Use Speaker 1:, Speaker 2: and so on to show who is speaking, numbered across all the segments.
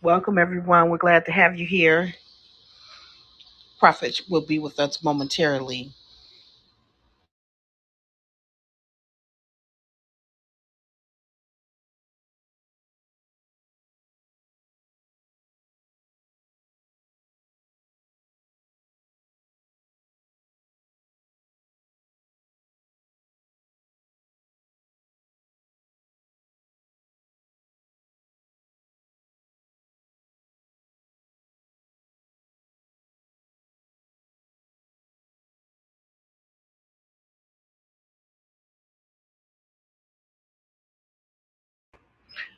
Speaker 1: Welcome, everyone. We're glad to have you here. Prophet will be with us momentarily.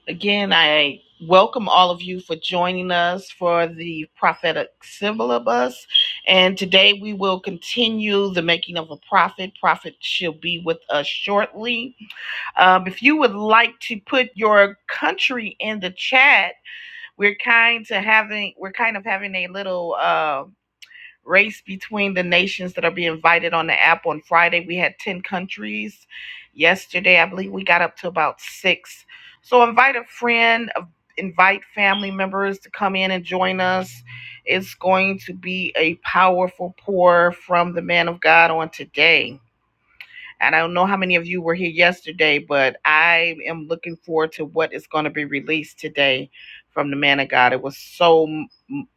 Speaker 1: Again, I welcome all of you for joining us for the prophetic syllabus. And today we will continue the making of a prophet. Prophet, she'll be with us shortly. Um, if you would like to put your country in the chat, we're kind to having we're kind of having a little. uh, race between the nations that are being invited on the app on Friday. We had 10 countries. Yesterday, I believe we got up to about six. So invite a friend, uh, invite family members to come in and join us. It's going to be a powerful pour from the man of God on today. And I don't know how many of you were here yesterday, but I am looking forward to what is going to be released today from the man of God. It was so m-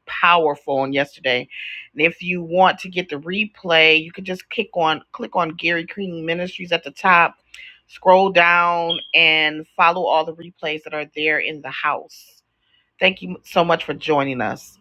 Speaker 1: powerful on yesterday. And if you want to get the replay, you can just click on click on Gary King Ministries at the top, scroll down and follow all the replays that are there in the house. Thank you so much for joining us.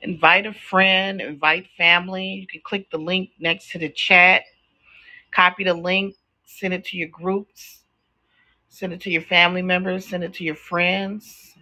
Speaker 1: Invite a friend, invite family. You can click the link next to the chat Copy the link, send it to your groups, send it to your family members, send it to your friends.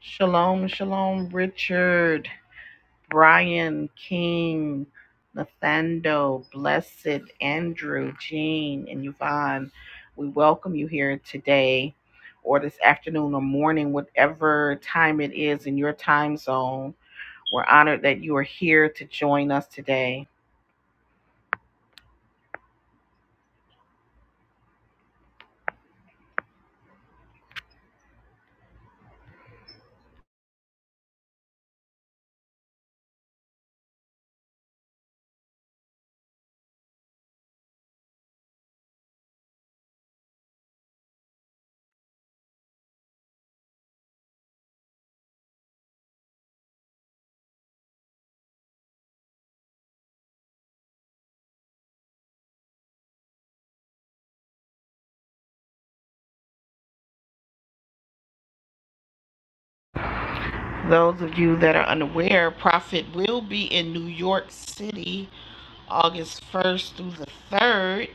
Speaker 1: Shalom, shalom, Richard, Brian, King, Nathando, Blessed, Andrew, Jean, and Yvonne. We welcome you here today or this afternoon or morning, whatever time it is in your time zone. We're honored that you are here to join us today. Those of you that are unaware, Prophet will be in New York City August 1st through the 3rd.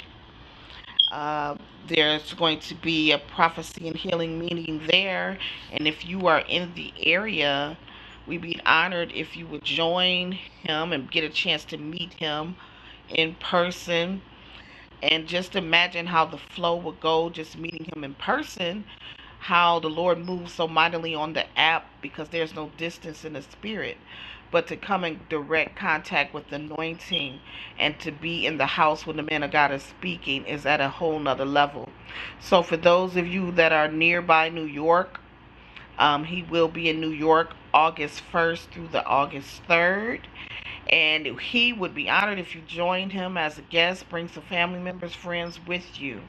Speaker 1: Uh, there's going to be a prophecy and healing meeting there. And if you are in the area, we'd be honored if you would join him and get a chance to meet him in person. And just imagine how the flow would go just meeting him in person how the Lord moves so mightily on the app because there's no distance in the spirit, but to come in direct contact with the anointing and to be in the house when the man of God is speaking is at a whole nother level. So for those of you that are nearby New York, um, he will be in New York August 1st through the August 3rd. And he would be honored if you joined him as a guest. Bring some family members, friends with you.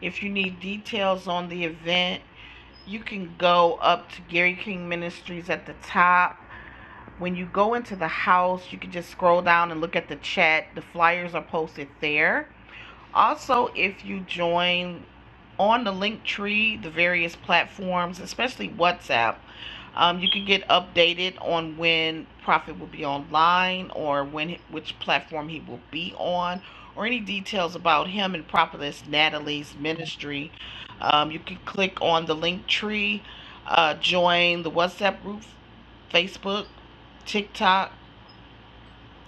Speaker 1: If you need details on the event, You can go up to Gary King Ministries at the top. When you go into the house, you can just scroll down and look at the chat. The flyers are posted there. Also, if you join on the link tree, the various platforms, especially WhatsApp, um, you can get updated on when Prophet will be online or when which platform he will be on, or any details about him and Prophetess Natalie's ministry. Um, you can click on the link tree, uh, join the WhatsApp group, Facebook, TikTok,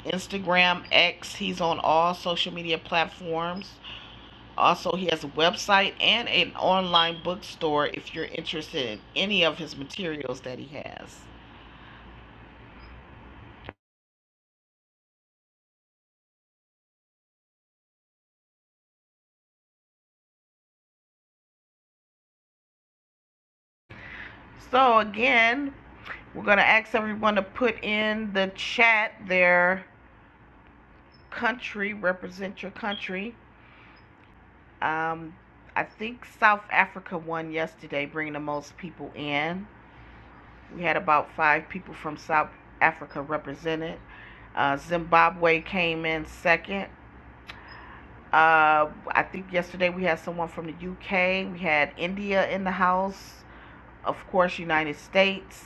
Speaker 1: Instagram, X. He's on all social media platforms. Also, he has a website and an online bookstore if you're interested in any of his materials that he has. So, again, we're going to ask everyone to put in the chat their country, represent your country. Um, I think South Africa won yesterday, bringing the most people in. We had about five people from South Africa represented. Uh, Zimbabwe came in second. Uh, I think yesterday we had someone from the UK. We had India in the house. Of course, United States.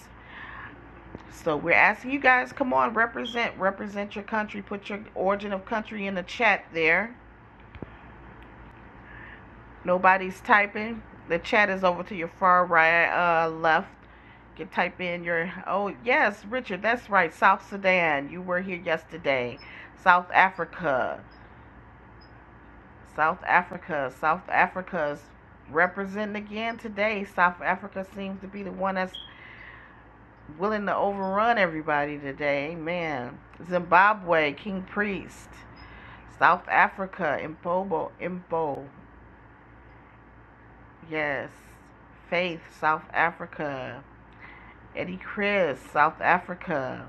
Speaker 1: So we're asking you guys, come on, represent, represent your country. Put your origin of country in the chat there. Nobody's typing. The chat is over to your far right, uh, left. You can type in your. Oh yes, Richard, that's right. South Sudan. You were here yesterday. South Africa. South Africa. South Africa's representing again today. South Africa seems to be the one that's willing to overrun everybody today. Amen. Zimbabwe, King Priest. South Africa, Impobo, Impo. Yes. Faith, South Africa. Eddie Chris, South Africa.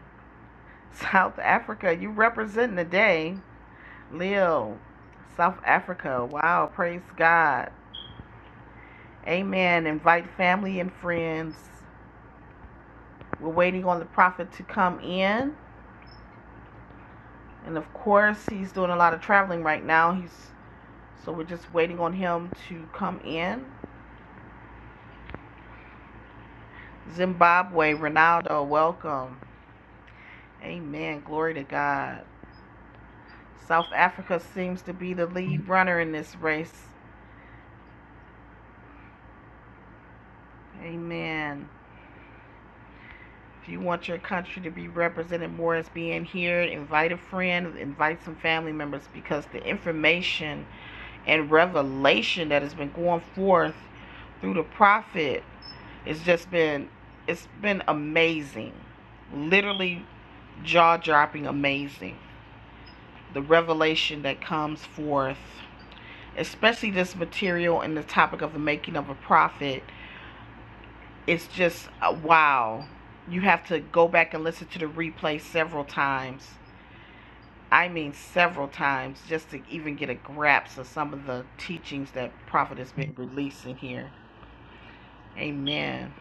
Speaker 1: South Africa, you representing today. Leo, South Africa. Wow, praise God. Amen. Invite family and friends. We're waiting on the prophet to come in, and of course, he's doing a lot of traveling right now. He's so we're just waiting on him to come in. Zimbabwe, Ronaldo, welcome. Amen. Glory to God. South Africa seems to be the lead runner in this race. Amen. If you want your country to be represented more as being here, invite a friend, invite some family members because the information and revelation that has been going forth through the prophet It's just been it's been amazing. Literally jaw-dropping amazing. The revelation that comes forth, especially this material and the topic of the making of a prophet, it's just uh, wow. You have to go back and listen to the replay several times. I mean several times just to even get a grasp of some of the teachings that prophet has been releasing here. Amen.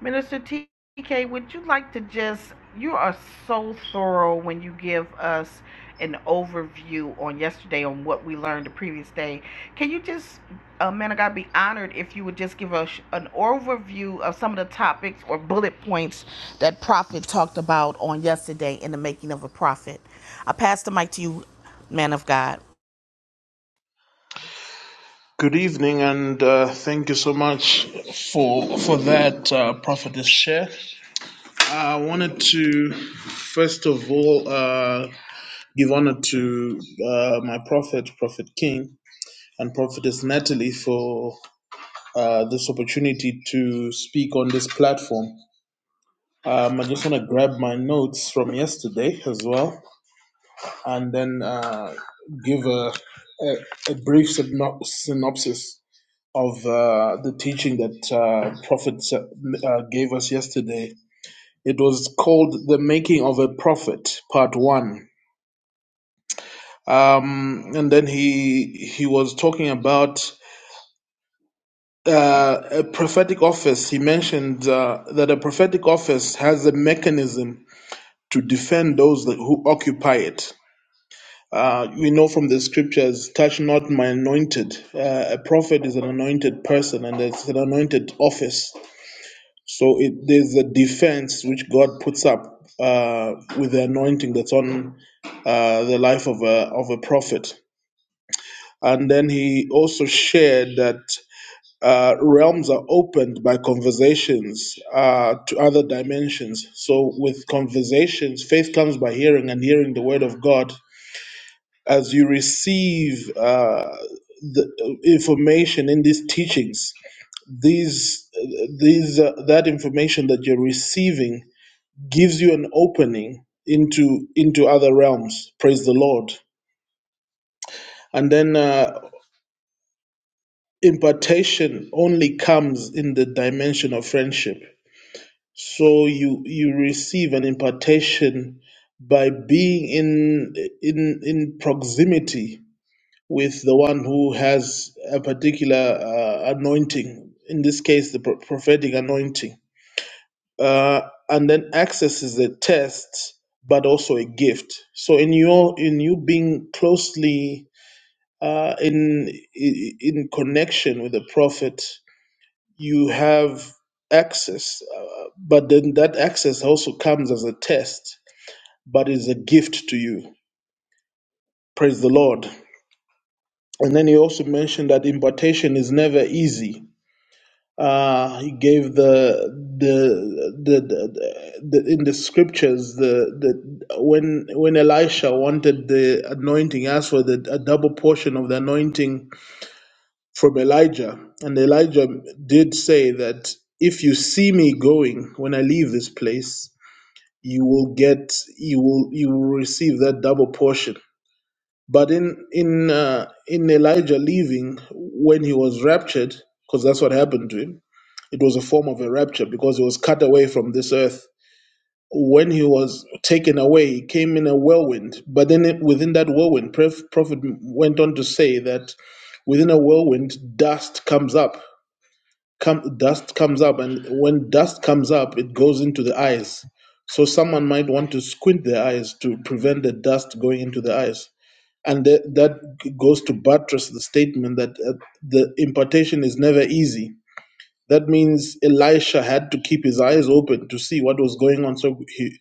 Speaker 1: Minister TK, would you like to just, you are so thorough when you give us an overview on yesterday on what we learned the previous day. Can you just, uh, man of God, be honored if you would just give us an overview of some of the topics or bullet points that Prophet talked about on yesterday in the making of a prophet? I pass the mic to you, man of God.
Speaker 2: Good evening, and uh, thank you so much for for that, uh, Prophetess Share. I wanted to first of all uh, give honor to uh, my prophet, Prophet King, and Prophetess Natalie for uh, this opportunity to speak on this platform. Um, I just want to grab my notes from yesterday as well, and then uh, give a, a, a brief syno- synopsis of uh, the teaching that uh, Prophet uh, uh, gave us yesterday. It was called "The Making of a Prophet," Part One. Um, and then he he was talking about uh, a prophetic office. He mentioned uh, that a prophetic office has a mechanism to defend those that, who occupy it. Uh, we know from the scriptures, touch not my anointed. Uh, a prophet is an anointed person and it's an anointed office. So it, there's a defense which God puts up uh, with the anointing that's on uh, the life of a of a prophet, and then he also shared that uh, realms are opened by conversations uh, to other dimensions. So with conversations, faith comes by hearing, and hearing the word of God as you receive. Uh, the information in these teachings these these uh, that information that you're receiving gives you an opening into into other realms praise the lord and then uh, impartation only comes in the dimension of friendship so you you receive an impartation by being in in in proximity with the one who has a particular uh, anointing in this case the pro- prophetic anointing uh, and then access is a test but also a gift so in your in you being closely uh, in i- in connection with the prophet you have access uh, but then that access also comes as a test but is a gift to you praise the lord and then he also mentioned that impartation is never easy uh, he gave the the the, the, the in the scriptures the, the when when Elisha wanted the anointing asked for the, a double portion of the anointing from Elijah and Elijah did say that if you see me going when I leave this place you will get you will you will receive that double portion but in in uh, in Elijah leaving when he was raptured because that's what happened to him it was a form of a rapture because he was cut away from this earth. When he was taken away, he came in a whirlwind. But then it- within that whirlwind, Pref- Prophet went on to say that within a whirlwind, dust comes up. Come, dust comes up, and when dust comes up, it goes into the eyes. So someone might want to squint their eyes to prevent the dust going into the eyes. And that that goes to buttress the statement that uh, the impartation is never easy that means Elisha had to keep his eyes open to see what was going on, so he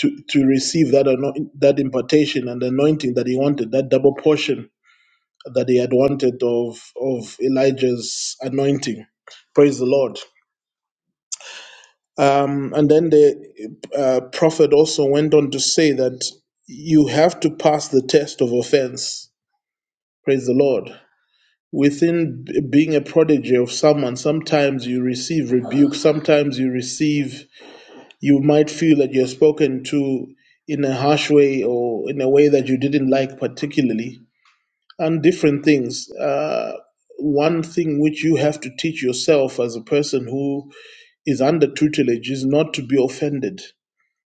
Speaker 2: to to receive that anoint, that impartation and anointing that he wanted, that double portion that he had wanted of of Elijah's anointing. Praise the Lord. Um, and then the uh, prophet also went on to say that you have to pass the test of offense. Praise the Lord. Within b- being a prodigy of someone, sometimes you receive rebuke, sometimes you receive you might feel that you're spoken to in a harsh way or in a way that you didn't like particularly and different things uh, one thing which you have to teach yourself as a person who is under tutelage is not to be offended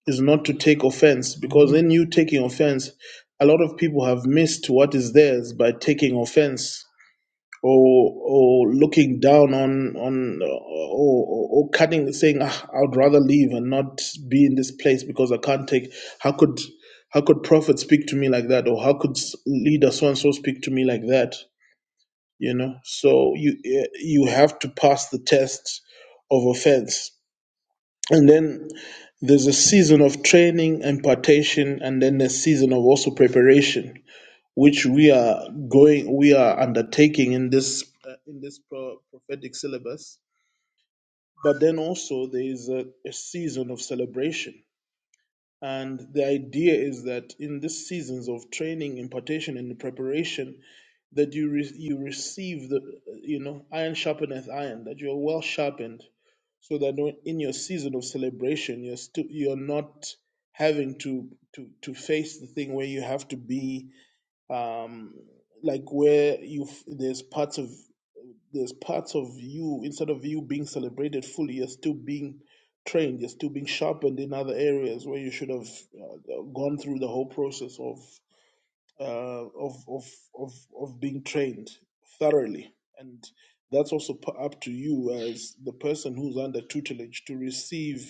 Speaker 2: is not to take offense because in you taking offense a lot of people have missed what is theirs by taking offense or or looking down on on uh, or, or or cutting saying ah, I'd rather leave and not be in this place because I can't take how could how could prophet speak to me like that or how could s- leader so and so speak to me like that you know so you eh, you have to pass the test of offense and then there's a season of training impartation and then a season of also preparation which we are going we are undertaking in this uh, in this pro- prophetic syllabus but then also there is a, a season of celebration and the idea is that in these seasons of training impartation and preparation that you re- you receive the uh, you know iron sharpeneth iron that you are well sharpened so that when- in your season of celebration you're still you're not having to to to face the thing where you have to be um, like where you there's parts of there's parts of you instead of you being celebrated fully, you're still being trained, you're still being sharpened in other areas where you should have uh, gone through the whole process of uh, of of of of being trained thoroughly, and that's also p- up to you as the person who's under tutelage to receive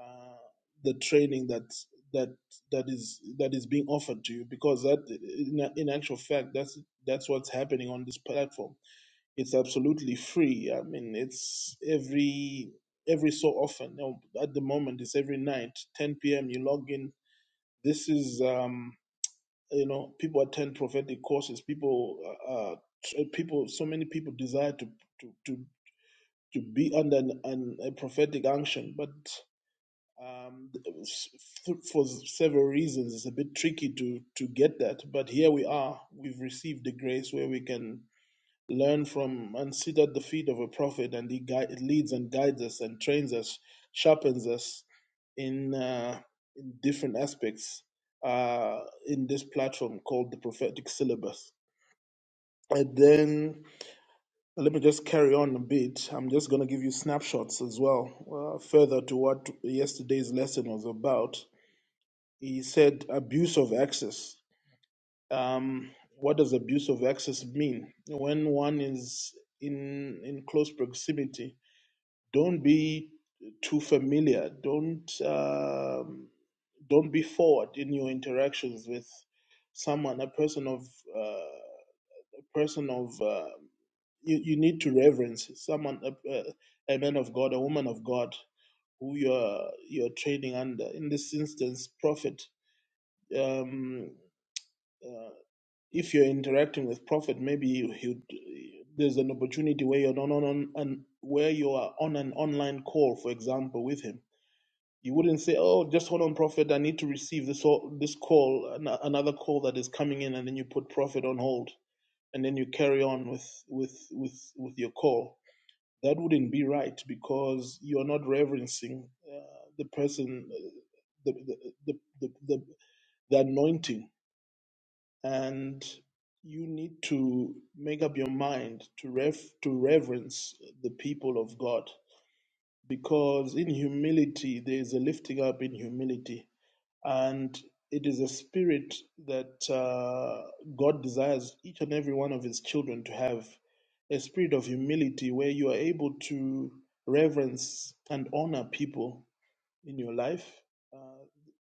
Speaker 2: uh, the training that that that is that is being offered to you because that in, in actual fact that's that's what's happening on this platform it's absolutely free i mean it's every every so often you at the moment it's every night 10 p.m you log in this is um you know people attend prophetic courses people uh uh, tr- people so many people desire to to to, to be under an, an, a prophetic unction but um, for several reasons, it's a bit tricky to to get that. But here we are. We've received the grace where we can learn from and sit at the feet of a prophet, and he guide, leads and guides us and trains us, sharpens us in, uh, in different aspects uh, in this platform called the prophetic syllabus. And then let me just carry on a bit. I'm just going to give you snapshots as well, uh, further to what yesterday's lesson was about He said abuse of access. Um, what does abuse of access mean? When one is in in close proximity, don't be too familiar. Don't um, don't be forward in your interactions with someone, a person of uh, a person of uh, you, you need to reverence someone, a, a a man of God, a woman of God, who you're you're training under. In this instance, prophet. Um, uh, if you're interacting with prophet maybe you, you there's an opportunity where you're on on on and where you are on an online call for example with him you wouldn't say oh just hold on prophet i need to receive this this call another call that is coming in and then you put prophet on hold and then you carry on with with with with your call that wouldn't be right because you're not reverencing uh, the person uh, the, the, the, the, the the anointing and you need to make up your mind to ref- to reverence the people of God because in humility there is a lifting up in humility and it is a spirit that uh, God desires each and every one of his children to have a spirit of humility where you are able to reverence and honor people in your life, uh,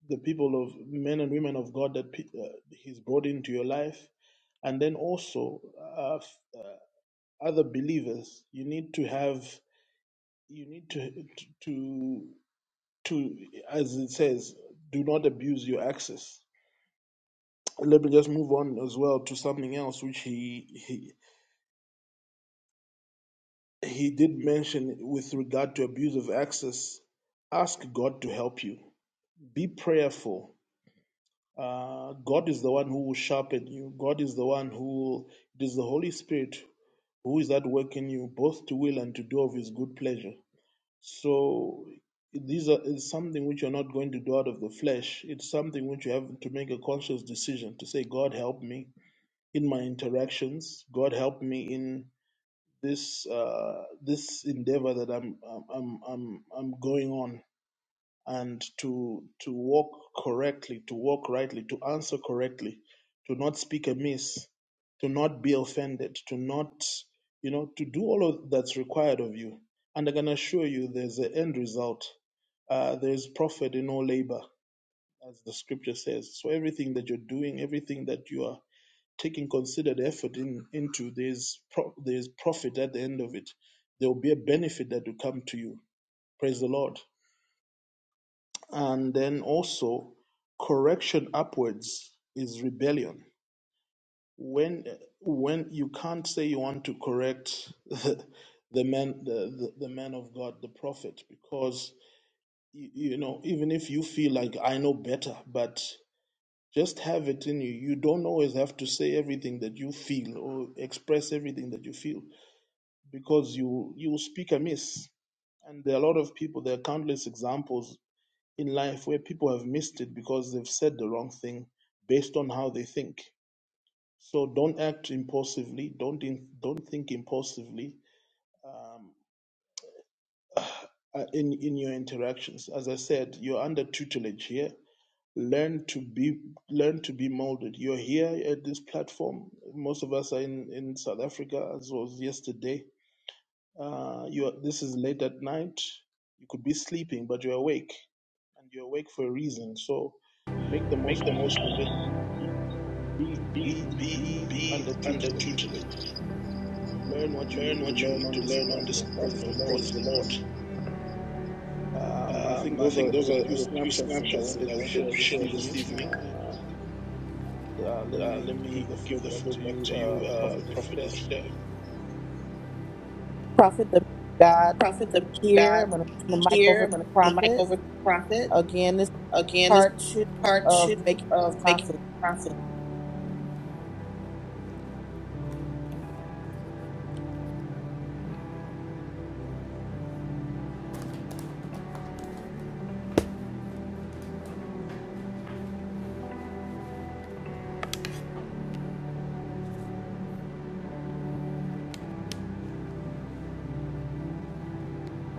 Speaker 2: the people of men and women of God that pe- uh, He's brought into your life, and then also uh, f- uh, other believers. You need to have, you need to to to, as it says, do not abuse your access. Let me just move on as well to something else, which he he he did mention with regard to abuse of access. Ask God to help you. Be prayerful Uh, God is the one who will sharpen you. God is the one who will, it is the Holy Spirit who is at work in you, both to will and to do of His good pleasure. So these are is something which you're not going to do out of the flesh. It's something which you have to make a conscious decision to say, God help me in my interactions. God help me in this uh, this endeavor that I'm I'm I'm I'm I'm going on and to to walk correctly, to walk rightly, to answer correctly, to not speak amiss, to not be offended, to not you know to do all of that's required of you. And I can assure you, there's an end result. Uh, there's profit in all labor, as the scripture says. So everything that you're doing, everything that you are taking considered effort in, into, there's pro- there's profit at the end of it. There will be a benefit that will come to you. Praise the Lord. And then also, correction upwards is rebellion. When when you can't say you want to correct the man the, the, the man of God, the prophet, because you, you know even if you feel like I know better, but just have it in you. You don't always have to say everything that you feel or express everything that you feel because you you speak amiss. And there are a lot of people. There are countless examples in life where people have missed it because they've said the wrong thing based on how they think. So don't act impulsively. Don't in, don't think impulsively. Um, uh, in in your interactions, as I said, you're under tutelage here. Learn to be learn to be molded. You're here at this platform. Most of us are in in South Africa, as was yesterday Uh, you are, this is late at night. You could be sleeping, but you're awake, and you're awake for a reason. So make the most of it. Be be be under tutelage. Learn what you need to learn on this platform. Praise the Lord. Um, I think those are the few snapshots that I wanted to share this evening. Uh, And uh, let me give the floor back to you, uh, Prophetess Chair.
Speaker 1: Prophet, the God
Speaker 3: prophet the
Speaker 1: here.
Speaker 3: God
Speaker 1: I'm going to turn the mic
Speaker 3: here.
Speaker 1: over
Speaker 3: I'm
Speaker 1: to
Speaker 3: going to turn the mic
Speaker 1: Prophet.
Speaker 3: over to the prophet.
Speaker 1: Again,
Speaker 3: Again, this is
Speaker 1: part two
Speaker 3: part two
Speaker 1: of making
Speaker 3: of making
Speaker 1: profit.
Speaker 3: the prophet.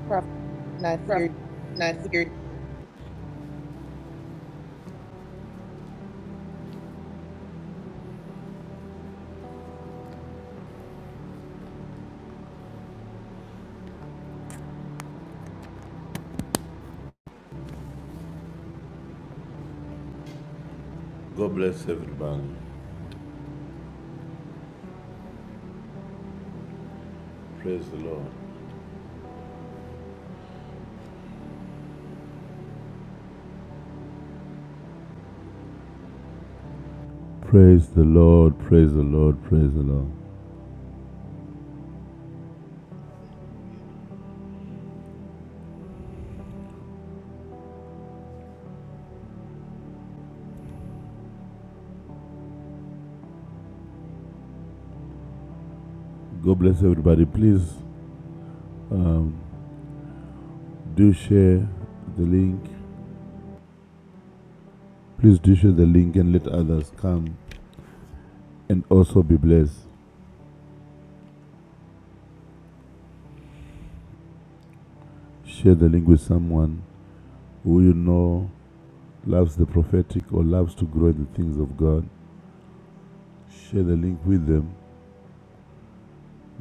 Speaker 1: Profit not
Speaker 3: Prophet,
Speaker 1: here.
Speaker 3: not here. God bless everybody. Praise the Lord. Praise the Lord. Praise the Lord. Praise the Lord.
Speaker 2: Hallelujah.
Speaker 3: God bless everybody. Please um, do share the link. Please do share the link and let others come and also be blessed. Share the link with someone who you know loves the prophetic or loves to grow in the things of God. share the link with them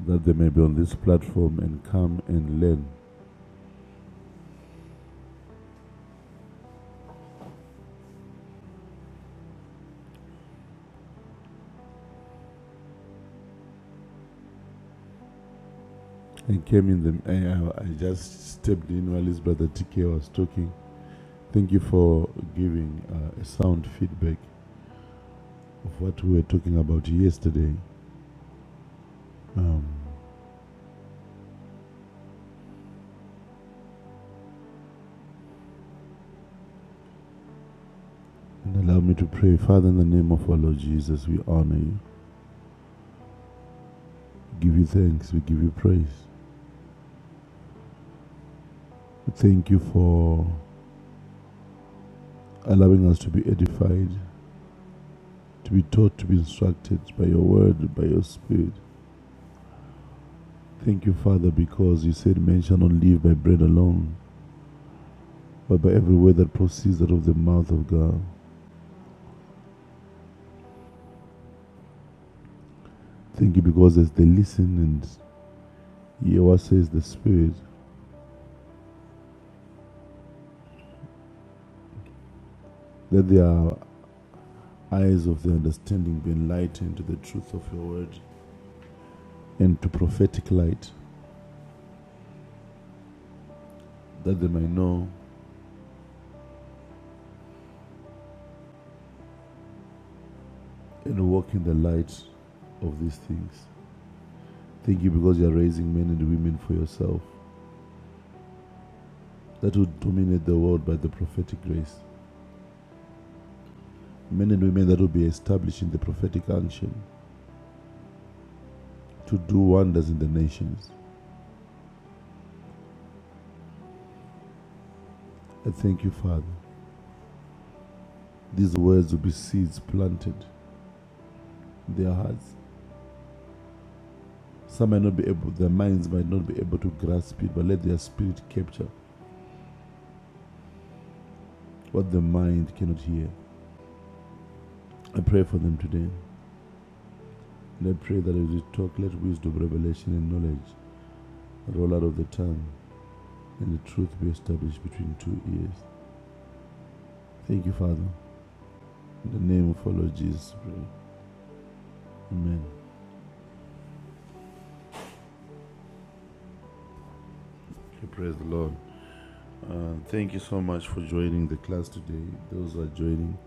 Speaker 3: that they may be on this platform and come and learn. And came in the, I, I- just stepped in while his brother TK was talking. Thank you for giving uh, a sound feedback of what we were talking about yesterday. Um, and allow me to pray, Father, in the name of our Lord Jesus, we honor you, We give you thanks, we give you praise. We thank you for allowing us to be edified, to be taught, to be instructed by your word, by your spirit. Thank you, Father, because you said men shall not live by bread alone, but by every word that proceeds out of the mouth of God. Thank you because as they listen and hear what says the Spirit, that their eyes of their understanding be enlightened to the truth of your word and to prophetic light, that they might know and walk in the light of these things. Thank you because you are raising men and women for yourself that will dominate the world by the prophetic grace. Men and women that will be established in the prophetic action to do wonders in the nations. I thank you, Father. These words will be seeds planted in their hearts. Some might not be able, their minds might not be able to grasp it, but let their spirit capture what the mind cannot hear. I pray for them today. And I pray that as we talk, let wisdom, revelation, and knowledge roll out of the tongue, and the truth be established between two ears. Thank you, Father. In the name of our Lord Jesus, we pray. Amen. Okay, praise the Lord. Uh, thank you so much for joining the class today. Those who are joining,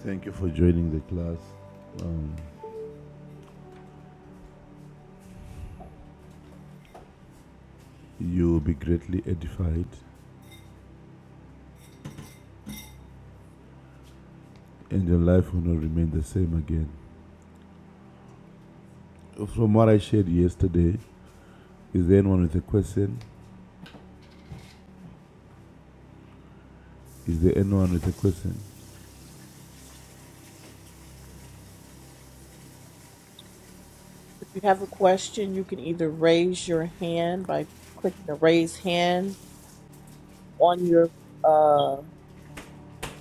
Speaker 3: Thank you for joining the class. Um, you will be greatly edified, and your life will not remain the same again. From what I shared yesterday, is there anyone with a question? Is there anyone with a question?
Speaker 1: If you have a question, you can either raise your hand by clicking the raise hand on your uh,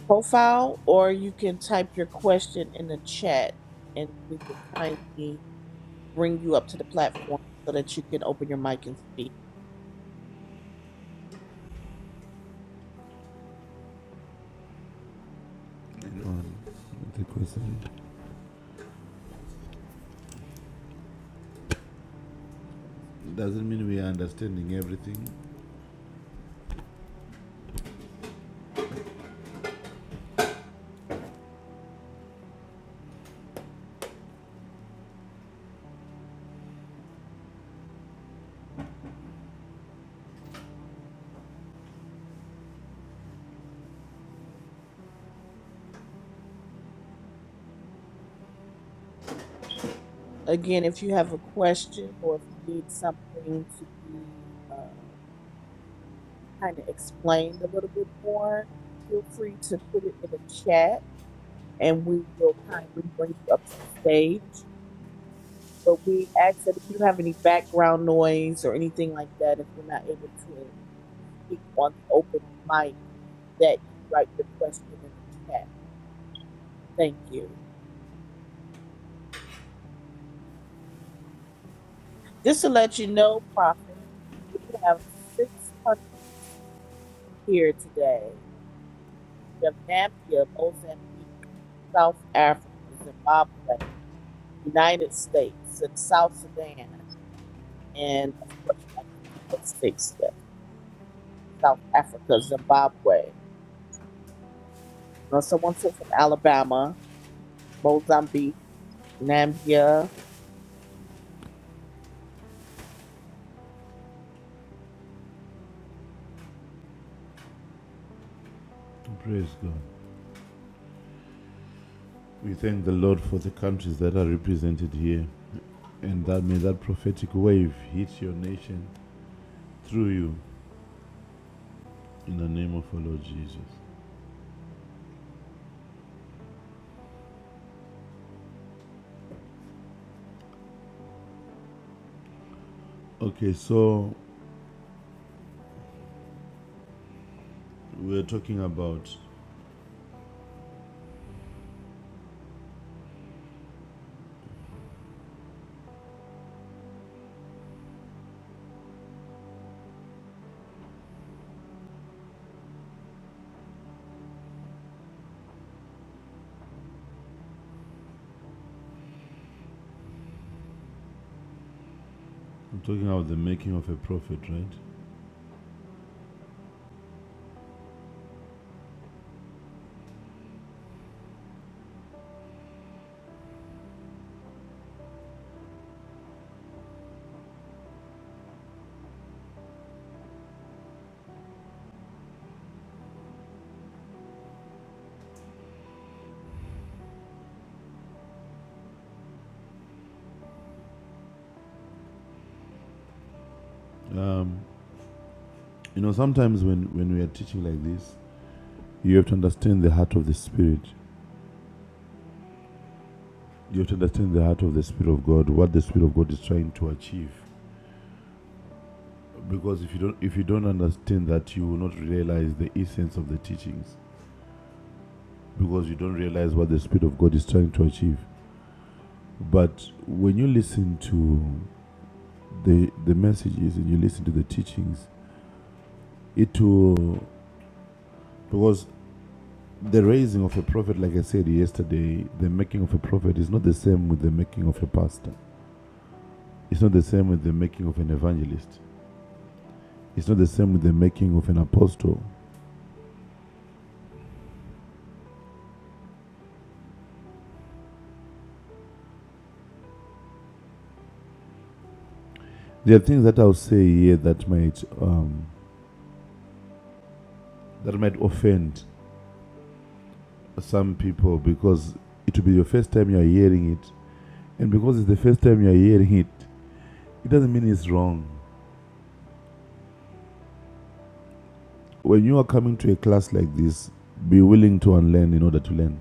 Speaker 1: profile, or you can type your question in the chat, and we will kindly bring you up to the platform so that you can open your mic and speak.
Speaker 3: Anyone with a question? Doesn't mean we are understanding everything.
Speaker 1: Again, if you have a question or if you need something to be uh, kind of explained a little bit more, feel free to put it in the chat and we will kindly bring you up to the stage. But we ask that if you have any background noise or anything like that, if you're not able to speak on the open mic, that you write your question in the chat. Thank you. Just to let you know, Prophet, we have six countries here today. We have Namibia, Mozambique, South Africa, Zimbabwe, United States, South Sudan, and of course, United States. That's six, yes. South Africa, Zimbabwe. You know, someone sent from Alabama, Mozambique, Namibia.
Speaker 3: Praise God. We thank the Lord for the countries that are represented here, and that may that prophetic wave hit your nation through you in the name of our Lord Jesus. Okay, so we're talking about I'm talking about the making of a prophet, right? You know, sometimes when, when we are teaching like this, you have to understand the heart of the Spirit. You have to understand the heart of the Spirit of God, what the Spirit of God is trying to achieve. Because if you don't if you don't understand that, you will not realize the essence of the teachings. Because you don't realize what the Spirit of God is trying to achieve. But when you listen to the the messages and you listen to the teachings, it will because the raising of a prophet, like I said yesterday, the making of a prophet is not the same with the making of a pastor. It's not the same with the making of an evangelist. It's not the same with the making of an apostle. There are things that I'll say here that might um, that might offend some people because it will be your first time you are hearing it, and because it's the first time you are hearing it, it doesn't mean it's wrong. When you are coming to a class like this, be willing to unlearn in order to learn.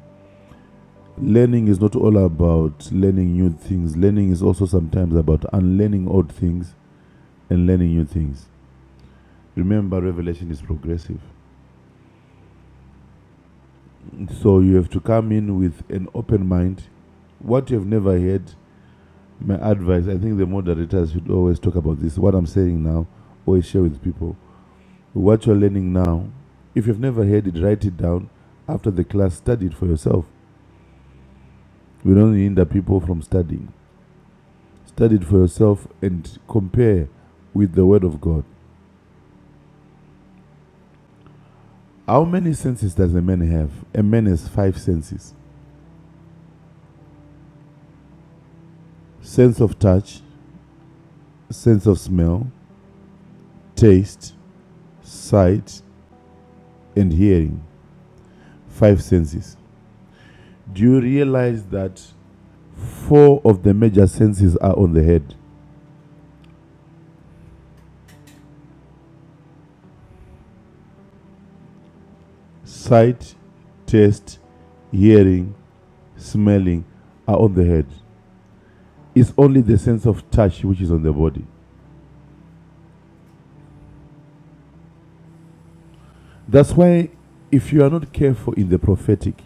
Speaker 3: learning is not all about learning new things. Learning is also sometimes about unlearning old things and learning new things. Remember, revelation is progressive. So you have to come in with an open mind. What you have never heard, my advice, I think the moderators should always talk about this. What I'm saying now, always share with people. What you're learning now, if you've never heard it, write it down. After the class, study it for yourself. We don't hinder people from studying. Study it for yourself and compare with the Word of God. How many senses does a man have? A man has five senses sense of touch, sense of smell, taste, sight, and hearing. Five senses. Do you realize that four of the major senses are on the head? Sight, taste, hearing, smelling are on the head. It's only the sense of touch which is on the body. That's why, if you are not careful in the prophetic,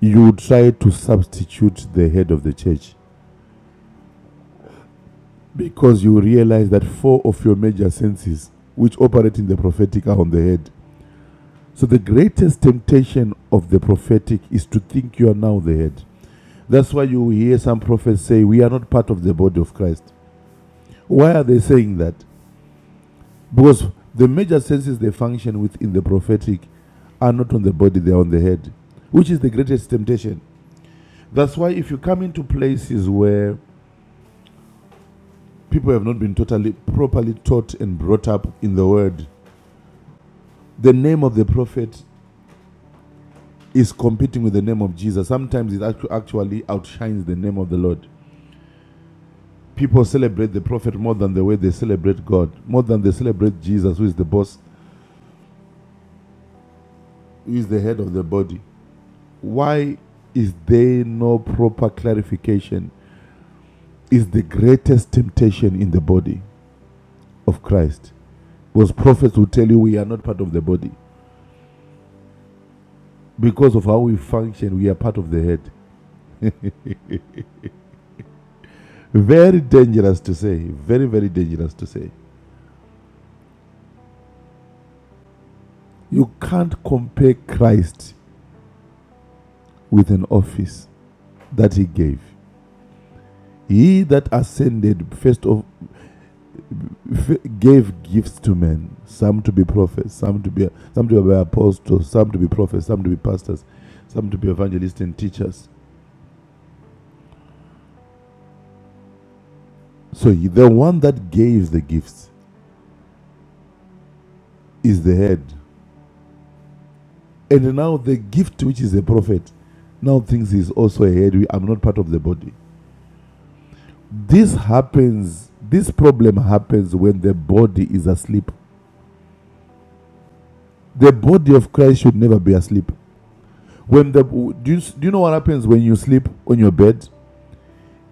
Speaker 3: you try to substitute the head of the church because you realize that four of your major senses which operate in the prophetic are on the head. So the greatest temptation of the prophetic is to think you are now the head. That's why you hear some prophets say, We are not part of the body of Christ. Why are they saying that? Because the major senses they function within the prophetic are not on the body, they are on the head, which is the greatest temptation. That's why if you come into places where people have not been totally properly taught and brought up in the word the name of the prophet is competing with the name of jesus sometimes it actually outshines the name of the lord people celebrate the prophet more than the way they celebrate god more than they celebrate jesus who is the boss who is the head of the body why is there no proper clarification is the greatest temptation in the body of christ was prophets who tell you we are not part of the body because of how we function we are part of the head Very dangerous to say. Very, very dangerous to say. You can't compare Christ with an office that he gave. He that ascended first of gave gifts to men, some to be prophets, some to be some to be apostles, some to be prophets, some to be pastors, some to be evangelists and teachers. So the one that gave the gifts is the head. And now the gift which is a prophet now thinks he's also a head. We- I'm not part of the body. This happens, this problem happens when the body is asleep. The body of Christ should never be asleep. When the do you, do you know what happens when you sleep on your bed?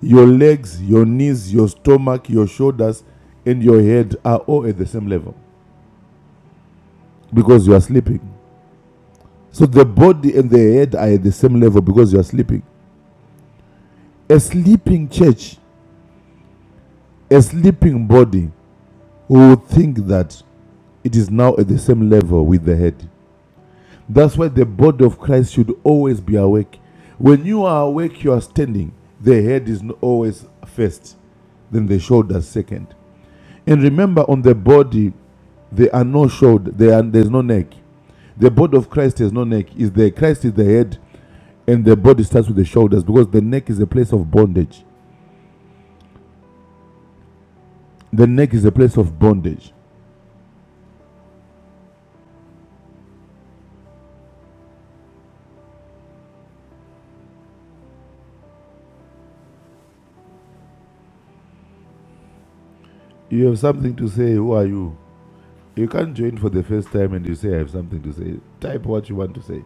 Speaker 3: Your legs, your knees, your stomach, your shoulders, and your head are all at the same level because you are sleeping. So the body and the head are at the same level because you are sleeping. A sleeping church, a sleeping body will think that it is now at the same level with the head. That's why the body of Christ should always be awake. When you are awake, you are standing. The head is always first, then the shoulders second. And remember, on the body, there are no shoulders. there there's no neck. The body of Christ has no neck. Is the Christ is the head, and the body starts with the shoulders because the neck is a place of bondage. The neck is a place of bondage. You have something to say. Who are you? You can't join for the first time and you say I have something to say. Type what you want to say.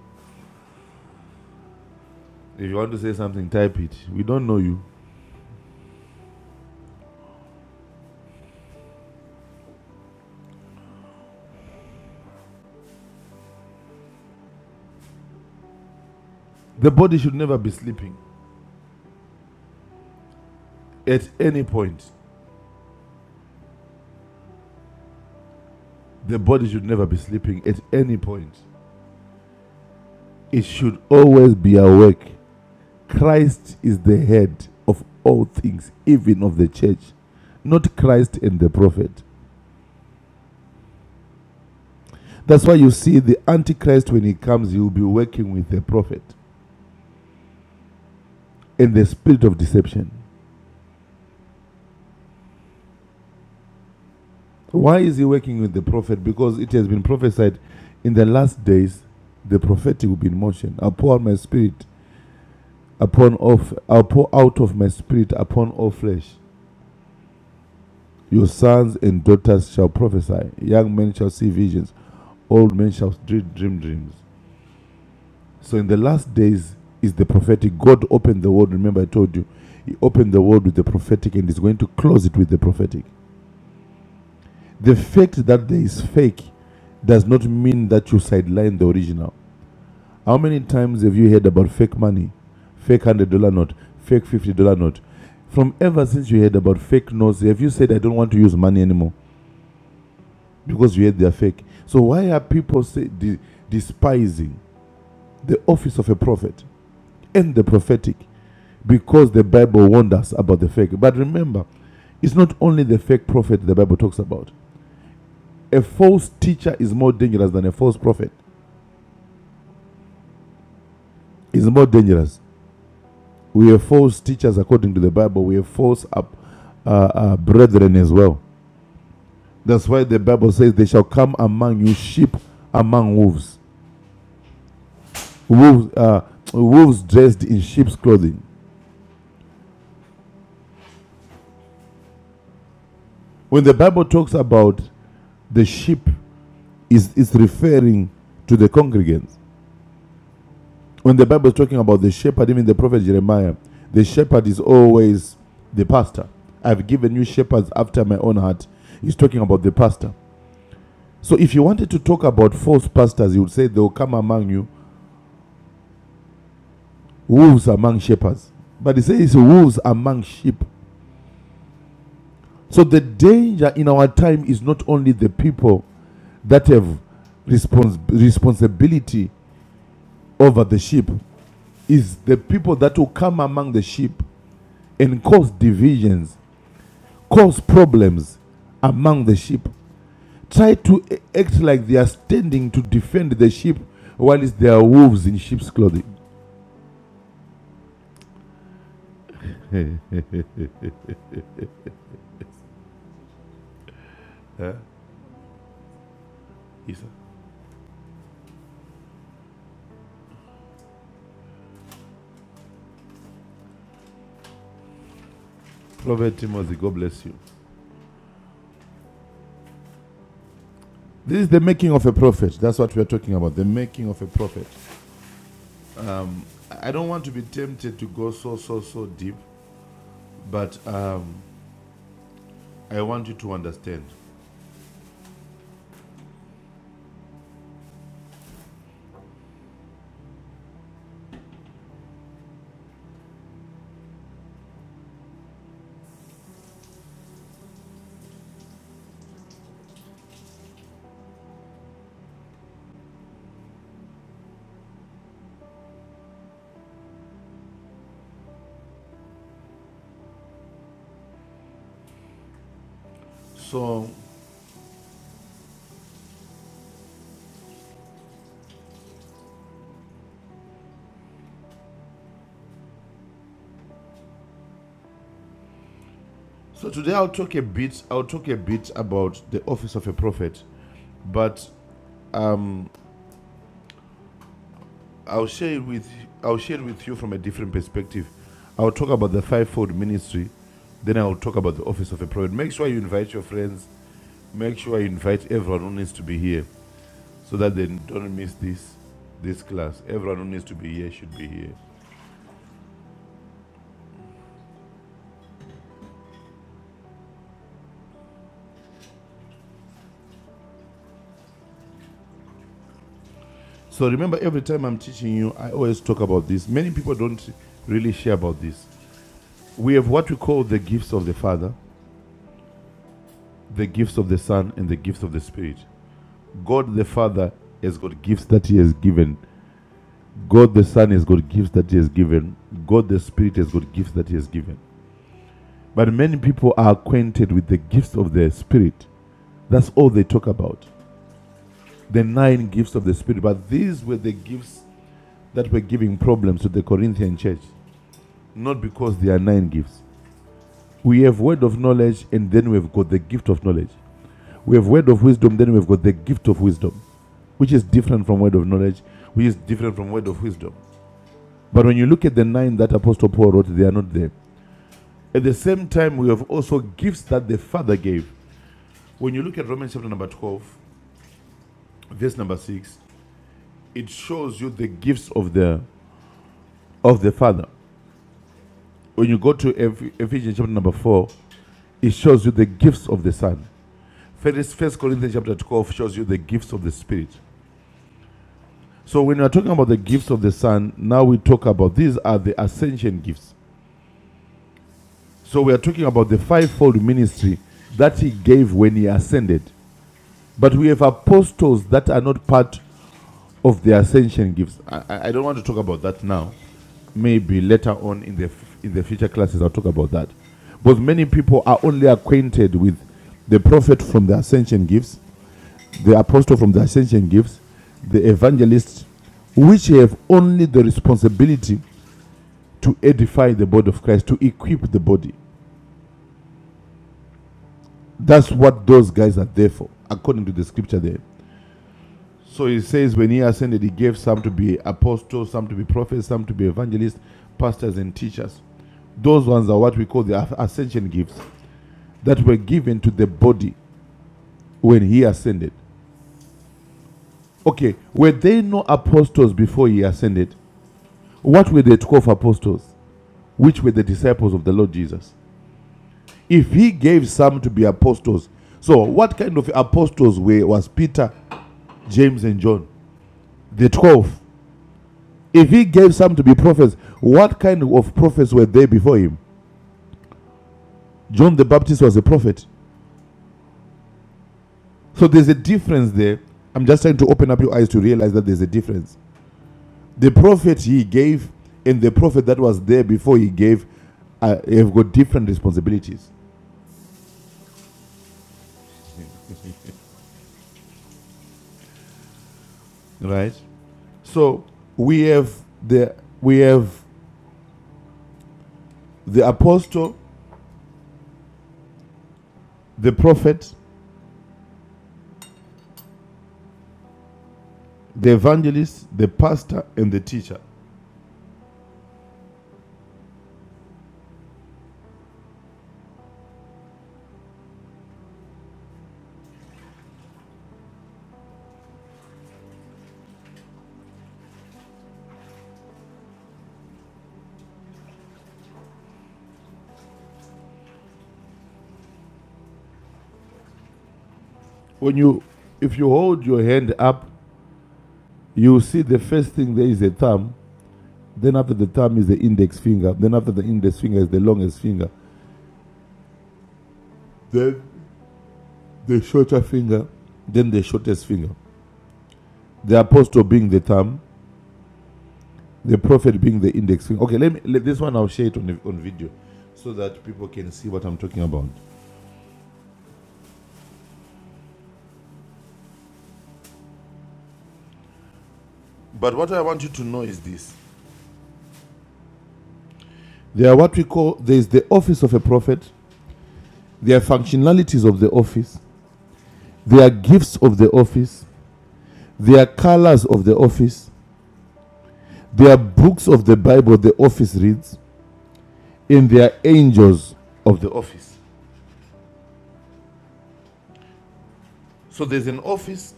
Speaker 3: If you want to say something, type it. We don't know you. The body should never be sleeping at any point. The body should never be sleeping at any point. It should always be awake. Christ is the head of all things, even of the church, not Christ and the prophet. That's why you see the Antichrist, when he comes, he will be working with the prophet and the spirit of deception. Why is he working with the prophet? Because it has been prophesied in the last days the prophetic will be in motion. I pour out my spirit upon of i pour out of my spirit upon all flesh. Your sons and daughters shall prophesy, young men shall see visions, old men shall dream, dream dreams. So in the last days is the prophetic. God opened the world. Remember, I told you, He opened the world with the prophetic and is going to close it with the prophetic. The fact that there is fake does not mean that you sideline the original. How many times have you heard about fake money, fake one hundred dollar note, fake fifty dollar note? From ever since you heard about fake notes, have you said I don't want to use money anymore because you heard they're fake? So why are people say, de- despising the office of a prophet and the prophetic because the Bible warned us about the fake? But remember, it's not only the fake prophet the Bible talks about. A false teacher is more dangerous than a false prophet. It's more dangerous We have false teachers according to the Bible. We have false up, uh, uh, brethren as well. That's why the Bible says they shall come among you sheep among wolves. Wolves, uh, wolves dressed in sheep's clothing. When the Bible talks about the sheep, is it's referring to the congregants. When the Bible is talking about the shepherd, even the prophet Jeremiah, the shepherd is always the pastor. I've given you shepherds after my own heart. He's talking about the pastor. So if you wanted to talk about false pastors, you would say they will come among you, wolves among shepherds. But it says wolves among sheep. So the danger in our time is not only the people that have respons- responsibility over the sheep, is the people that will come among the sheep and cause divisions, cause problems among the sheep. Try to act like they are standing to defend the sheep while it's their wolves in sheep's clothing. Huh? Yes, sir. Prophet Timothy, God bless you. This is the making of a prophet. That's what we are talking about. The making of a prophet. I don't want to be tempted to go so, so, so deep, but um, I want you to understand. So, so today I'll talk a bit. I'll talk a bit about the office of a prophet, but I'll share it with I'll share it with you from a different perspective. I'll talk about the fivefold ministry, then I'll talk about the office of a prophet. Make sure you invite your friends. Make sure you invite everyone who needs to be here. so that they don't miss this this class. Everyone who needs to be here should be here. So remember, every time I'm teaching you, I always talk about this. Many people don't really share about this. We have what we call the gifts of the Father, the gifts of the Son, and the gifts of the Spirit. God the Father has got gifts that He has given. God the Son has got gifts that He has given. God the Spirit has got gifts that He has given. But many people are acquainted with the gifts of the Spirit. That's all they talk about. the nine gifts of the Spirit. But these were the gifts that were giving problems to the Corinthian church, not because they are nine gifts. We have word of knowledge, and then we've got the gift of knowledge. We have word of wisdom, then we've got the gift of wisdom, which is different from word of knowledge, which is different from word of wisdom. But when you look at the nine that Apostle Paul wrote, they are not there. At the same time, we have also gifts that the Father gave. When you look at Romans chapter number 12, verse number 6, it shows you the gifts of the of the Father. when you go to Ephesians chapter number 4, it shows you the gifts of the Son. First, First Corinthians chapter 12 shows you the gifts of the Spirit. So when we are talking about the gifts of the Son, now we talk about these are the ascension gifts. So we are talking about the fivefold ministry that he gave when he ascended. But we have apostles that are not part of the ascension gifts. I- I, don't want to talk about that now. Maybe later on in the f- in the future classes, I'll talk about that. But many people are only acquainted with the prophet from the ascension gifts, the apostle from the ascension gifts, the evangelists, which have only the responsibility to edify the body of Christ, to equip the body. That's what those guys are there for, according to the scripture there. So he says, when he ascended, he gave some to be apostles, some to be prophets, some to be evangelists, pastors, and teachers. Those ones are what we call the ascension gifts that were given to the body when he ascended. Okay, were there no apostles before he ascended? What were the 12 apostles, which were the disciples of the Lord Jesus? If he gave some to be apostles, so what kind of apostles were was Peter, James, and John? The 12 If he gave some to be prophets, what kind of prophets were there before him? John the Baptist was a prophet. So there's a difference there. I'm just trying to open up your eyes to realize that there's a difference. The prophet he gave and the prophet that was there before he gave uh, have got different responsibilities. Right? So we have the we have the apostle, the prophet, the evangelist, the pastor, and the teacher. When you if you hold your hand up you see the first thing there is a thumb, then after the thumb is the index finger, then after the index finger is the longest finger, then the shorter finger, then the shortest finger. The apostle being the thumb, the prophet being the index finger. Okay, let me let this one I'll share it on, the- on video so that people can see what I'm talking about. But what I want you to know is this There are what we call there is the office of a prophet, there are functionalities of the office, there are gifts of the office, there are colors of the office, Their books of the Bible, the office reads, and their angels of the office. So there's an office,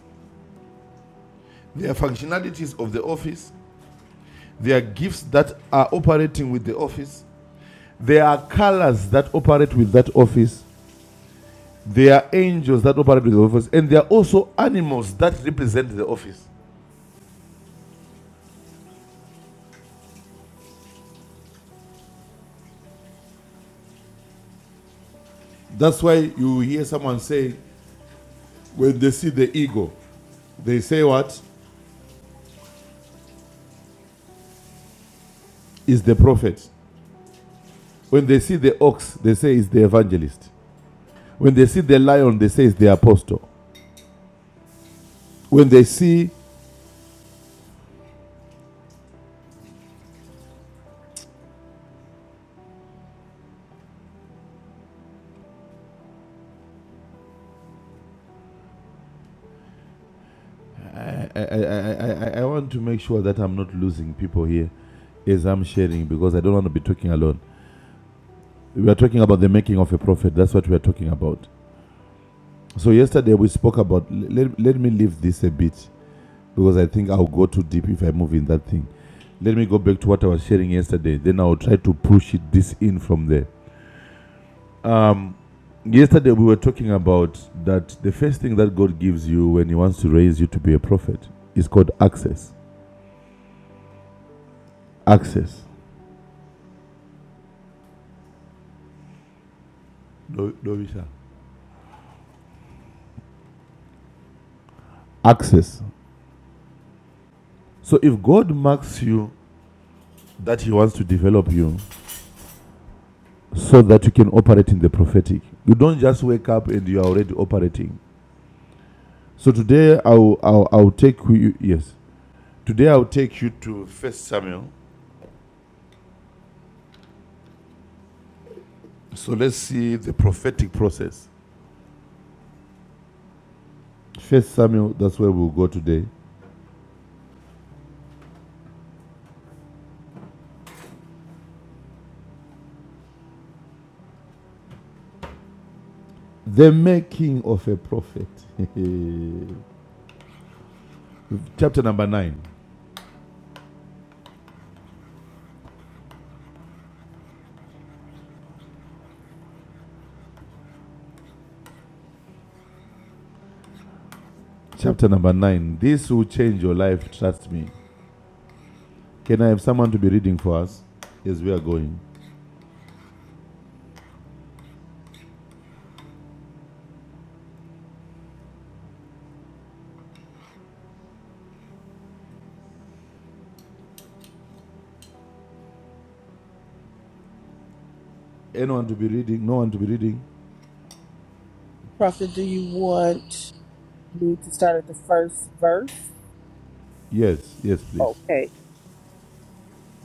Speaker 3: there are functionalities of the office, there are gifts that are operating with the office, there are colors that operate with that office, there are angels that operate with the office, and there are also animals that represent the office. That's why you hear someone say, when they see the eagle, they say, What is the prophet? When they see the ox, they say, It's the evangelist. When they see the lion, they say it's the apostle. When they see, I, I, I, I, I want to make sure that I'm not losing people here as I'm sharing because I don't want to be talking alone. We are talking about the making of a prophet. That's what we are talking about. So yesterday we spoke about. Let, let me leave this a bit because I think I'll go too deep if I move in that thing. Let me go back to what I was sharing yesterday. Then I'll try to push it this in from there. Yesterday we were talking about that the first thing that God gives you when He wants to raise you to be a prophet is called access. Access. No, no, Access. So if God marks you that He wants to develop you so that you can operate in the prophetic, you don't just wake up and you are already operating. So today I'll I'll, I'll take you yes. Today I'll take you to First Samuel. So let's see the prophetic process. First Samuel. That's where we'll go today. The making of a prophet. Chapter number nine. Chapter number nine. This will change your life, trust me. Can I have someone to be reading for us as we are going? Anyone to be reading? No one to be reading?
Speaker 1: Prophet, do you want me to start at the first verse?
Speaker 3: Yes, yes, please.
Speaker 1: Okay.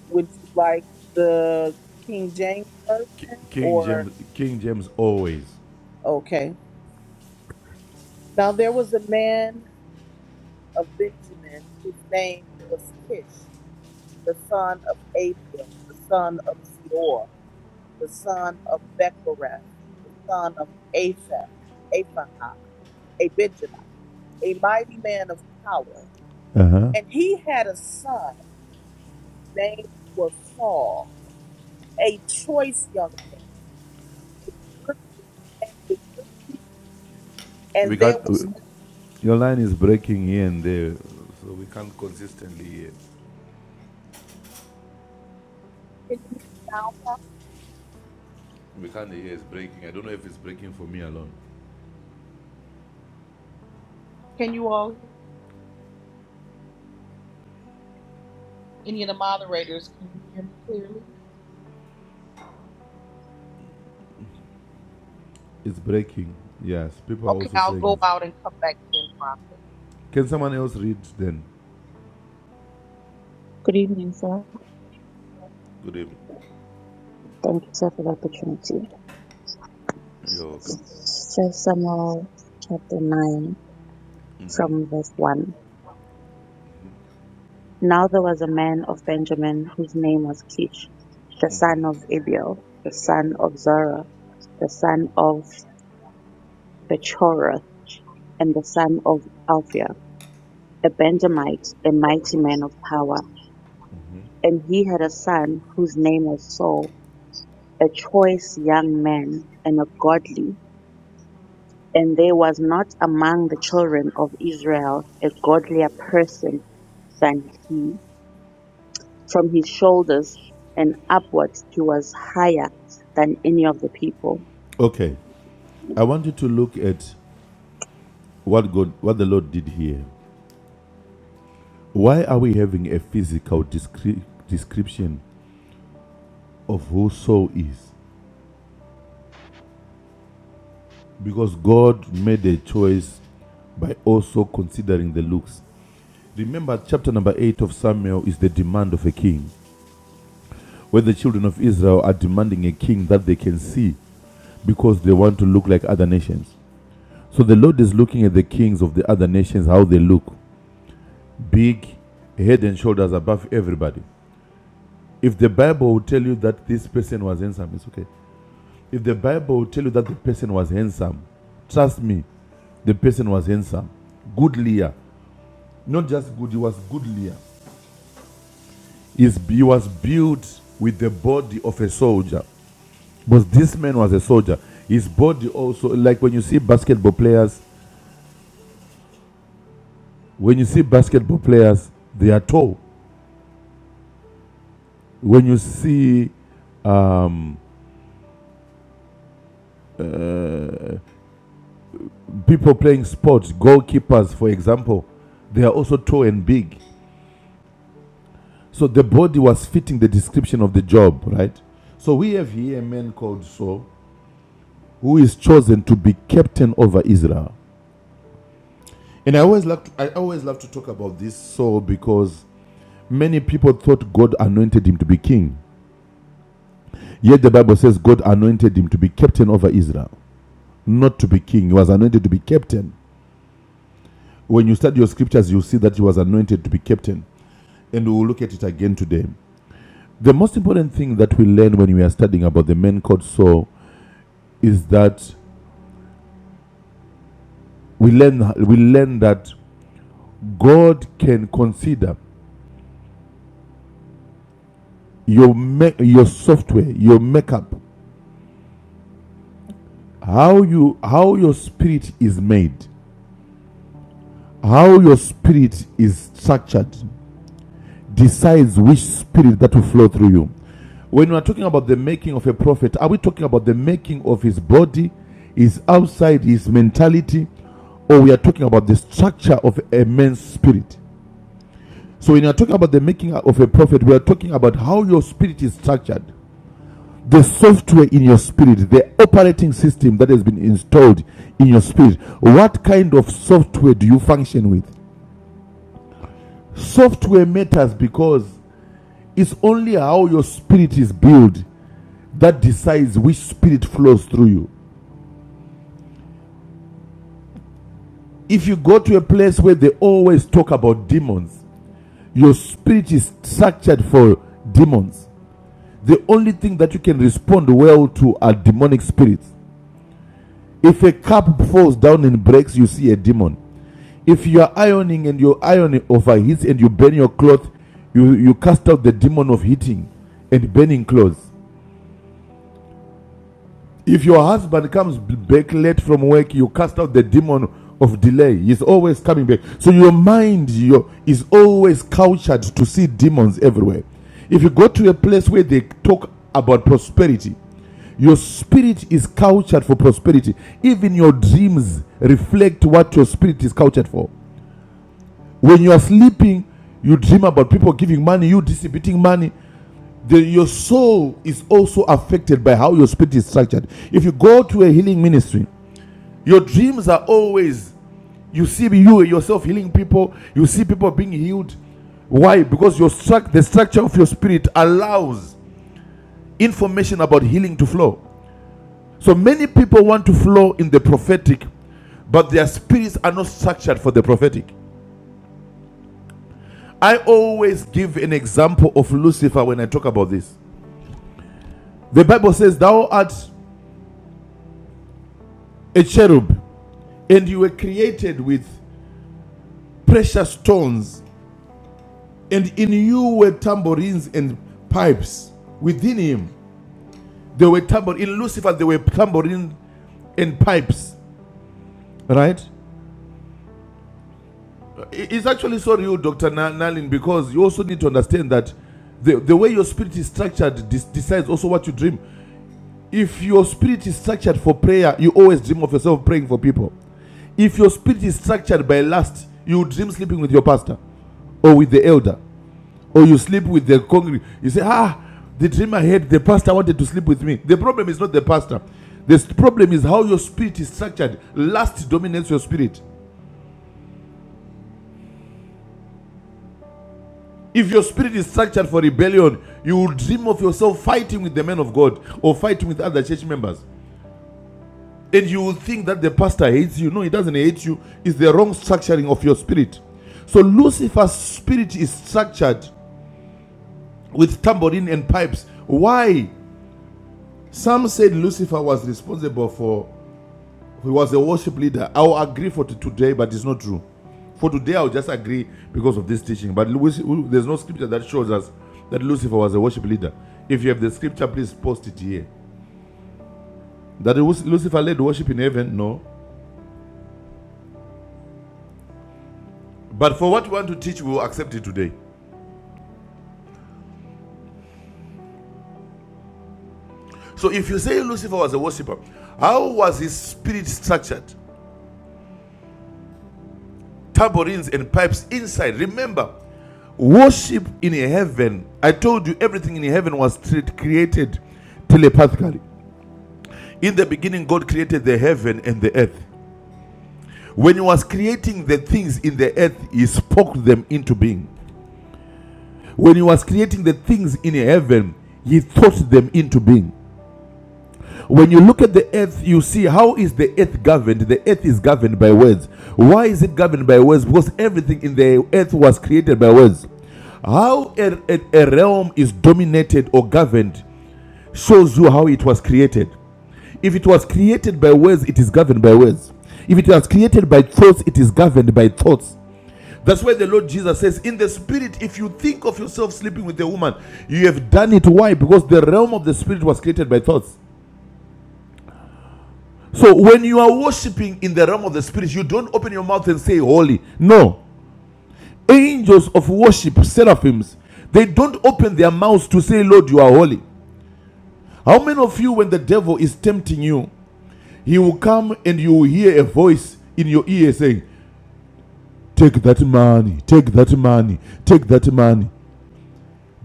Speaker 1: Would you like the King James
Speaker 3: Ki-
Speaker 1: Version
Speaker 3: King
Speaker 1: or?
Speaker 3: James, King James always.
Speaker 1: Okay. Now there was a man of Benjamin whose name was Kish, the son of Abiel, the son of Zeor. the son of Bechareth, the son of Aphah, Aphahah, a Benjamite, a mighty man of power.
Speaker 3: Uh huh.
Speaker 1: And he had a son named was Saul, a choice young man, a goodly and a goodly.
Speaker 3: We
Speaker 1: And there
Speaker 3: can't.
Speaker 1: was.
Speaker 3: w-
Speaker 1: no,
Speaker 3: Your line is breaking here and there, so we can't consistently hear.
Speaker 1: Can you hear me now?
Speaker 3: We can't hear it's breaking. I don't know if it's breaking for me alone.
Speaker 1: Can you all hear me? Any of the moderators, can you hear me clearly?
Speaker 3: It's breaking. Yes, people are
Speaker 1: Okay,
Speaker 3: also
Speaker 1: I'll
Speaker 3: saying
Speaker 1: go
Speaker 3: it's
Speaker 1: out and come back in, Prophet.
Speaker 3: Can someone else read then?
Speaker 4: Good evening, sir.
Speaker 3: Good evening.
Speaker 4: Thank you, sir, for the opportunity.
Speaker 3: You're welcome.
Speaker 4: First Samuel chapter 9
Speaker 3: Mm-hmm.
Speaker 4: from verse 1. Now there was a man of Benjamin whose name was Kish, the son of Abiel, the son of Zerah, the son of Bechoroth, and the son of Alphia, a Benjamite, a mighty man of power. And he had a son whose name was Saul, a choice young man and a godly. And there was not among the children of Israel a godlier person than he; from his shoulders and upwards he was higher than any of the people.
Speaker 3: Okay. I want you to look at what God, what the Lord did here. Why are we having a physical descri- description of who Saul is? Because God made a choice by also considering the looks. Remember, chapter number 8 of Samuel is the demand of a king, where the children of Israel are demanding a king that they can see because they want to look like other nations. So the Lord is looking at the kings of the other nations, how they look big, head and shoulders above everybody. If the Bible will tell you that this person was handsome, it's okay. If the Bible will tell you that the person was handsome, trust me, the person was handsome. Goodlier. Not just good, he was goodlier. He was built with the body of a soldier. Because this man was a soldier. His body also, like when you see basketball players, when you see basketball players, they are tall. When you see um, people playing sports, goalkeepers, for example, they are also tall and big. So the body was fitting the description of the job, right? So we have here a man called Saul who is chosen to be captain over Israel. And I always like to, I always love to talk about this Saul because many people thought God anointed him to be king. Yet the Bible says God anointed him to be captain over Israel, not to be king. He was anointed to be captain. When you study your scriptures, you'll see that he was anointed to be captain. And we'll look at it again today. The most important thing that we learn when we are studying about the main court soul is that we learn we learn that God can consider your ma- your software, your makeup, how you how your spirit is made, how your spirit is structured, decides which spirit that will flow through you. When we are talking about the making of a prophet, are we talking about the making of his body, his outside, his mentality, or we are talking about the structure of a man's spirit? So when you are talking about the making of a prophet, we are talking about how your spirit is structured. The software in your spirit, the operating system that has been installed in your spirit. What kind of software do you function with? Software matters because It's only how your spirit is built that decides which spirit flows through you. If you go to a place where they always talk about demons, your spirit is structured for demons. The only thing that you can respond well to are demonic spirits. If a cup falls down and breaks, you see a demon. If you are ironing and your iron overheats and you burn your cloth, you, you cast out the demon of heating and burning clothes. If your husband comes back late from work, you cast out the demon of delay. He's always coming back. So your mind your, is always cultured to see demons everywhere. If you go to a place where they talk about prosperity, your spirit is cultured for prosperity. Even your dreams reflect what your spirit is cultured for. When you are sleeping, you dream about people giving money, you distributing money. The, your soul is also affected by how your spirit is structured. If you go to a healing ministry, your dreams are always you see you yourself healing people, you see people being healed. Why? Because your struct, the structure of your spirit allows information about healing to flow. So many people want to flow in the prophetic, but their spirits are not structured for the prophetic. I always give an example of Lucifer when I talk about this. The Bible says, Thou art a cherub and you were created with precious stones, and in you were tambourines and pipes. Within him, there were tambour. In Lucifer, there were tambourines and pipes. right? It's actually so real, Dr. Nalin, because you also need to understand that the, the way your spirit is structured dis- decides also what you dream. If your spirit is structured for prayer, you always dream of yourself praying for people. If your spirit is structured by lust, you dream sleeping with your pastor or with the elder. or you sleep with the congregation. you say ah the dream i had the pastor wanted to sleep with me the problem is not the pastor the problem is how your spirit is structured lust dominates your spirit if your spirit is structured for rebellion you will dream of yourself fighting with the men of god or fighting with other church members and you will think that the pastor hates you no he doesn't hate you it's the wrong structuring of your spirit so Lucifer's spirit is structured with tambourine and pipes. Why? Some said Lucifer was responsible for He was a worship leader. I will agree for today, but it's not true. For today, I'll just agree because of this teaching. But there's no scripture that shows us that Lucifer was a worship leader. If you have the scripture, please post it here. That Lucifer led worship in heaven? No. But for what you want to teach, we will accept it today. So if you say Lucifer was a worshiper, how was his spirit structured? Tambourines and pipes inside. Remember, worship in heaven. I told you everything in heaven was created telepathically. In the beginning, God created the heaven and the earth. When He was creating the things in the earth, He spoke them into being. When He was creating the things in heaven, He thought them into being. When you look at the earth, you see how is the earth governed? The earth is governed by words. Why is it governed by words? Because everything in the earth was created by words. How a, a- a realm is dominated or governed shows you how it was created. If it was created by words, it is governed by words. If it was created by thoughts, it is governed by thoughts. That's why the Lord Jesus says, In the spirit, if you think of yourself sleeping with a woman, you have done it. Why? Because the realm of the spirit was created by thoughts. So when you are worshiping in the realm of the spirit, you don't open your mouth and say holy. No. Angels of worship, seraphims, they don't open their mouths to say, Lord, you are holy. How many of you, when the devil is tempting you, he will come and you will hear a voice in your ear saying, Take that money, take that money, take that money.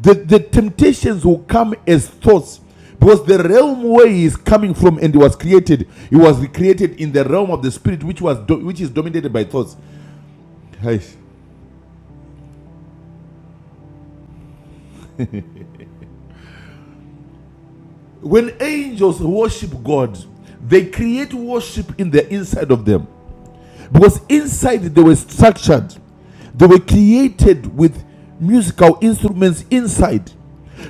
Speaker 3: The, the temptations will come as thoughts because the realm where he is coming from and he was created, he was created in the realm of the spirit, which was do- which is dominated by thoughts. Yes. When angels worship God, they create worship in the inside of them. Because inside they were structured, they were created with musical instruments inside.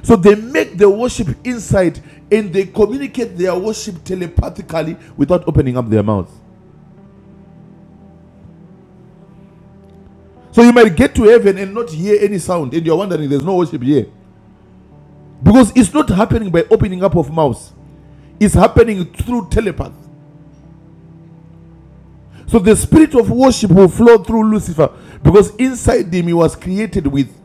Speaker 3: So they make their worship inside and they communicate their worship telepathically without opening up their mouth. So you might get to heaven and not hear any sound and you're wondering there's no worship here. Because it's not happening by opening up of mouth, it's happening through telepath. So the spirit of worship will flow through Lucifer because inside him he was created with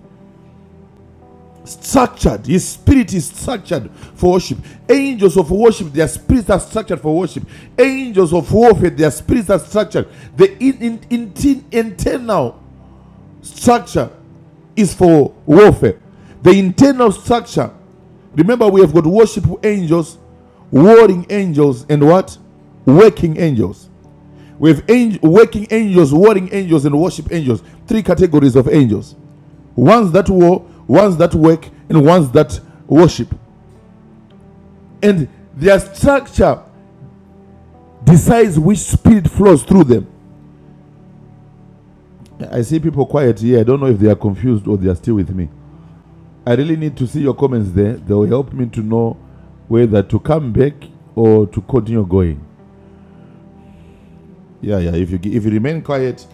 Speaker 3: structured. His spirit is structured for worship. Angels of worship, their spirits are structured for worship. Angels of warfare, their spirits are structured. The in, in, in- internal structure is for warfare. The internal structure. Remember, we have got worship angels, warring angels, and what? Working angels. We have angel, working angels, warring angels, and worship angels. Three categories of angels ones that war, ones that work, and ones that worship. And their structure decides which spirit flows through them. I see people quiet here. I don't know if they are confused or they are still with me. I really need to see your comments there. They will help me to know whether to come back or to continue going. Yeah, yeah. If you if you remain quiet,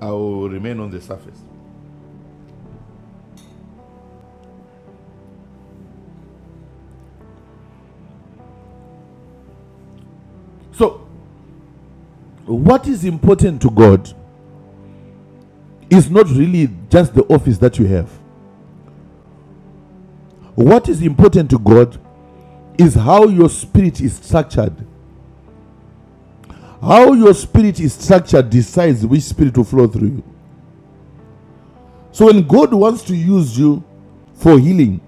Speaker 3: I will remain on the surface. So, what is important to God is not really just the office that you have. What is important to God is how your spirit is structured. How your spirit is structured decides which spirit will flow through you. So when God wants to use you for healing,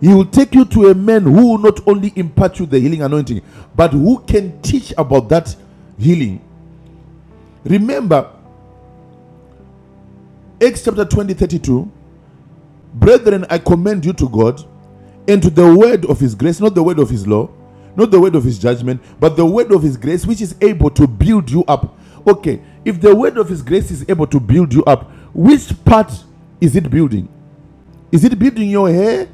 Speaker 3: He will take you to a man who will not only impart you the healing anointing, but who can teach about that healing. Remember, Acts chapter 20 32, Brethren, I commend you to God and to the word of his grace, not the word of his law, not the word of his judgment, but the word of his grace, which is able to build you up. Okay, if the word of his grace is able to build you up, which part is it building? Is it building your hair?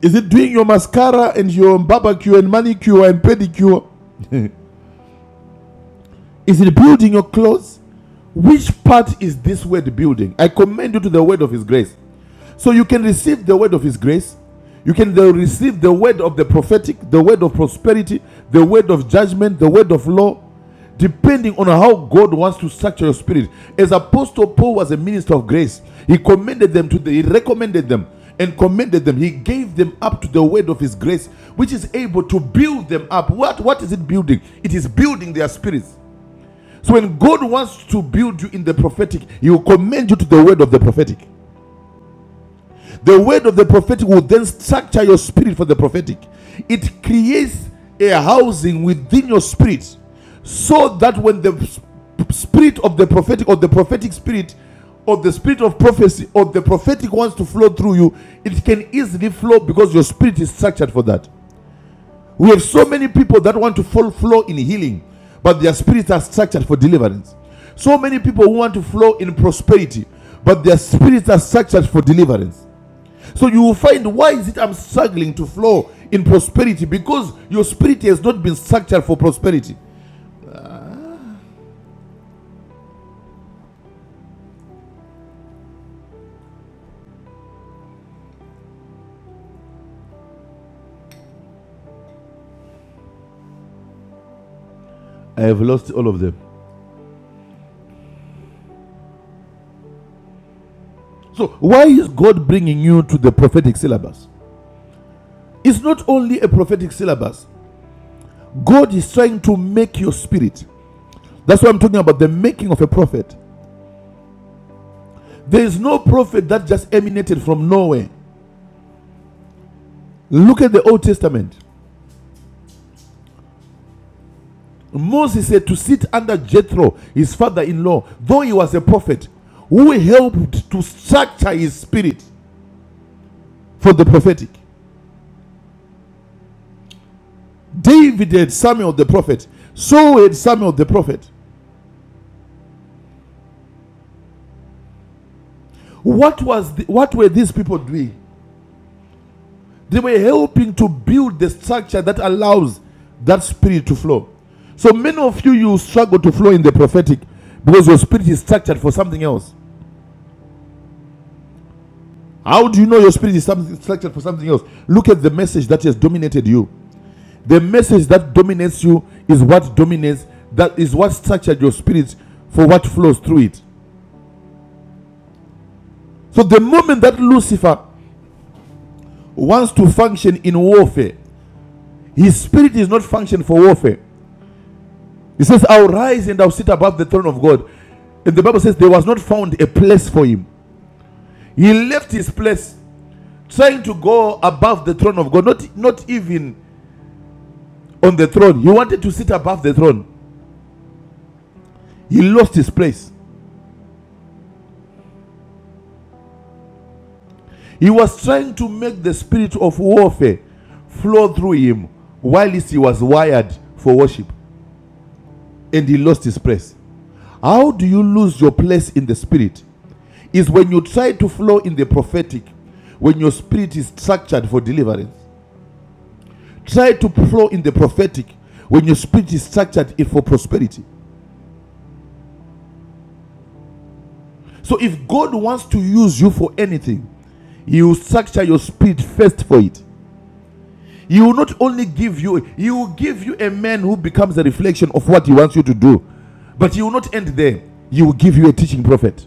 Speaker 3: Is it doing your mascara and your barbecue and manicure and pedicure? is it building your clothes? Which part is this word building? I commend you to the word of his grace. So you can receive the word of His grace. You can receive the word of the prophetic, the word of prosperity, the word of judgment, the word of law, depending on how God wants to structure your spirit. As Apostle Paul was a minister of grace, he commended them to the, he recommended them and commended them. He gave them up to the word of his grace, which is able to build them up. What, what is it building? It is building their spirits. So when God wants to build you in the prophetic, he will commend you to the word of the prophetic. The word of the prophetic will then structure your spirit for the prophetic. It creates a housing within your spirit so that when the spirit of the prophetic or the prophetic spirit or the spirit of prophecy or the prophetic wants to flow through you, it can easily flow because your spirit is structured for that. We have so many people that want to fall, flow in healing, but their spirits are structured for deliverance. So many people who want to flow in prosperity, but their spirits are structured for deliverance. So you will find why is it I'm struggling to flow in prosperity because your spirit has not been structured for prosperity. I have lost all of them. So why is God bringing you to the prophetic syllabus? It's not only a prophetic syllabus. God is trying to make your spirit. That's why I'm talking about the making of a prophet. There is no prophet that just emanated from nowhere. Look at the Old Testament. Moses said to sit under Jethro, his father in law, though he was a prophet, who helped to structure his spirit for the prophetic. David had Samuel the prophet, so had Samuel the prophet. What, was the, what were these people doing? They were helping to build the structure that allows that spirit to flow. So many of you, you struggle to flow in the prophetic because your spirit is structured for something else. How do you know your spirit is something structured for something else? Look at the message that has dominated you. The message that dominates you is what dominates, that is what structured your spirit for what flows through it. So the moment that Lucifer wants to function in warfare, his spirit is not functioned for warfare. He says, I'll rise and I'll sit above the throne of God. And the Bible says there was not found a place for him. He left his place trying to go above the throne of God, not, not even on the throne. He wanted to sit above the throne. He lost his place. He was trying to make the spirit of warfare flow through him whilst he was wired for worship and he lost his place. How do you lose your place in the spirit? Is when you try to flow in the prophetic, when your spirit is structured for deliverance. Try to flow in the prophetic when your spirit is structured it for prosperity. So if God wants to use you for anything, He will structure your spirit first for it. He will not only give you, He will give you a man who becomes a reflection of what He wants you to do. But He will not end there. He will give you a teaching prophet.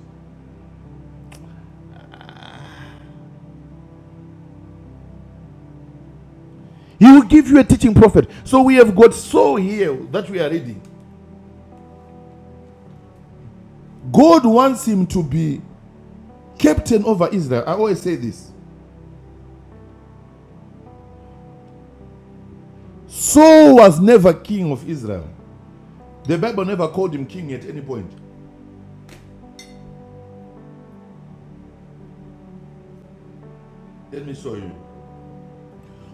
Speaker 3: He will give you a teaching prophet. So we have got so here that we are reading. God wants him to be captain over Israel. I always say this. Saul was never king of Israel. The Bible never called him king at any point. Let me show you.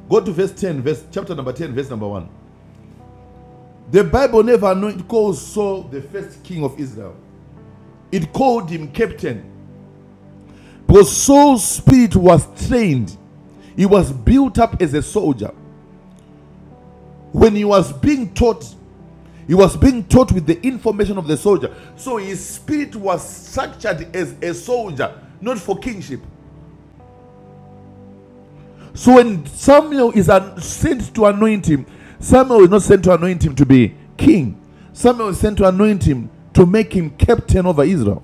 Speaker 3: Go to verse 10, verse chapter number 10, verse number 1. The Bible never anoint- calls Saul the first king of Israel. It called him captain because Saul's spirit was trained. He was built up as a soldier. When he was being taught, he was being taught with the information of the soldier. So his spirit was structured as a soldier, not for kingship. So when Samuel is sent to anoint him, Samuel is not sent to anoint him to be king. Samuel is sent to anoint him to make him captain over Israel.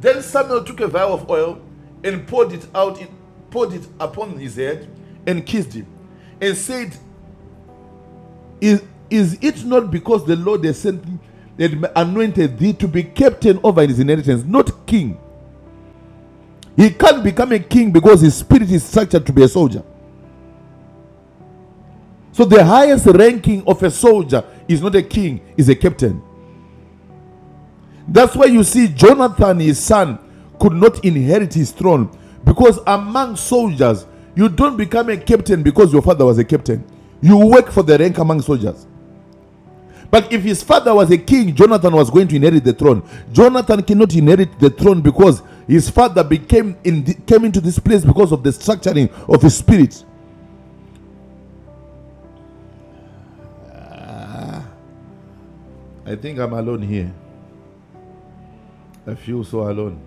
Speaker 3: Then Samuel took a vial of oil and poured it out, in, poured it upon his head, and kissed him, and said, "Is is it not because the Lord has sent me and anointed thee to be captain over his inheritance, not king? He can't become a king because his spirit is structured to be a soldier. So the highest ranking of a soldier is not a king, is a captain. That's why you see Jonathan, his son, could not inherit his throne because among soldiers, you don't become a captain because your father was a captain. You work for the rank among soldiers. But if his father was a king, Jonathan was going to inherit the throne. Jonathan cannot inherit the throne because his father became in the, came into this place because of the structuring of his spirit. I think I'm alone here. I feel so alone.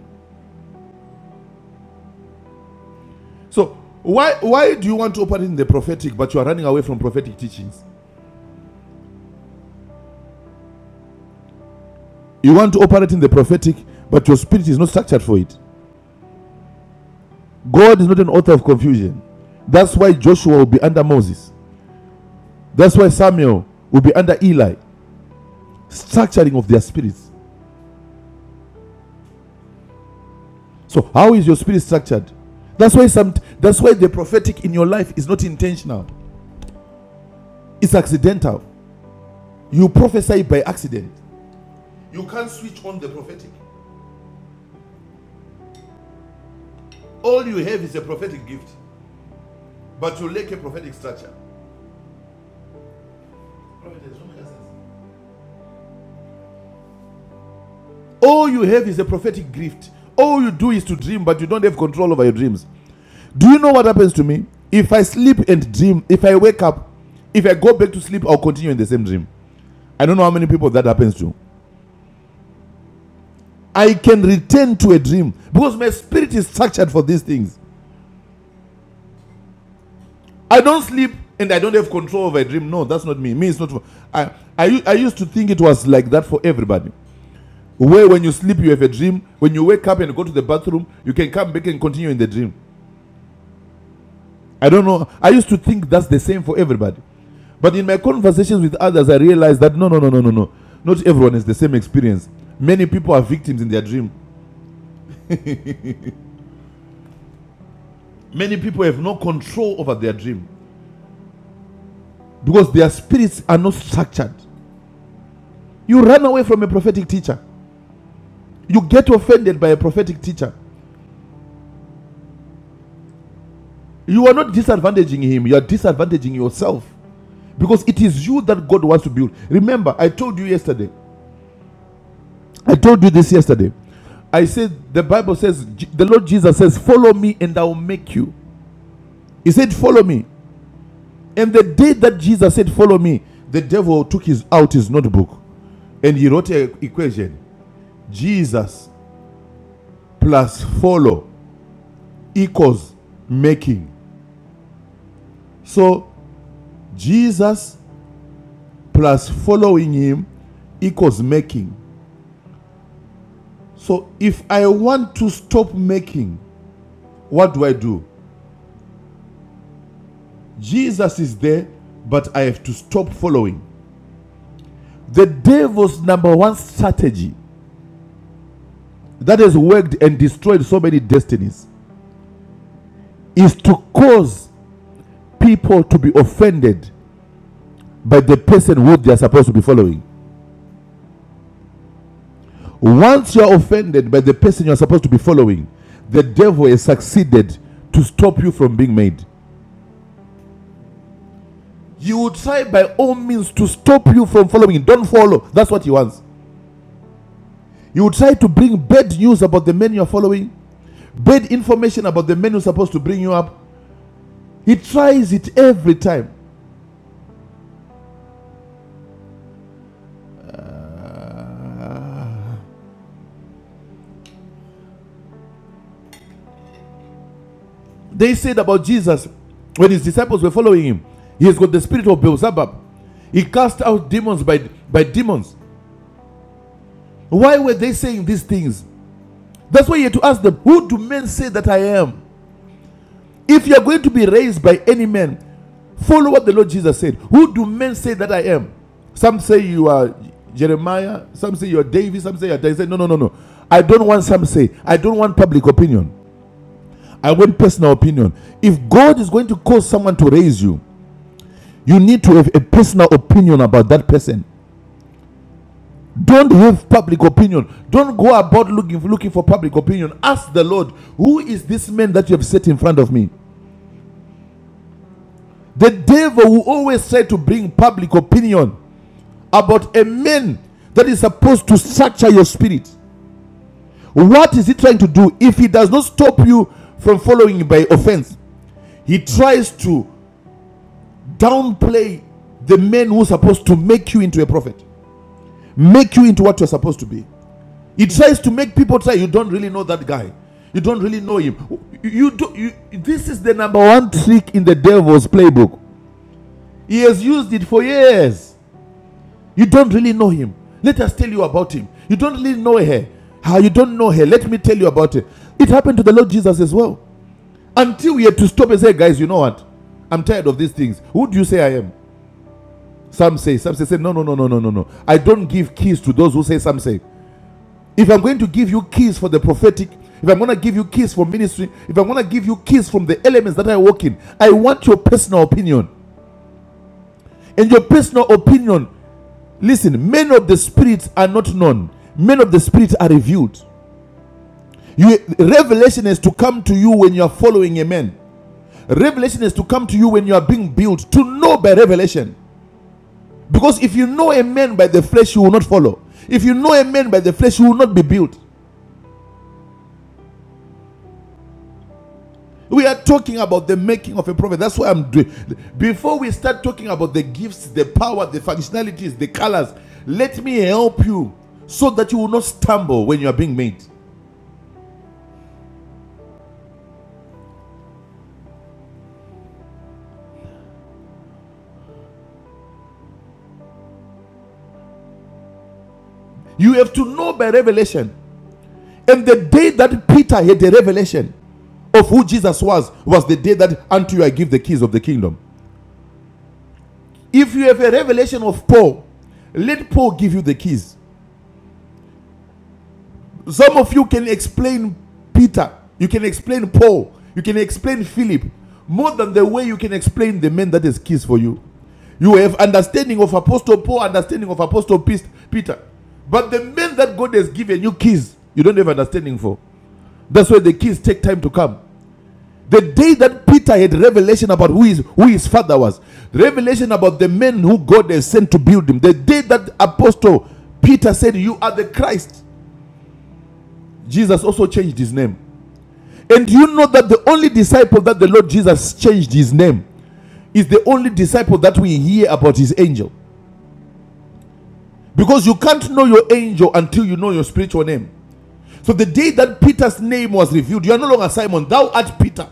Speaker 3: So why why do you want to operate in the prophetic but you are running away from prophetic teachings? You want to operate in the prophetic, but your spirit is not structured for it. God is not an author of confusion. That's why Joshua will be under Moses. That's why Samuel will be under Eli. Structuring of their spirits. So how is your spirit structured? That's why some that's why the prophetic in your life is not intentional. It's accidental. You prophesy by accident. You can't switch on the prophetic. All you have is a prophetic gift, but you lack a prophetic structure. Prophet no All you have is a prophetic gift. All you do is to dream, but you don't have control over your dreams. Do you know what happens to me? If I sleep and dream, if I wake up, if I go back to sleep, I'll continue in the same dream. I don't know how many people that happens to. I can return to a dream because my spirit is structured for these things. I don't sleep and I don't have control over a dream. No, that's not me. Me, it's not. I I I used to think it was like that for everybody. Where when you sleep, you have a dream. When you wake up and go to the bathroom, you can come back and continue in the dream. I don't know. I used to think that's the same for everybody. But in my conversations with others, I realized that no, no, no, no, no, no. Not everyone has the same experience. Many people are victims in their dream. Many people have no control over their dream because their spirits are not structured. You run away from a prophetic teacher. You get offended by a prophetic teacher. You are not disadvantaging him, you are disadvantaging yourself because it is you that God wants to build. Remember, I told you yesterday I told you this yesterday. I said, the Bible says, the Lord Jesus says, Follow me and I will make you. He said, Follow me. And the day that Jesus said, Follow me, the devil took his out his notebook and he wrote an equation Jesus plus follow equals making. So Jesus plus following him equals making. So if I want to stop making, what do I do? Jesus is there, but I have to stop following. The devil's number one strategy that has worked and destroyed so many destinies is to cause people to be offended by the person who they are supposed to be following. Once you are offended by the person you are supposed to be following, the devil has succeeded to stop you from being made. You would try by all means to stop you from following. Don't follow. That's what he wants. You would try to bring bad news about the men you are following, bad information about the men who are supposed to bring you up. He tries it every time. Uh, They said about Jesus when his disciples were following him, he has got the spirit of Beelzebub. He cast out demons by, by demons. Why were they saying these things? That's why you have to ask them, Who do men say that I am? If you are going to be raised by any man, follow what the Lord Jesus said. Who do men say that I am? Some say you are Jeremiah, some say you are David, some say you are David. No, no, no, no. I don't want some say. I don't want public opinion. I want personal opinion. If God is going to cause someone to raise you, you need to have a personal opinion about that person. Don't have public opinion. Don't go about looking looking for public opinion. Ask the Lord, who is this man that you have set in front of me? The devil will always try to bring public opinion about a man that is supposed to structure your spirit. What is he trying to do? If he does not stop you from following by offense, he tries to downplay the men who are supposed to make you into a prophet, make you into what you're supposed to be. It tries to make people say you don't really know that guy, you don't really know him. You, do, you, this is the number one trick in the devil's playbook. He has used it for years. You don't really know him. Let us tell you about him. You don't really know her. How you don't know her. Let me tell you about her. It happened to the Lord Jesus as well. Until we had to stop and say, guys, you know what? I'm tired of these things. Who do you say I am? Some say, some say, say, no, no, no, no, no, no, no. I don't give keys to those who say, some say. If I'm going to give you keys for the prophetic, if I'm going to give you keys for ministry, if I'm going to give you keys from the elements that I walk in, I want your personal opinion. And your personal opinion, listen, men of the spirit are not known, men of the spirit are revealed. You, revelation is to come to you when you are following a man. Revelation is to come to you when you are being built, to know by revelation. Because if you know a man by the flesh, you will not follow. If you know a man by the flesh, you will not be built. We are talking about the making of a prophet. That's why I'm doing. Before we start talking about the gifts, the power, the functionalities, the colors, let me help you so that you will not stumble when you are being made. You have to know by revelation. And the day that Peter had the revelation of who Jesus was, was the day that unto you I give the keys of the kingdom. If you have a revelation of Paul, let Paul give you the keys. Some of you can explain Peter, you can explain Paul, you can explain Philip more than the way you can explain the man that has kissed for you. You have understanding of Apostle Paul, understanding of Apostle Peter. But the man that God has given you keys, you don't have understanding for. That's why the keys take time to come. The day that Peter had revelation about who his, who his father was, revelation about the man who God has sent to build him, the day that Apostle Peter said, You are the Christ, Jesus also changed his name. And you know that the only disciple that the Lord Jesus changed his name is the only disciple that we hear about his angel. Because you can't know your angel until you know your spiritual name. So the day that Peter's name was revealed, you are no longer Simon, thou art Peter.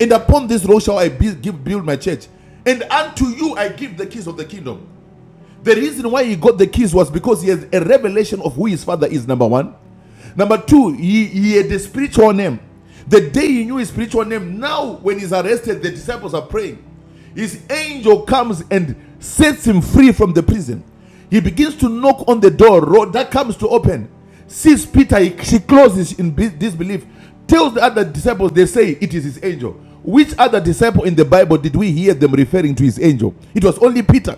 Speaker 3: And upon this rock shall I build, build my church. And unto you I give the keys of the kingdom. The reason why he got the keys was because he has a revelation of who his father is, number one. Number two, he, he had a spiritual name. The day he knew his spiritual name, now when he's arrested, the disciples are praying. His angel comes and sets him free from the prison. He begins to knock on the door that comes to open. Sees Peter, he- she closes in disbelief. Tells the other disciples, they say it is his angel. Which other disciple in the Bible did we hear them referring to his angel? It was only Peter.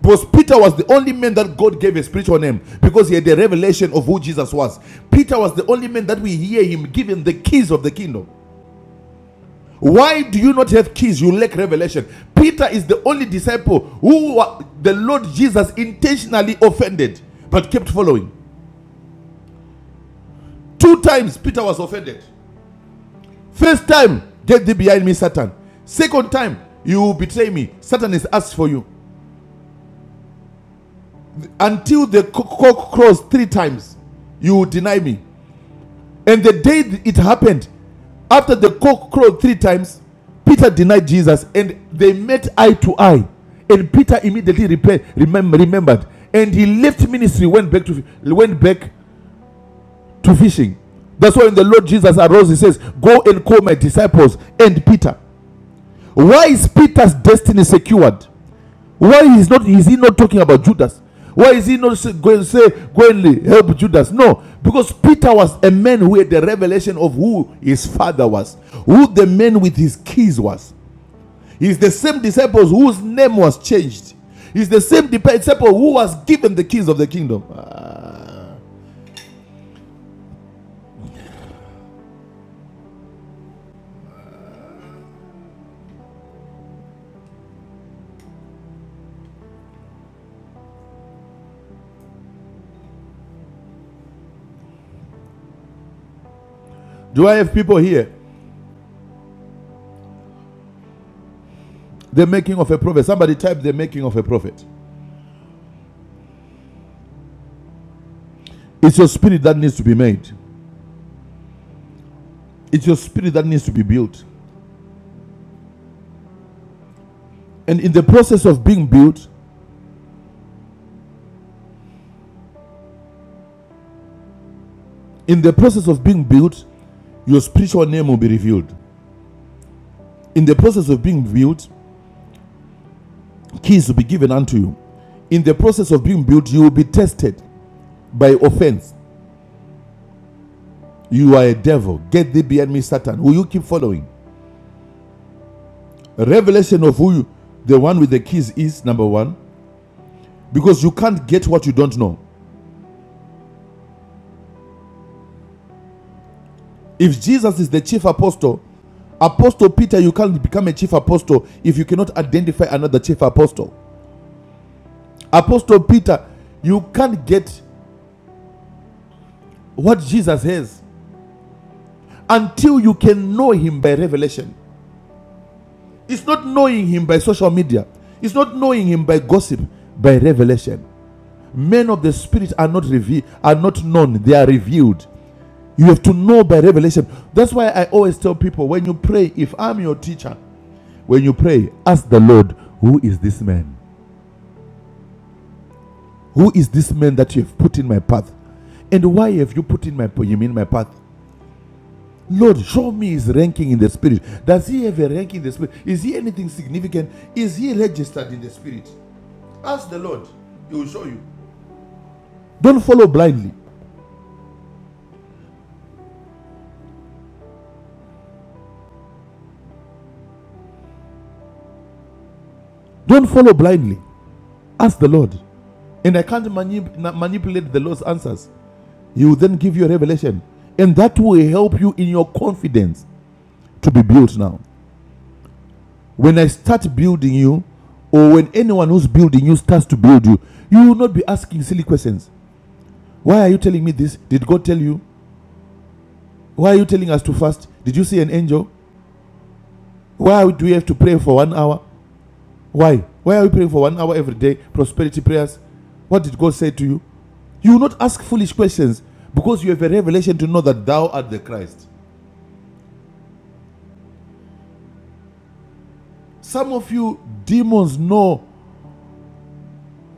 Speaker 3: Because Peter was the only man that God gave a spiritual name because he had the revelation of who Jesus was. Peter was the only man that we hear him giving the keys of the kingdom. Why do you not have keys? You lack revelation. Peter is the only disciple who the Lord Jesus intentionally offended but kept following. Two times Peter was offended. First time, get thee behind me, Satan. Second time, you will betray me. Satan is asked for you. Until the cock crows three times, you will deny me. And the day it happened, after the cock crowed three times, Peter denied Jesus and they met eye to eye. And Peter immediately repaid, remem- remembered. And he left ministry, went back to went back to fishing. That's why when the Lord Jesus arose, he says, Go and call my disciples and Peter. Why is Peter's destiny secured? Why is not is he not talking about Judas? Why is he not going to say, go and help Judas? No, because Peter was a man who had the revelation of who his father was, who the man with his keys was. He's the same disciples whose name was changed. He's the same disciple who was given the keys of the kingdom. Ah. Do I have people here? The making of a prophet. Somebody type the making of a prophet. It's your spirit that needs to be made. It's your spirit that needs to be built. And in the process of being built, In the process of being built, your spiritual name will be revealed. In the process of being built, keys will be given unto you. In the process of being built, you will be tested by offense. You are a devil. Get thee behind me, Satan, who you keep following. A Revelation of who you, the one with the keys is, number one, because you can't get what you don't know. If Jesus is the chief apostle, Apostle Peter, you can't become a chief apostle if you cannot identify another chief apostle. Apostle Peter, you can't get what Jesus has until you can know him by revelation. It's not knowing him by social media, it's not knowing him by gossip, by revelation. Men of the spirit are not revealed, are not known, they are revealed. You have to know by revelation. That's why I always tell people when you pray, if I'm your teacher, when you pray, ask the Lord, who is this man? Who is this man that you have put in my path? And why have you put in my him in my path? Lord, show me his ranking in the spirit. Does he have a rank in the spirit? Is he anything significant? Is he registered in the spirit? Ask the Lord, he will show you. Don't follow blindly. Don't follow blindly. Ask the Lord. And I can't manip- manipulate the Lord's answers. He will then give you a revelation. And that will help you in your confidence to be built now. When I start building you, or when anyone who's building you starts to build you, you will not be asking silly questions. Why are you telling me this? Did God tell you? Why are you telling us to fast? Did you see an angel? Why do we have to pray for one hour? Why? Why are we praying for one hour every day? Prosperity prayers. What did God say to you? You will not ask foolish questions because you have a revelation to know that thou art the Christ. Some of you demons know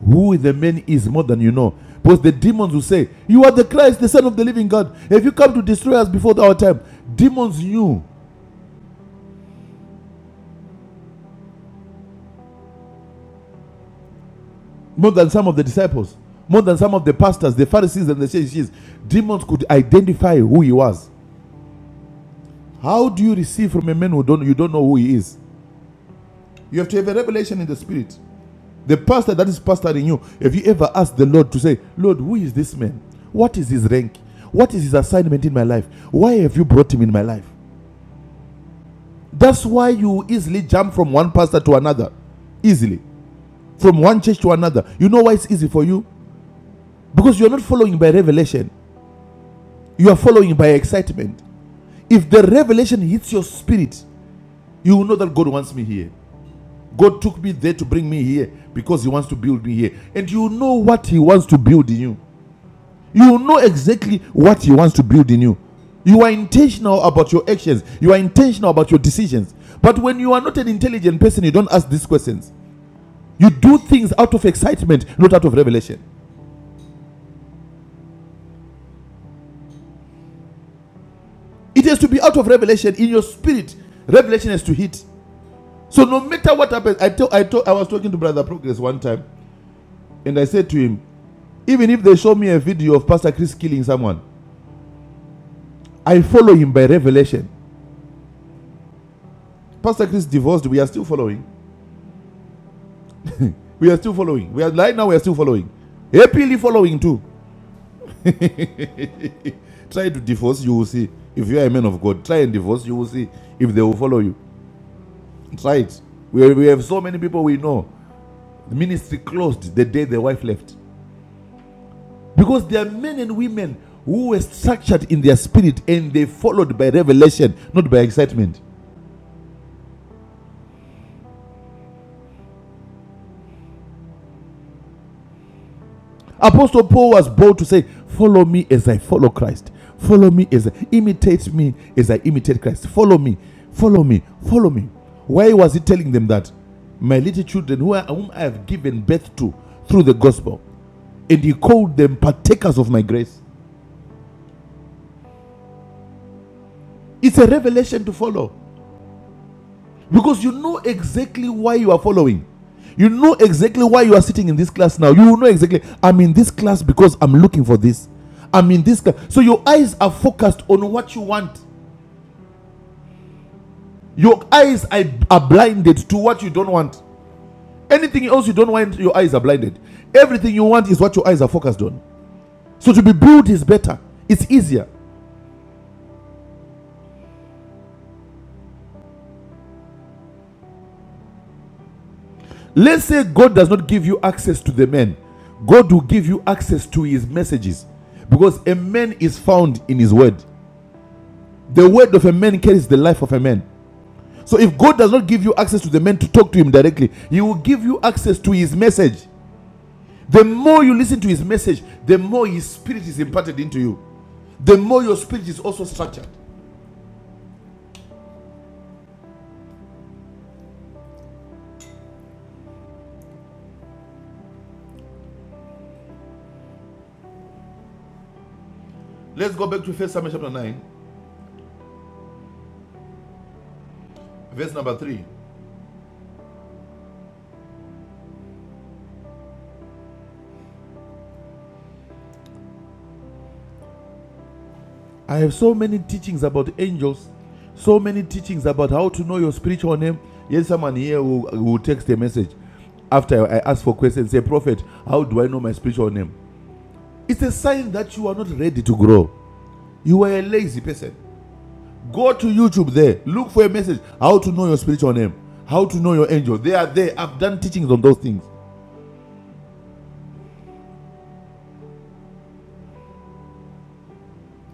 Speaker 3: who the man is more than you know. Because the demons will say, You are the Christ, the Son of the living God. If you come to destroy us before our time? Demons knew more than some of the disciples, more than some of the pastors, the Pharisees, and the Sadducees. Demons could identify who he was. How do you receive from a man who don't you don't know who he is? You have to have a revelation in the spirit. The pastor that is pastoring you, have you ever asked the Lord to say, Lord, who is this man? What is his rank? What is his assignment in my life? Why have you brought him in my life? That's why you easily jump from one pastor to another. Easily. From one church to another. You know why it's easy for you? Because you're not following by revelation. You are following by excitement. If the revelation hits your spirit, you will know that God wants me here. God took me there to bring me here because He wants to build me here. And you know what He wants to build in you. You know exactly what He wants to build in you. You are intentional about your actions, you are intentional about your decisions. But when you are not an intelligent person, you don't ask these questions. You do things out of excitement, not out of revelation. It has to be out of revelation in your spirit. Revelation has to hit. So no matter what happens, I tell, I told, I was talking to Brother Progress one time, and I said to him, even if they show me a video of Pastor Chris killing someone, I follow him by revelation. Pastor Chris divorced. We are still following. We are still following. We are right now. We are still following. Happily following too. Try to divorce, you will see. If you are a man of God, try and divorce, you will see if they will follow you. Try it. We, we have so many people we know. The ministry closed the day the wife left. Because there are men and women who were structured in their spirit and they followed by revelation, not by excitement. Apostle Paul was bold to say, Follow me as I follow Christ. Follow me as I imitate me as I imitate Christ. Follow me, follow me, follow me. Why was he telling them that? My little children, who I, whom I have given birth to through the gospel, and he called them partakers of my grace. It's a revelation to follow. Because you know exactly why you are following. You know exactly why you are sitting in this class now. You know exactly, I'm in this class because I'm looking for this. I'm in this class. So your eyes are focused on what you want. Your eyes are, are blinded to what you don't want. Anything else you don't want, your eyes are blinded. Everything you want is what your eyes are focused on. So to be built is better, it's easier. Let's say God does not give you access to the man, God will give you access to his messages because a man is found in his word. The word of a man carries the life of a man. So if God does not give you access to the man to talk to him directly, he will give you access to his message. The more you listen to his message, the more his spirit is imparted into you. The more your spirit is also structured. Let's go back to First Samuel chapter 9, verse number 3. I have so many teachings about angels, so many teachings about how to know your spiritual name. Yes, someone here will, will text a message after I ask for questions, say, Prophet, how do I know my spiritual name? It's a sign that you are not ready to grow. You are a lazy person. Go to YouTube there. Look for a message. How to know your spiritual name. How to know your angel. They are there. I've done teachings on those things.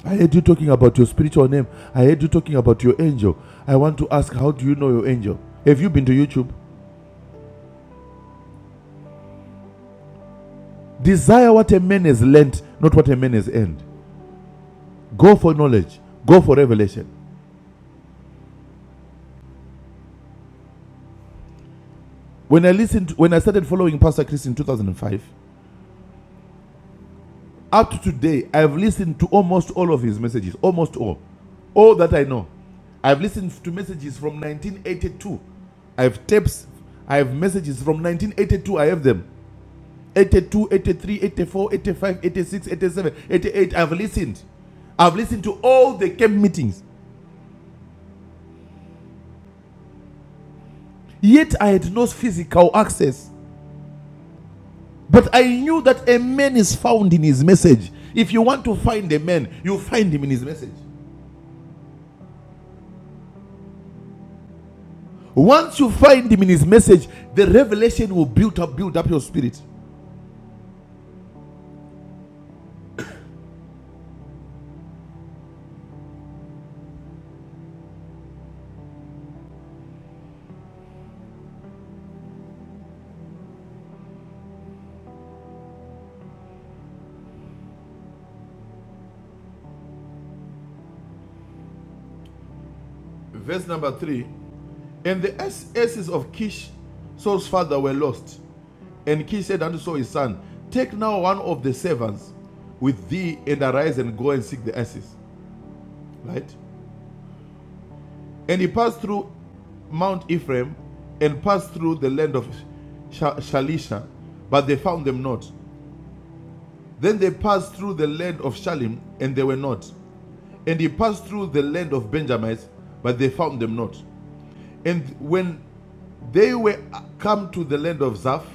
Speaker 3: I heard you talking about your spiritual name. I heard you talking about your angel. I want to ask, how do you know your angel? Have you been to YouTube? Desire what a man has learnt, not what a man has earned. Go for knowledge. Go for revelation. When I listened, when I started following Pastor Chris in 2005, Up to today, I've listened to almost all of his messages, almost all. All that I know. I've listened to messages from 1982. I have tapes, I have messages from 1982. I have them 82, 83, 84, 85, 86, 87, 88. I've listened. I've listened to all the camp meetings. Yet I had no physical access. But I knew that a man is found in his message. If you want to find a man, you find him in his message. Once you find him in his message, the revelation will build up, build up your spirit. Verse number three. And the asses of Kish, Saul's father, were lost. And Kish said unto Saul his son, Take now one of the servants with thee, and arise and go and seek the asses. Right? And he passed through Mount Ephraim, and passed through the land of Shalisha, but they found them not. Then they passed through the land of Shalim, and they were not. And he passed through the land of Benjamites, but they found them not. And when they were come to the land of Zaph,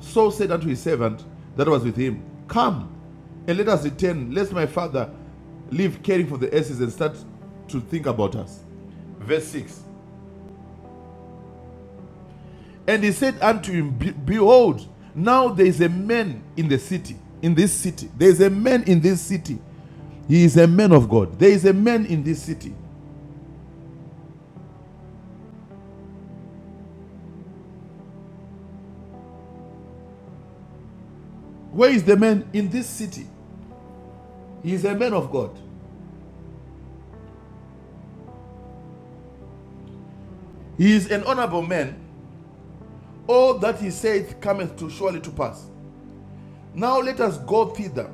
Speaker 3: Saul said unto his servant that was with him, Come and let us return, lest my father leave caring for the asses and start to think about us. Verse 6 And he said unto him, "Be- Behold, now there is a man in the city, in this city. There is a man in this city. He is a man of God. There is a man in this city. Where is the man? In this city. He is a man of God. He is an honorable man. All that he saith cometh to surely to pass. Now let us go thither.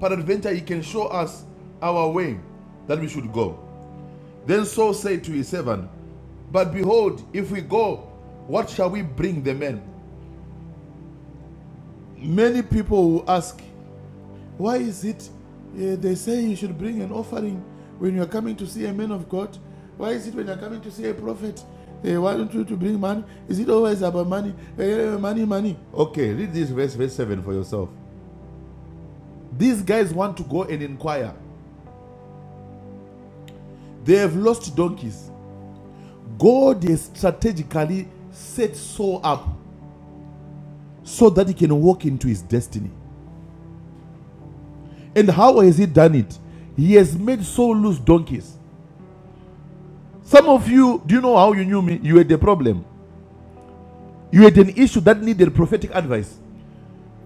Speaker 3: Peradventure he can show us our way that we should go. Then Saul said to his servant, But behold, if we go, what shall we bring the men? Many people will ask, Why is it uh, they say you should bring an offering when you are coming to see a man of God? Why is it when you are coming to see a prophet, they want you to bring money? Is it always about money? Eh, eh, money, money. Okay, read this verse, verse 7 for yourself. These guys want to go and inquire. They have lost donkeys. God has strategically set Saul up so that he can walk into his destiny. And how has he done it? He has made Saul lose donkeys. Some of you, do you know how you knew me? You had a problem. You had an issue that needed prophetic advice.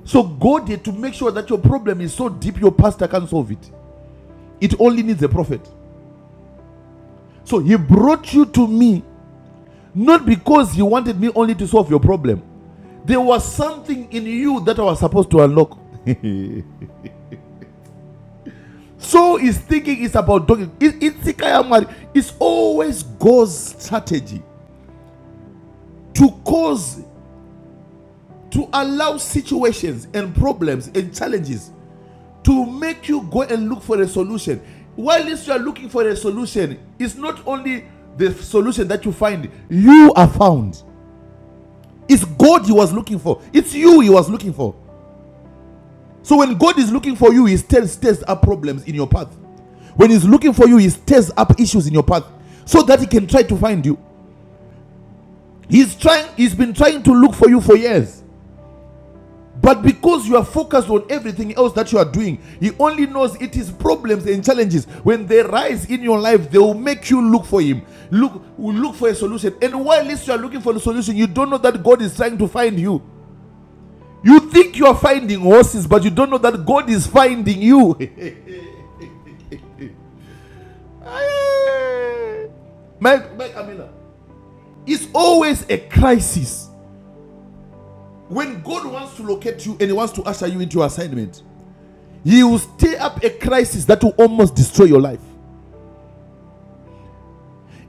Speaker 3: So God had to make sure that your problem is so deep your pastor can't solve it. It only needs a prophet. So he brought you to me not because he wanted me only to solve your problem. There was something in you that I was supposed to unlock. so is thinking is about dogging. It, It's always God's strategy to cause, to allow situations and problems and challenges to make you go and look for a solution. While you are looking for a solution, it's not only the solution that you find, you are found. It's God he was looking for, it's you he was looking for. So when God is looking for you, he stirs, stirs up problems in your path. When he's looking for you, he stirs up issues in your path so that he can try to find you. He's trying, he's been trying to look for you for years. But because you are focused on everything else that you are doing, He only knows it is problems and challenges. When they rise in your life, they will make you look for Him. Look, look for a solution. And while you are looking for a solution, you don't know that God is trying to find you. You think you are finding horses, but you don't know that God is finding you. my, my Camila, it's always a crisis. When God wants to locate you and He wants to usher you into your assignment, He will stir up a crisis that will almost destroy your life,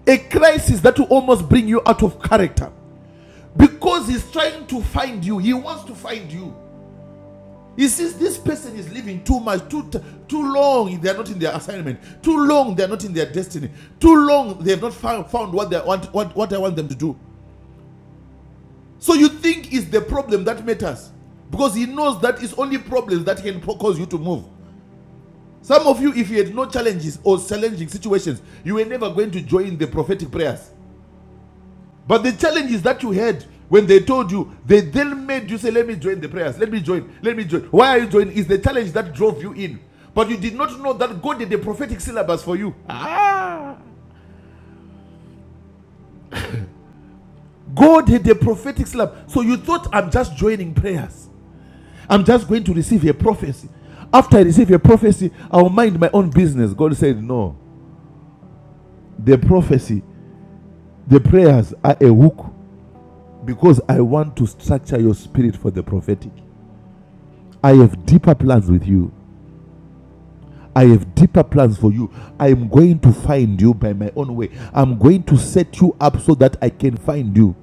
Speaker 3: a crisis that will almost bring you out of character because he's trying to find you. He wants to find you. He sees this person is living too much, too too long. They are not in their assignment. Too long they are not in their destiny. Too long they have not found, found what they want, what, what I want them to do. So you think it's the problem that matters, because he knows that it's only problems that can cause you to move. Some of you, if you had no challenges or challenging situations, you were never going to join the prophetic prayers. But the challenges that you had when they told you, they then made you say, Let me join the prayers, let me join, let me join. Why are you joining? Is the challenge that drove you in. But you did not know that God had a prophetic syllabus for you. Ah! God had a prophetic syllabus. So you thought, I'm just joining prayers. I'm just going to receive a prophecy. After I receive a prophecy, I'll mind my own business. God said, No. The prophecy, the prayers are a hook because I want to structure your spirit for the prophetic. I have deeper plans with you. I have deeper plans for you. I am going to find you by my own way. I'm going to set you up so that I can find you.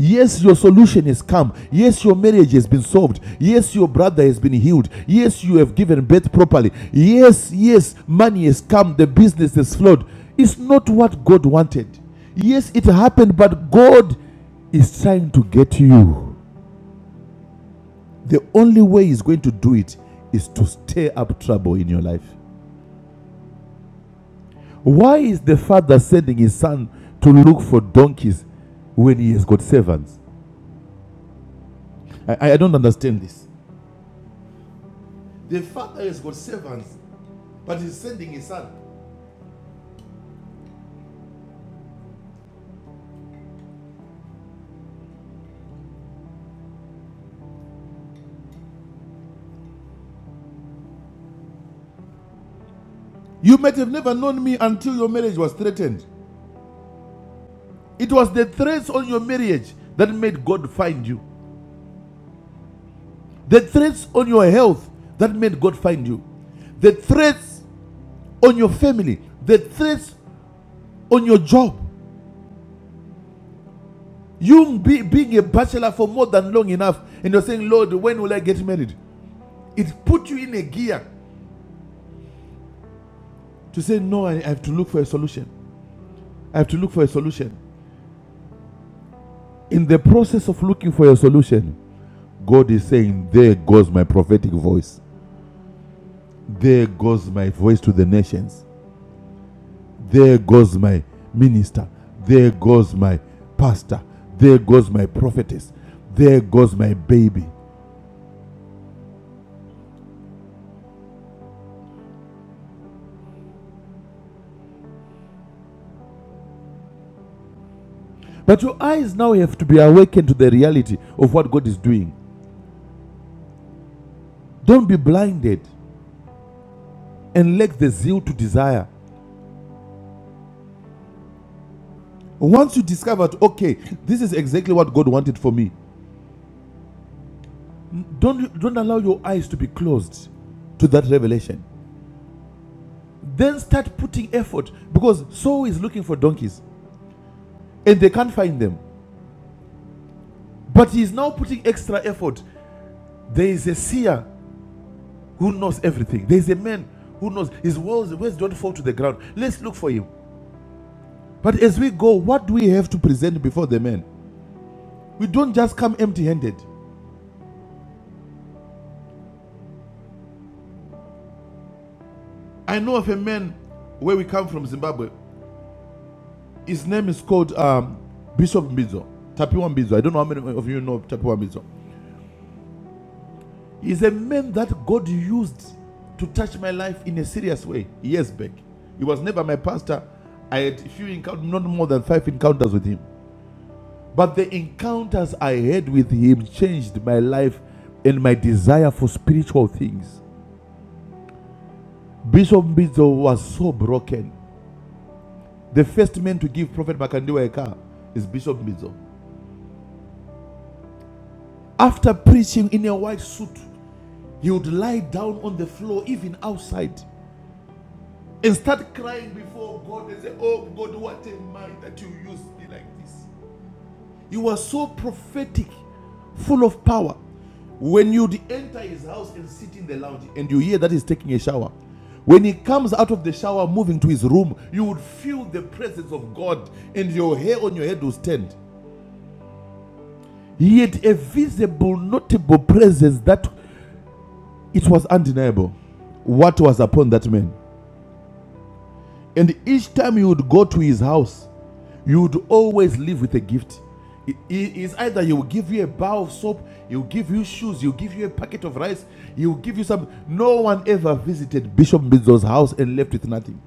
Speaker 3: Yes, your solution has come. Yes, your marriage has been solved. Yes, your brother has been healed. Yes, you have given birth properly. Yes, yes, money has come. The business has flowed. It's not what God wanted. Yes, it happened, but God is trying to get you. The only way he's going to do it is to stir up trouble in your life. Why is the father sending his son to look for donkeys when he has got servants? I, I don't understand this. The father has got servants, but he's sending his son. You might have never known me until your marriage was threatened. It was the threats on your marriage that made God find you, the threats on your health that made God find you, the threats on your family, the threats on your job You be, being a bachelor for more than long enough, and you're saying, Lord, when will I get married? It put you in a gear to say, No, I I have to look for a solution. I have to look for a solution. In the process of looking for a solution, God is saying, There goes my prophetic voice. There goes my voice to the nations. There goes my minister. There goes my pastor. There goes my prophetess. There goes my baby. But your eyes now have to be awakened to the reality of what God is doing. Don't be blinded and lack the zeal to desire. Once you discovered, okay, this is exactly what God wanted for me, don't, don't allow your eyes to be closed to that revelation. Then start putting effort because Saul is looking for donkeys and they can't find them. But he is now putting extra effort. There is a seer who knows everything, there is a man who knows his words, words don't fall to the ground. Let's look for him. But as we go, what do we have to present before the man? We don't just come empty handed. I know of a man where we come from, Zimbabwe. His name is called um, Bishop Mbizo, Tapiwa Mbizo. I don't know how many of you know Tapiwa Mbizo. He's a man that God used to touch my life in a serious way years back. He was never my pastor. I had few encounters, not more than five encounters with him. But the encounters I had with him changed my life and my desire for spiritual things. Bishop Mbizo was so broken. The first man to give Prophet Makandiwa a car is Bishop Mbizo. After preaching in a white suit, he would lie down on the floor, even outside, and start crying before God and say, Oh God, what am I that you used me like this. He was so prophetic, full of power. When you'd enter his house and sit in the lounge and you hear that he's taking a shower, when he comes out of the shower moving to his room, you would feel the presence of God and your hair on your head will stand. He had a visible, notable presence that It was undeniable what was upon that man. And each time you would go to his house, you would always leave with a gift. it is either he will give you a bar of soap, he will give you shoes, he will give you a packet of rice, he will give you some. No one ever visited Bishop Bizo's house and left with nothing.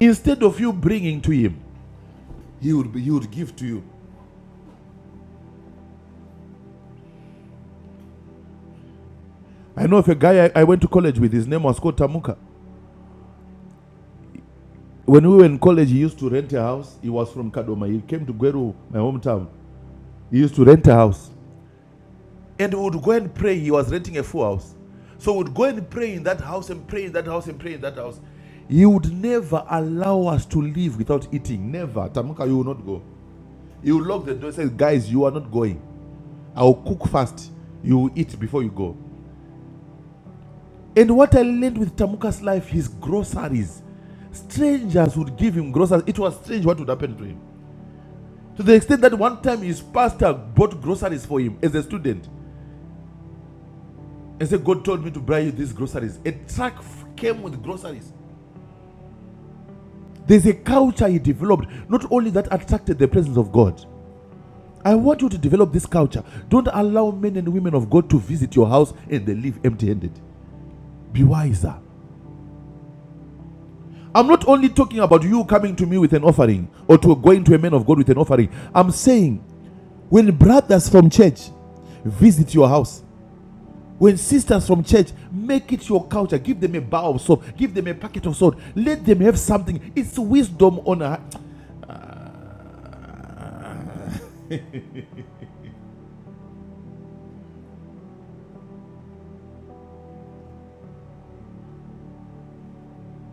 Speaker 3: Instead of you bringing to him, he would, he would give to you. I know of a guy I, I went to college with, his name was called Tamuka. When we were in college, he used to rent a house. He was from Kadoma. He came to Gweru, my hometown. He used to rent a house. and we would go and pray. He was renting a full house. So we'd go and pray in that house and pray in that house and pray in that house. He would never allow us to leave without eating. Never. Tamuka, you will not go. He would lock the door and say, Guys, you are not going. I will cook first. You will eat before you go. And what I learned with Tamuka's life, his groceries. Strangers would give him groceries. It was strange what would happen to him. To the extent that one time his pastor bought groceries for him as a student. and say, God told me to buy you these groceries. A truck came with groceries. There's a culture he developed, not only that attracted the presence of God. I want you to develop this culture. Don't allow men and women of God to visit your house and they leave empty handed. Be wiser. I'm not only talking about you coming to me with an offering or to going to a man of God with an offering. I'm saying when brothers from church visit your house, When sisters from church make it your culture, give them a bar of soap, give them a packet of salt, let them have something. It's wisdom on a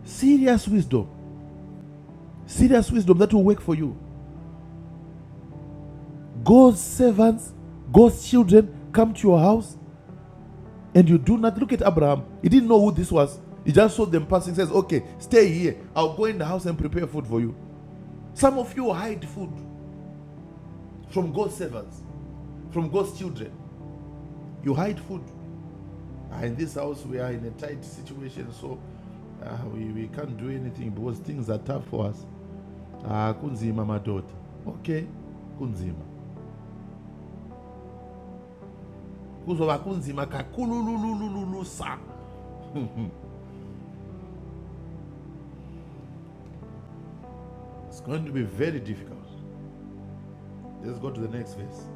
Speaker 3: serious wisdom, serious wisdom that will work for you. God's servants, God's children come to your house and you do not look at Abraham. He didn't know who this was. He just saw them passing, says, Okay, stay here. I'll go in the house and prepare food for you. Some of you hide food from God's servants, from God's children. You hide food. Ah, in this house, we are in a tight situation, so uh, we, we can't do anything because things are tough for us. Ah, kunzima madoda. Okay, kunzima. Kuzoba kunzima kakulululululusa. It's going to be very difficult. Let's go to the next verse.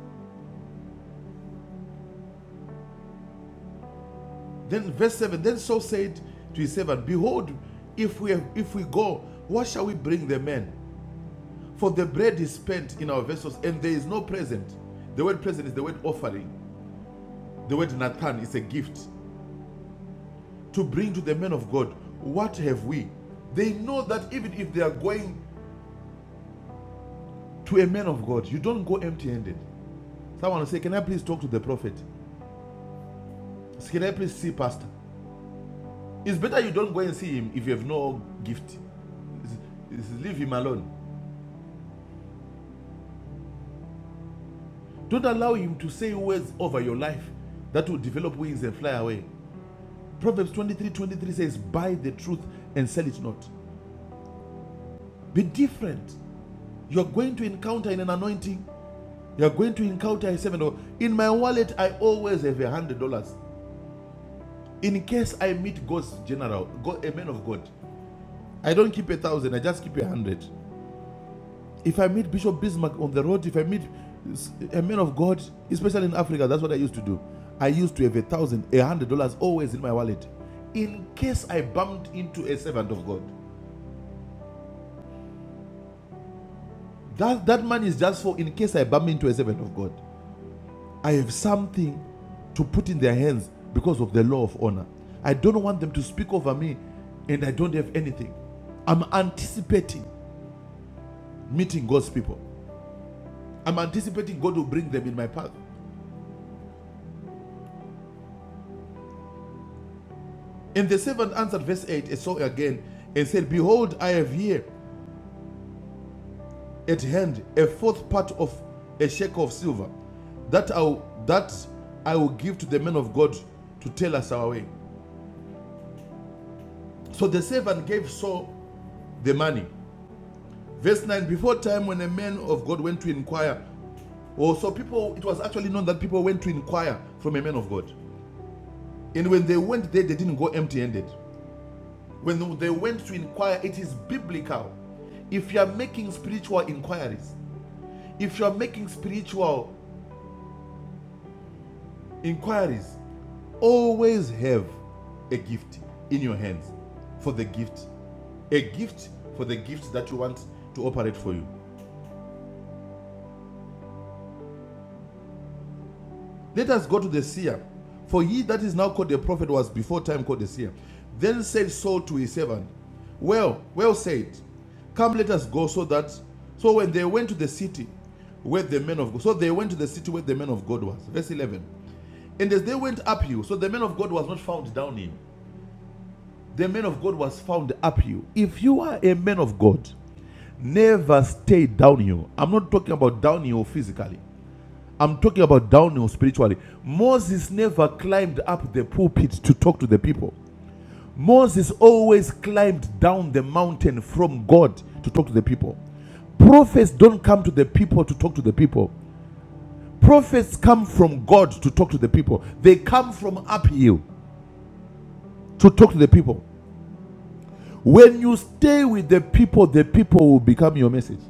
Speaker 3: Then verse 7, then Saul said to his servant, Behold, if we have, if we go, what shall we bring the men? For the bread is spent in our vessels, and there is no present. The word present is the word offering. The word Nathan is a gift. to bring to the man of God, what have we? They know that even if they are going to a man of God, you don't go empty handed. Someone will say, Can I please talk to the prophet? Can I please see pastor? It's better you don't go and see him if you have no gift. It's- it's leave him alone. Don't allow him to say words over your life that will develop wings and fly away. Proverbs 23:23 says, Buy the truth and sell it not. Be different. You're going to encounter in an anointing You are going to encounter a seven. dollar. In my wallet, I always have a hundred dollars in case I meet God's general, God, a man of God. I don't keep a thousand. I just keep a hundred. If I meet Bishop Bismarck on the road, if I meet a man of God, especially in Africa, that's what I used to do. I used to have a thousand, a hundred dollars always in my wallet, in case I bumped into a servant of God. That that money is just for in case I bump into a servant of God. I have something to put in their hands because of the law of honor. I don't want them to speak over me and I don't have anything. I'm anticipating meeting God's people. I'm anticipating God will bring them in my path. And the servant answered, verse 8, and saw again and said, Behold, I have here at hand a fourth part of a shekel of silver that I, will- that I will give to the man of God to tell us our way. So the servant gave Saul the money Verse 9 Before time when a man of God went to inquire, oh, so people, it was actually known that people went to inquire from a man of God. And when they went there, they didn't go empty handed. When they went to inquire, it is biblical. If you are making spiritual inquiries, if you are making spiritual inquiries, always have a gift in your hands for the gift, a gift for the gift that you want to operate for you. Let us go to the seer. For he that is now called a prophet was before time called a seer. Then said Saul to his servant, Well, well said. Come, let us go, so that. So when they went to the city where the men of God. So they went to the city where the man of God was. Verse 11. And as they went uphill, so the man of God was not found downhill. The man of God was found uphill. If you are a man of God, never stay downhill. I'm not talking about downhill physically. I'm talking about downhill spiritually. Moses never climbed up the pulpit to talk to the people. Moses always climbed down the mountain from God to talk to the people. Prophets don't come to the people to talk to the people. Prophets come from God to talk to the people. They come from uphill to talk to the people. When you stay with the people, the people will become your message.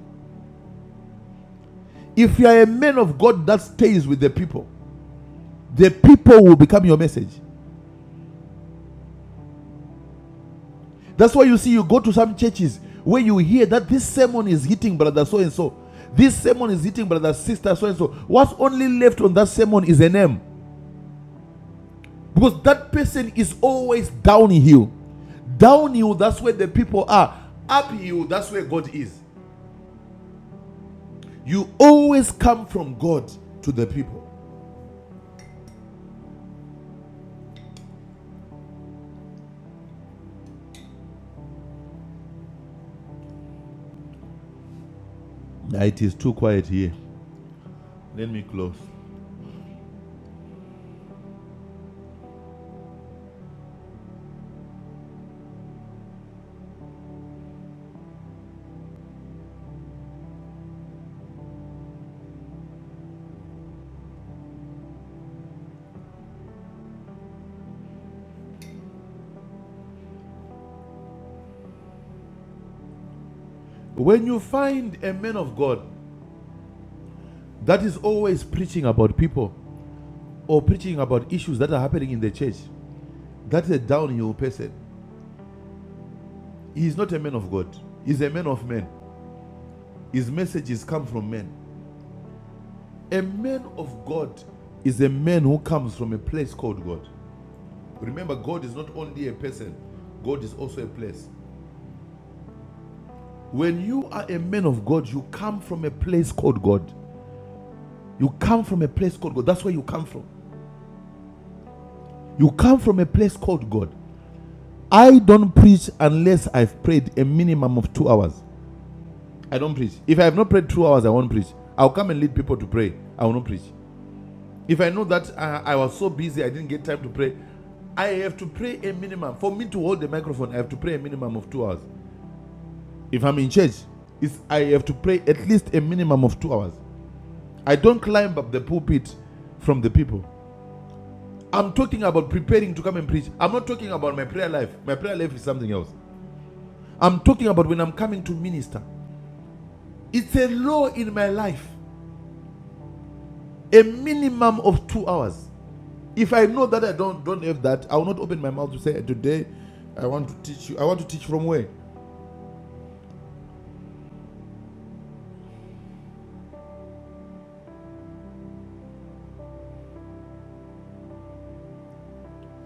Speaker 3: If you are a man of God that stays with the people, the people will become your message. That's why you see, you go to some churches where you hear that this sermon is hitting brother so and so. This sermon is hitting brother sister so and so. What's only left on that sermon is a name. Because that person is always downhill. Downhill, that's where the people are. Uphill, that's where God is. You always come from God to the people. Nah, it is too quiet here. Let me close. When you find a man of God that is always preaching about people or preaching about issues that are happening in the church, That is a downhill person. He is not a man of God. He is a man of men. His messages come from men. A man of God is a man who comes from a place called God. Remember, God is not only a person, God is also a place. When you are a man of God, you come from a place called God. You come from a place called God. That's where you come from. You come from a place called God. I don't preach unless I've prayed a minimum of two hours. I don't preach. If I have not prayed two hours, I won't preach. I'll come and lead people to pray. I will not preach. If I know that uh, I was so busy, I didn't get time to pray. I have to pray a minimum. For me to hold the microphone, I have to pray a minimum of two hours. If I'm in church, it's, I have to pray at least a minimum of two hours. I don't climb up the pulpit from the people. I'm talking about preparing to come and preach. I'm not talking about my prayer life. My prayer life is something else. I'm talking about when I'm coming to minister. It's a law in my life. A minimum of two hours. If I know that I don't don't have that, I will not open my mouth to say today I want to teach you. I want to teach from where?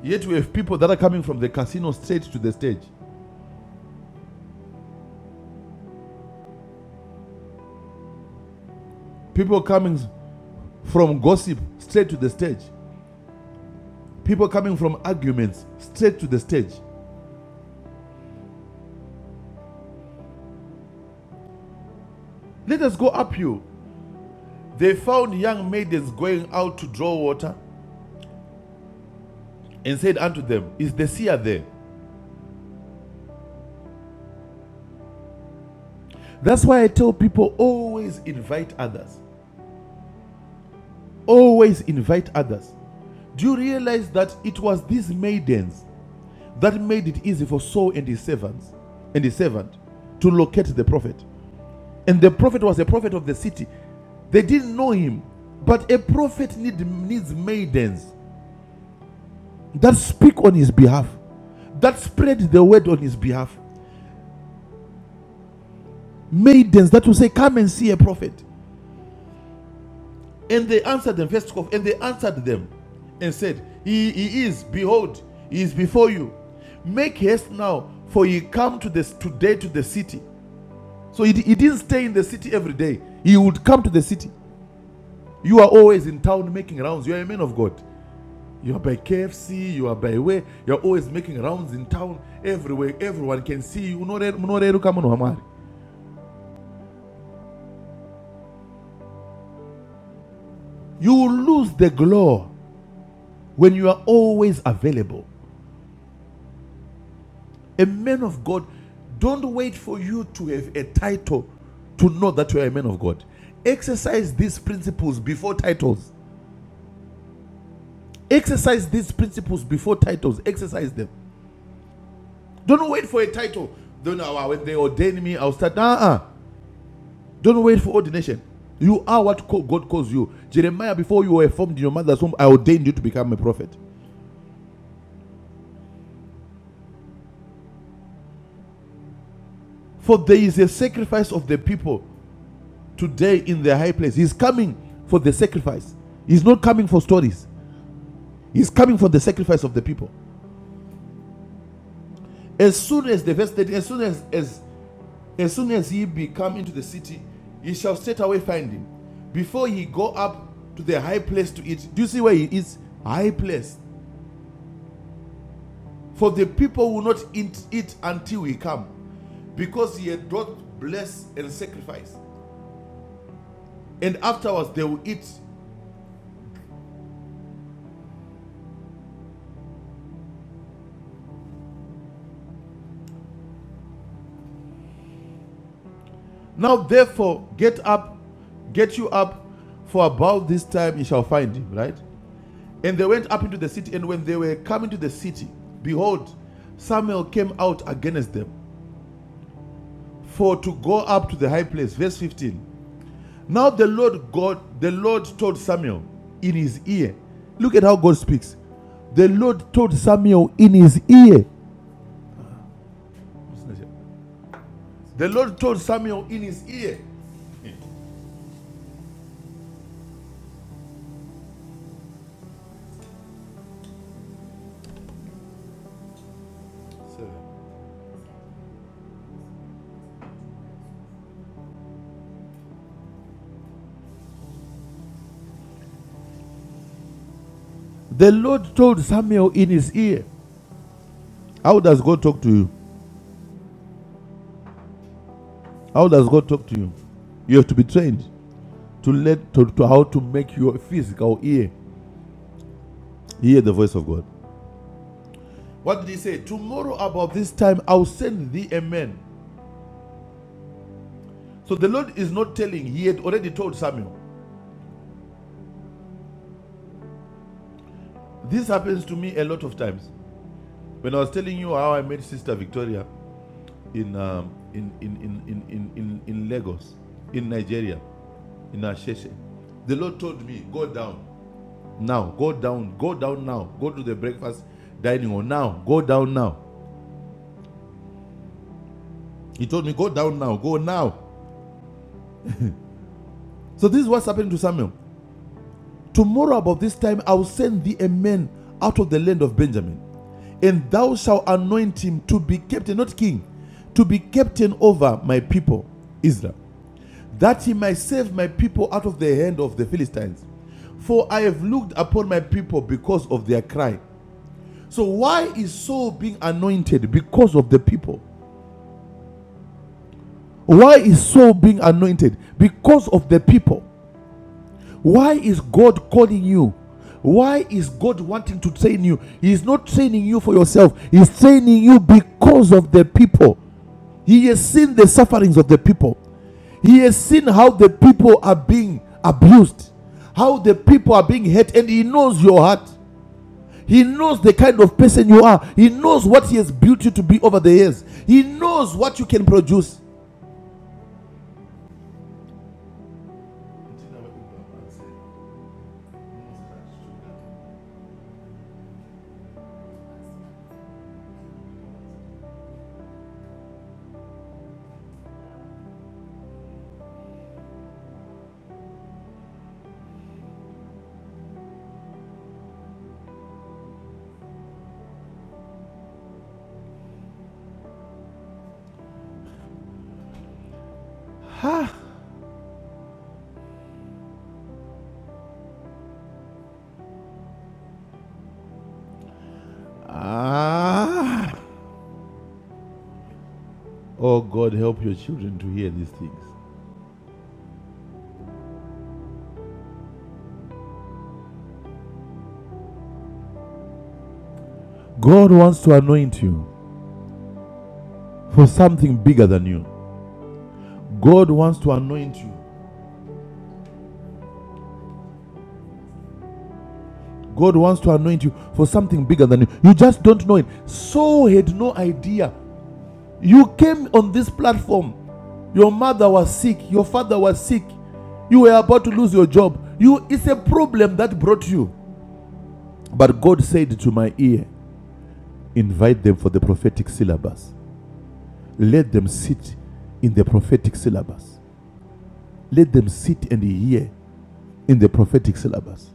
Speaker 3: Yet we have people that are coming from the casino straight to the stage. People coming from gossip straight to the stage. People coming from arguments straight to the stage. Let us go up you. They found young maidens going out to draw water and said unto them, Is the seer there? That's why I tell people always invite others. Always invite others. Do you realize that it was these maidens That made it easy for Saul and his servants and his servant to locate the prophet. And the prophet was a prophet of the city. They didn't know him, but a prophet need, needs maidens that speak on his behalf, that spread the word on his behalf. Maidens that will say, Come and see a prophet. And they answered them, first of, and they answered them and said, he, he is, behold, he is before you. Make haste now, for ye come to this today to the city So he, he didn't stay in the city every day. He would come to the city. You are always in town making rounds. You are a man of God. You are by KFC, you are by where, you are always making rounds in town, everywhere. Everyone can see you. You will lose the glow when you are always available. A man of God, don't wait for you to have a title to know that you are a man of God. Exercise these principles before titles. Exercise these principles before titles. Exercise them. Don't wait for a title. Don't know "Ah, when they ordain me, I'll start. Uh-uh. Don't wait for ordination. You are what God calls you. Jeremiah, before you were formed in your mother's womb, I ordained you to become a prophet. For there is a sacrifice of the people today in the high place. He's coming for the sacrifice. He's not coming for stories. He's coming for the sacrifice of the people. As soon as the verse 13, as soon as, as As soon as he be come into the city, he shall straightway find him. Before he go up to the high place to eat. Do you see where he is? High place. For the people will not eat, eat until he come, because he had brought bless and sacrifice. And afterwards they will eat. Now therefore get up, get you up, for about this time you shall find him, right? And they went up into the city, and when they were coming to the city, behold, Samuel came out against them for to go up to the high place. Verse 15. Now the Lord God, the Lord told Samuel in his ear. Look at how God speaks. The Lord told Samuel in his ear. The Lord told Samuel in his ear. The Lord told Samuel in his ear. How does God talk to you? How does God talk to you? You have to be trained to let to, to how to make your physical ear hear the voice of God. What did he say? Tomorrow about this time I'll send thee a man So the Lord is not telling, He had already told Samuel. This happens to me a lot of times. When I was telling you how I met Sister Victoria in um, in, in, in, in, in, in Lagos, in Nigeria, in Asheshe, the Lord told me, Go down now, go down, go down now, go to the breakfast dining hall now, go down now. He told me, Go down now, go now. So this is what's happening to Samuel. Tomorrow, about this time, I will send thee a man out of the land of Benjamin and thou shalt anoint him to be captain, not king, to be captain over my people, Israel, that he might save my people out of the hand of the Philistines. For I have looked upon my people because of their cry. So, why is Saul being anointed? Because of the people. Why is Saul being anointed? Because of the people. Why is God calling you? Why is God wanting to train you? He is not training you for yourself, He's training you because of the people. He has seen the sufferings of the people. He has seen how the people are being abused, how the people are being hurt, and He knows your heart. He knows the kind of person you are. He knows what He has built you to be over the years. He knows what you can produce. Ha! Ah! Oh God, help your children to hear these things. God wants to anoint you for something bigger than you. God wants to anoint you God wants to anoint you for something bigger than you. You just don't know it. Saul had no idea. You came on this platform. Your mother was sick. Your father was sick. You were about to lose your job. You it's a problem that brought you. But God said to my ear, invite them for the prophetic syllabus. Let them sit in the prophetic syllabus. Let them sit and hear in the prophetic syllabus.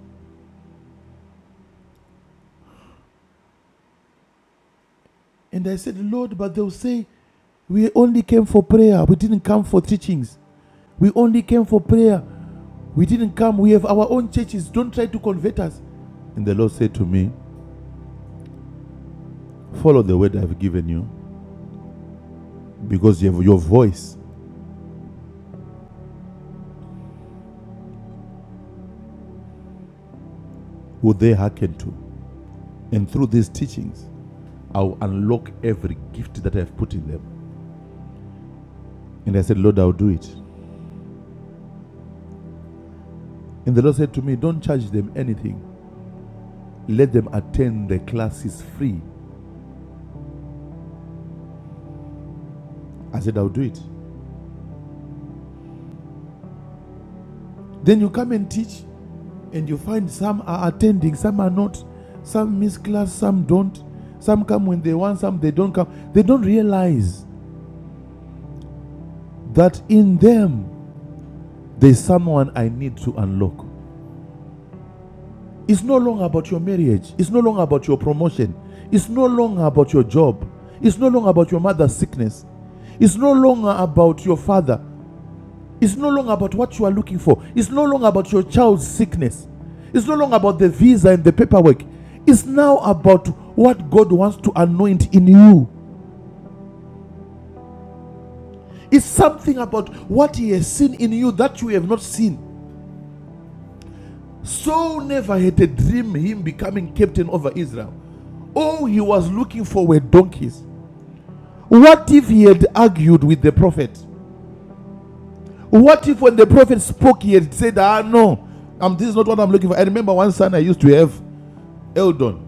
Speaker 3: And I said, Lord, but they'll say, we only came for prayer. We didn't come for teachings. We only came for prayer. We didn't come. We have our own churches. Don't try to convert us. And the Lord said to me, Follow the word I've given you, because you have your voice will they hearken to. And through these teachings, I'll unlock every gift that I've put in them. And I said, Lord, I'll do it. And the Lord said to me, Don't charge them anything. Let them attend the classes free. I said, I'll do it. Then you come and teach. and you find some are attending, some are not, some miss class, some don't, some come when they want, some they don't come. They don't realize that in them there's someone I need to unlock. It's no longer about your marriage, it's no longer about your promotion, it's no longer about your job, it's no longer about your mother's sickness, it's no longer about your father. It's no longer about what you are looking for. It's no longer about your child's sickness. It's no longer about the visa and the paperwork. It's now about what God wants to anoint in you. It's something about what He has seen in you that you have not seen. Saul never had a dream him becoming captain over Israel. All he was looking for were donkeys. What if he had argued with the prophet? What if when the prophet spoke, he had said, Ah, no, um, this is not what I'm looking for? I remember one son I used to have, Eldon.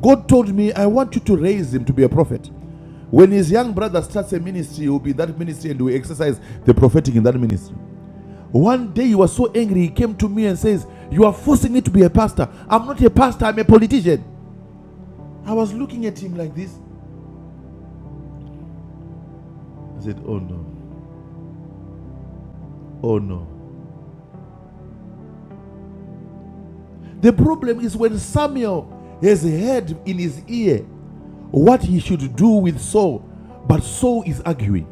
Speaker 3: God told me, I want you to raise him to be a prophet. When his young brother starts a ministry, he will be that ministry and will exercise the prophetic in that ministry. One day he was so angry, he came to me and says, You are forcing me to be a pastor. I'm not a pastor, I'm a politician. I was looking at him like this. I said, Oh no, oh no. The problem is when Samuel has heard in his ear what he should do with Saul, but Saul is arguing.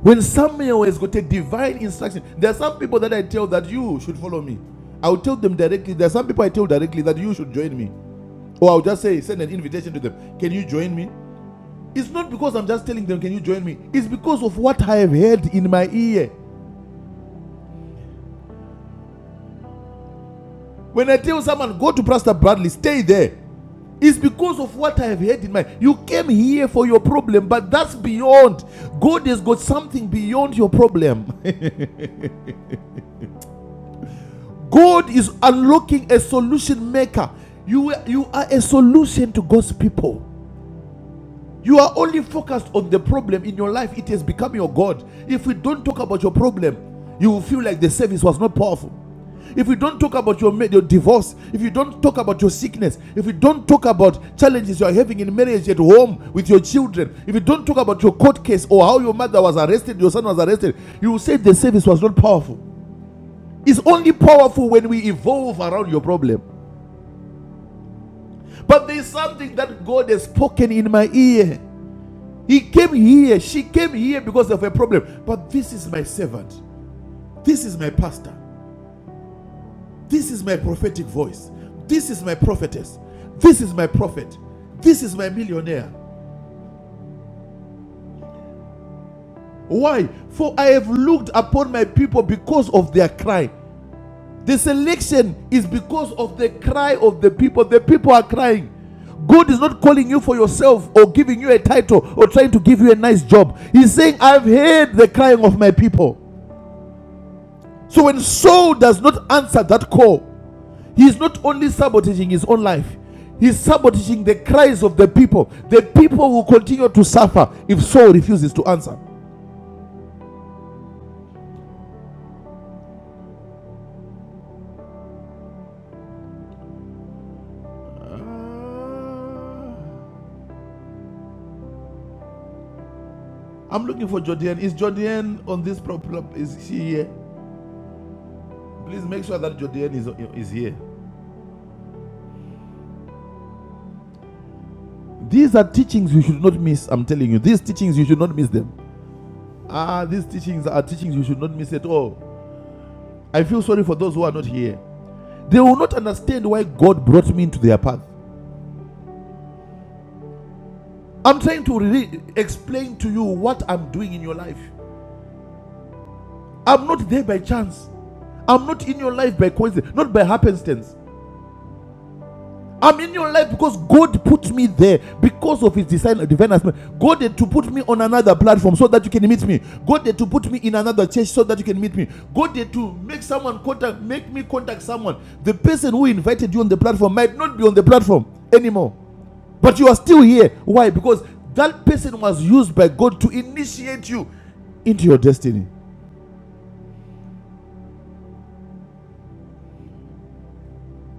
Speaker 3: When Samuel has got a divine instruction, there are some people that I tell that you should follow me. I'll tell them directly. There are some people I tell directly that you should join me. Or I'll just say, send an invitation to them. Can you join me? It's not because I'm just telling them, can you join me? It's because of what I have heard in my ear. When I tell someone, go to Pastor Bradley, stay there. It's because of what I have heard in my. ear. You came here for your problem, but that's beyond. God has got something beyond your problem. God is unlocking a solution maker. You, you are a solution to God's people. You are only focused on the problem in your life. It has become your God. If we don't talk about your problem, you will feel like the service was not powerful. If you don't talk about your, your divorce, if you don't talk about your sickness, if you don't talk about challenges you are having in marriage at home with your children, if you don't talk about your court case or how your mother was arrested, your son was arrested, you will say the service was not powerful is only powerful when we evolve around your problem. But there's something that God has spoken in my ear. He came here, she came here because of a problem. But this is my servant. This is my pastor. This is my prophetic voice. This is my prophetess. This is my prophet. This is my millionaire. Why? For I have looked upon my people because of their cry. The selection is because of the cry of the people. The people are crying. God is not calling you for yourself or giving you a title or trying to give you a nice job. He's saying, I've heard the crying of my people. So when Saul does not answer that call, he's not only sabotaging his own life, he's sabotaging the cries of the people. The people will continue to suffer if Saul refuses to answer. I'm looking for Jordan. Is Jordan on this problem? Is she here? Please make sure that your DNA is, is here. These are teachings you should not miss. I'm telling you, these teachings you should not miss them. Ah, these teachings are teachings you should not miss at all. I feel sorry for those who are not here. They will not understand why God brought me into their path. I'm trying to re- explain to you what I'm doing in your life. I'm not there by chance. I'm not in your life by coincidence, not by happenstance. I'm in your life because God put me there because of His design, of divine assignment. God had to put me on another platform so that you can meet me. God had to put me in another church so that you can meet me. God had to make someone contact, make me contact someone. The person who invited you on the platform might not be on the platform anymore, but you are still here. Why? Because that person was used by God to initiate you into your destiny.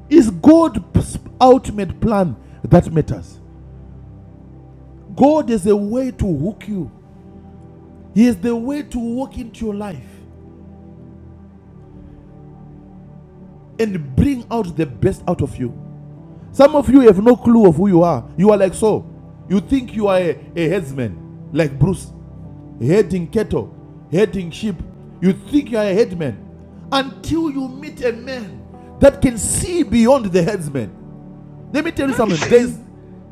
Speaker 3: It's God's ultimate plan that matters? God is a way to hook you He is the way to walk into your life and bring out the best out of you. Some of you have no clue of who you are. You are like so. You think you are a, a headsman, like Bruce, heading cattle, heading sheep. You think you are a headman until you meet a man that can see beyond the headsman. Let me tell you something.
Speaker 5: Thank
Speaker 3: There's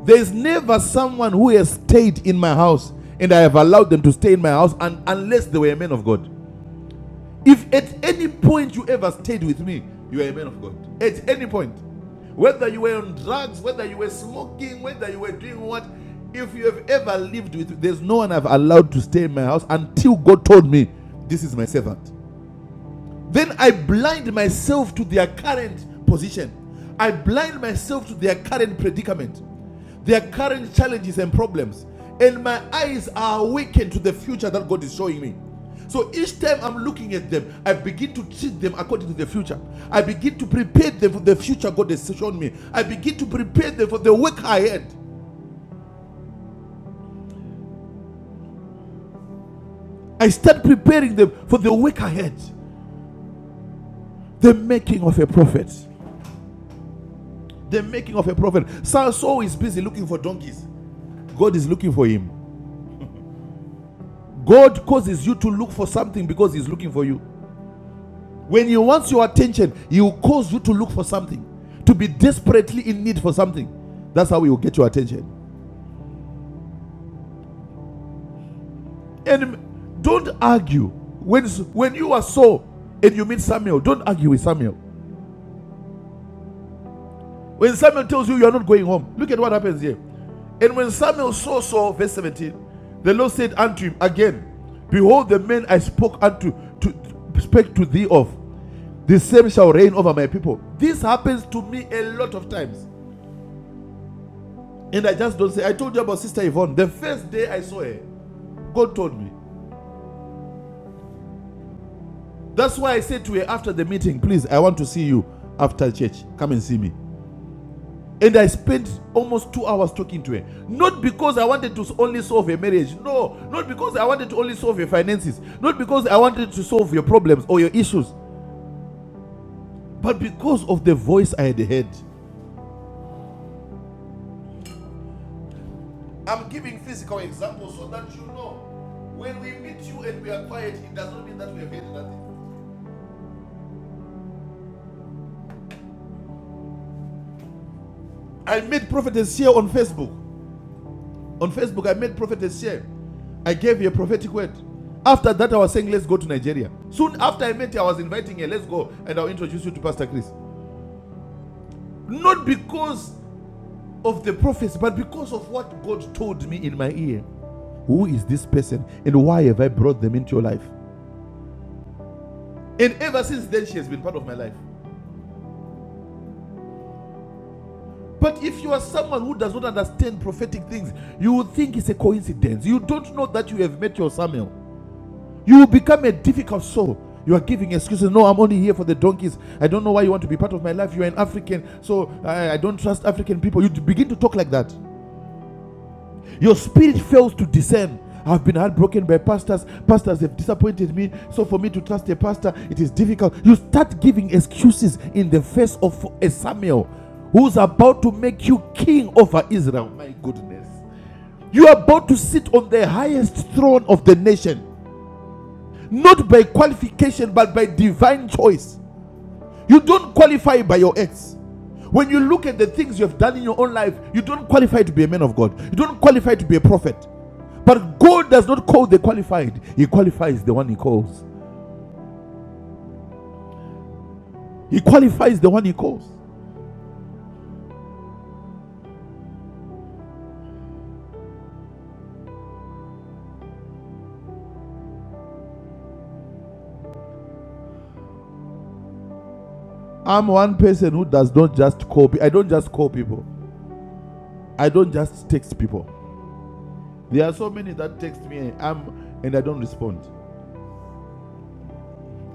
Speaker 3: there's never someone who has stayed in my house and I have allowed them to stay in my house un- unless they were a man of God. If at any point you ever stayed with me, you are a man of God. At any point. Whether you were on drugs, whether you were smoking, whether you were doing what, if you have ever lived with, me, there's no one I've allowed to stay in my house until God told me, This is my servant. Then I blind myself to their current position. I blind myself to their current predicament, their current challenges and problems. And my eyes are awakened to the future that God is showing me. So each time I'm looking at them, I begin to treat them according to the future. I begin to prepare them for the future God has shown me. I begin to prepare them for the work ahead. I start preparing them for the work ahead. The making of a prophet. The making of a prophet. Saul is busy looking for donkeys. God is looking for him. God causes you to look for something because he's looking for you. When he wants your attention, he will cause you to look for something, to be desperately in need for something. That's how he will get your attention. And don't argue. When, when you are so and you meet Samuel, don't argue with Samuel. When Samuel tells you you are not going home, look at what happens here. And when Samuel saw Saul, verse 17, the Lord said unto him again, Behold, the man I spoke unto to spake to thee of, The same shall reign over my people. This happens to me a lot of times. And I just don't say, I told you about Sister Yvonne. The first day I saw her, God told me. That's why I said to her after the meeting, please, I want to see you after church. Come and see me. And I spent almost two hours talking to her. Not because I wanted to only solve her marriage. No. Not because I wanted to only solve her finances. Not because I wanted to solve your problems or your issues. But because of the voice I had heard. I'm giving physical examples so that you know. When we meet you and we are quiet, it does not mean that we have heard nothing. I met prophetess here on Facebook. On Facebook, I met prophetess here. I gave her a prophetic word. After that, I was saying, let's go to Nigeria. Soon after I met her, I was inviting her, let's go, and I'll introduce you to Pastor Chris. Not because of the prophets, but because of what God told me in my ear. Who is this person, and why have I brought them into your life? And ever since then, she has been part of my life. But if you are someone who does not understand prophetic things, you will think it's a coincidence. You don't know that you have met your Samuel. You will become a difficult soul. You are giving excuses. No, I'm only here for the donkeys. I don't know why you want to be part of my life. You are an African, so I, I don't trust African people. You begin to talk like that. Your spirit fails to discern. I've been heartbroken by pastors. Pastors have disappointed me. So for me to trust a pastor, it is difficult. You start giving excuses in the face of a Samuel who's about to make you king over Israel. My goodness. You are about to sit on the highest throne of the nation, not by qualification, but by divine choice. You don't qualify by your acts. When you look at the things you have done in your own life, you don't qualify to be a man of God. You don't qualify to be a prophet. But God does not call the qualified, He qualifies the one He calls. He qualifies the one He calls. I'm one person who does not just call. I don't just call people. I don't just text people. There are so many that text me. I'm and I don't respond.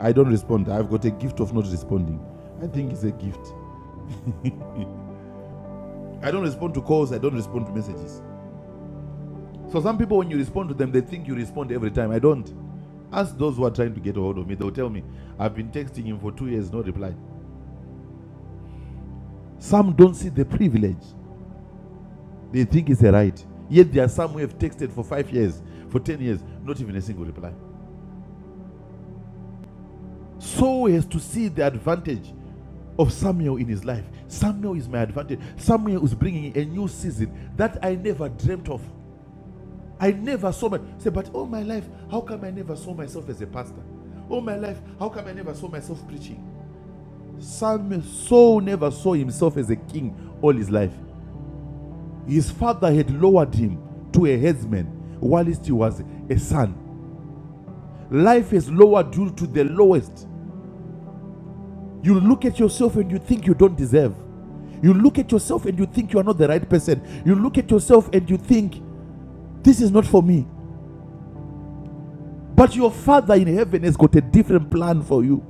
Speaker 3: I don't respond. I've got a gift of not responding. I think it's a gift. I don't respond to calls. I don't respond to messages. So some people, when you respond to them, they think you respond every time. I don't. Ask those who are trying to get a hold of me. They'll tell me, I've been texting him for two years, no reply. Some don't see the privilege. They think it's a right. Yet there are some who have texted for five years, for 10 years, not even a single reply. So he has to see the advantage of Samuel in his life. Samuel is my advantage. Samuel is bringing a new season that I never dreamt of. I never saw my say, but all my life, how come I never saw myself as a pastor? All my life, how come I never saw myself preaching? Sam Saul never saw himself as a king all his life. His father had lowered him to a headsman whilst he was a son. Life has lowered you to the lowest. You look at yourself and you think you don't deserve. You look at yourself and you think you are not the right person. You look at yourself and you think, this is not for me. But your father in heaven has got a different plan for you.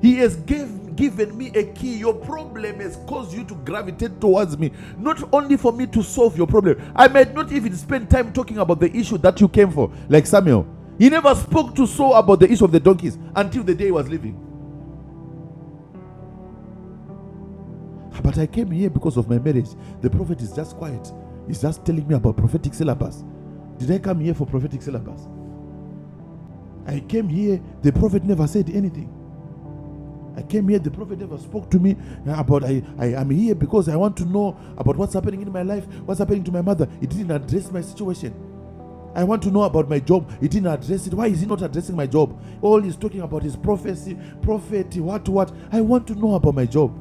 Speaker 3: He has gave, given me a key. Your problem has caused you to gravitate towards me. Not only for me to solve your problem, I might not even spend time talking about the issue that you came for, like Samuel. He never spoke to Saul about the issue of the donkeys until the day he was leaving. But I came here because of my marriage. The prophet is just quiet. He's just telling me about prophetic syllabus. Did I come here for prophetic syllabus? I came here, the prophet never said anything. I came here, the prophet never spoke to me uh, about I, I am here because I want to know about what's happening in my life, what's happening to my mother. He didn't address my situation. I want to know about my job. He didn't address it. Why is he not addressing my job? All he's talking about is prophecy, prophet, what, what. I want to know about my job.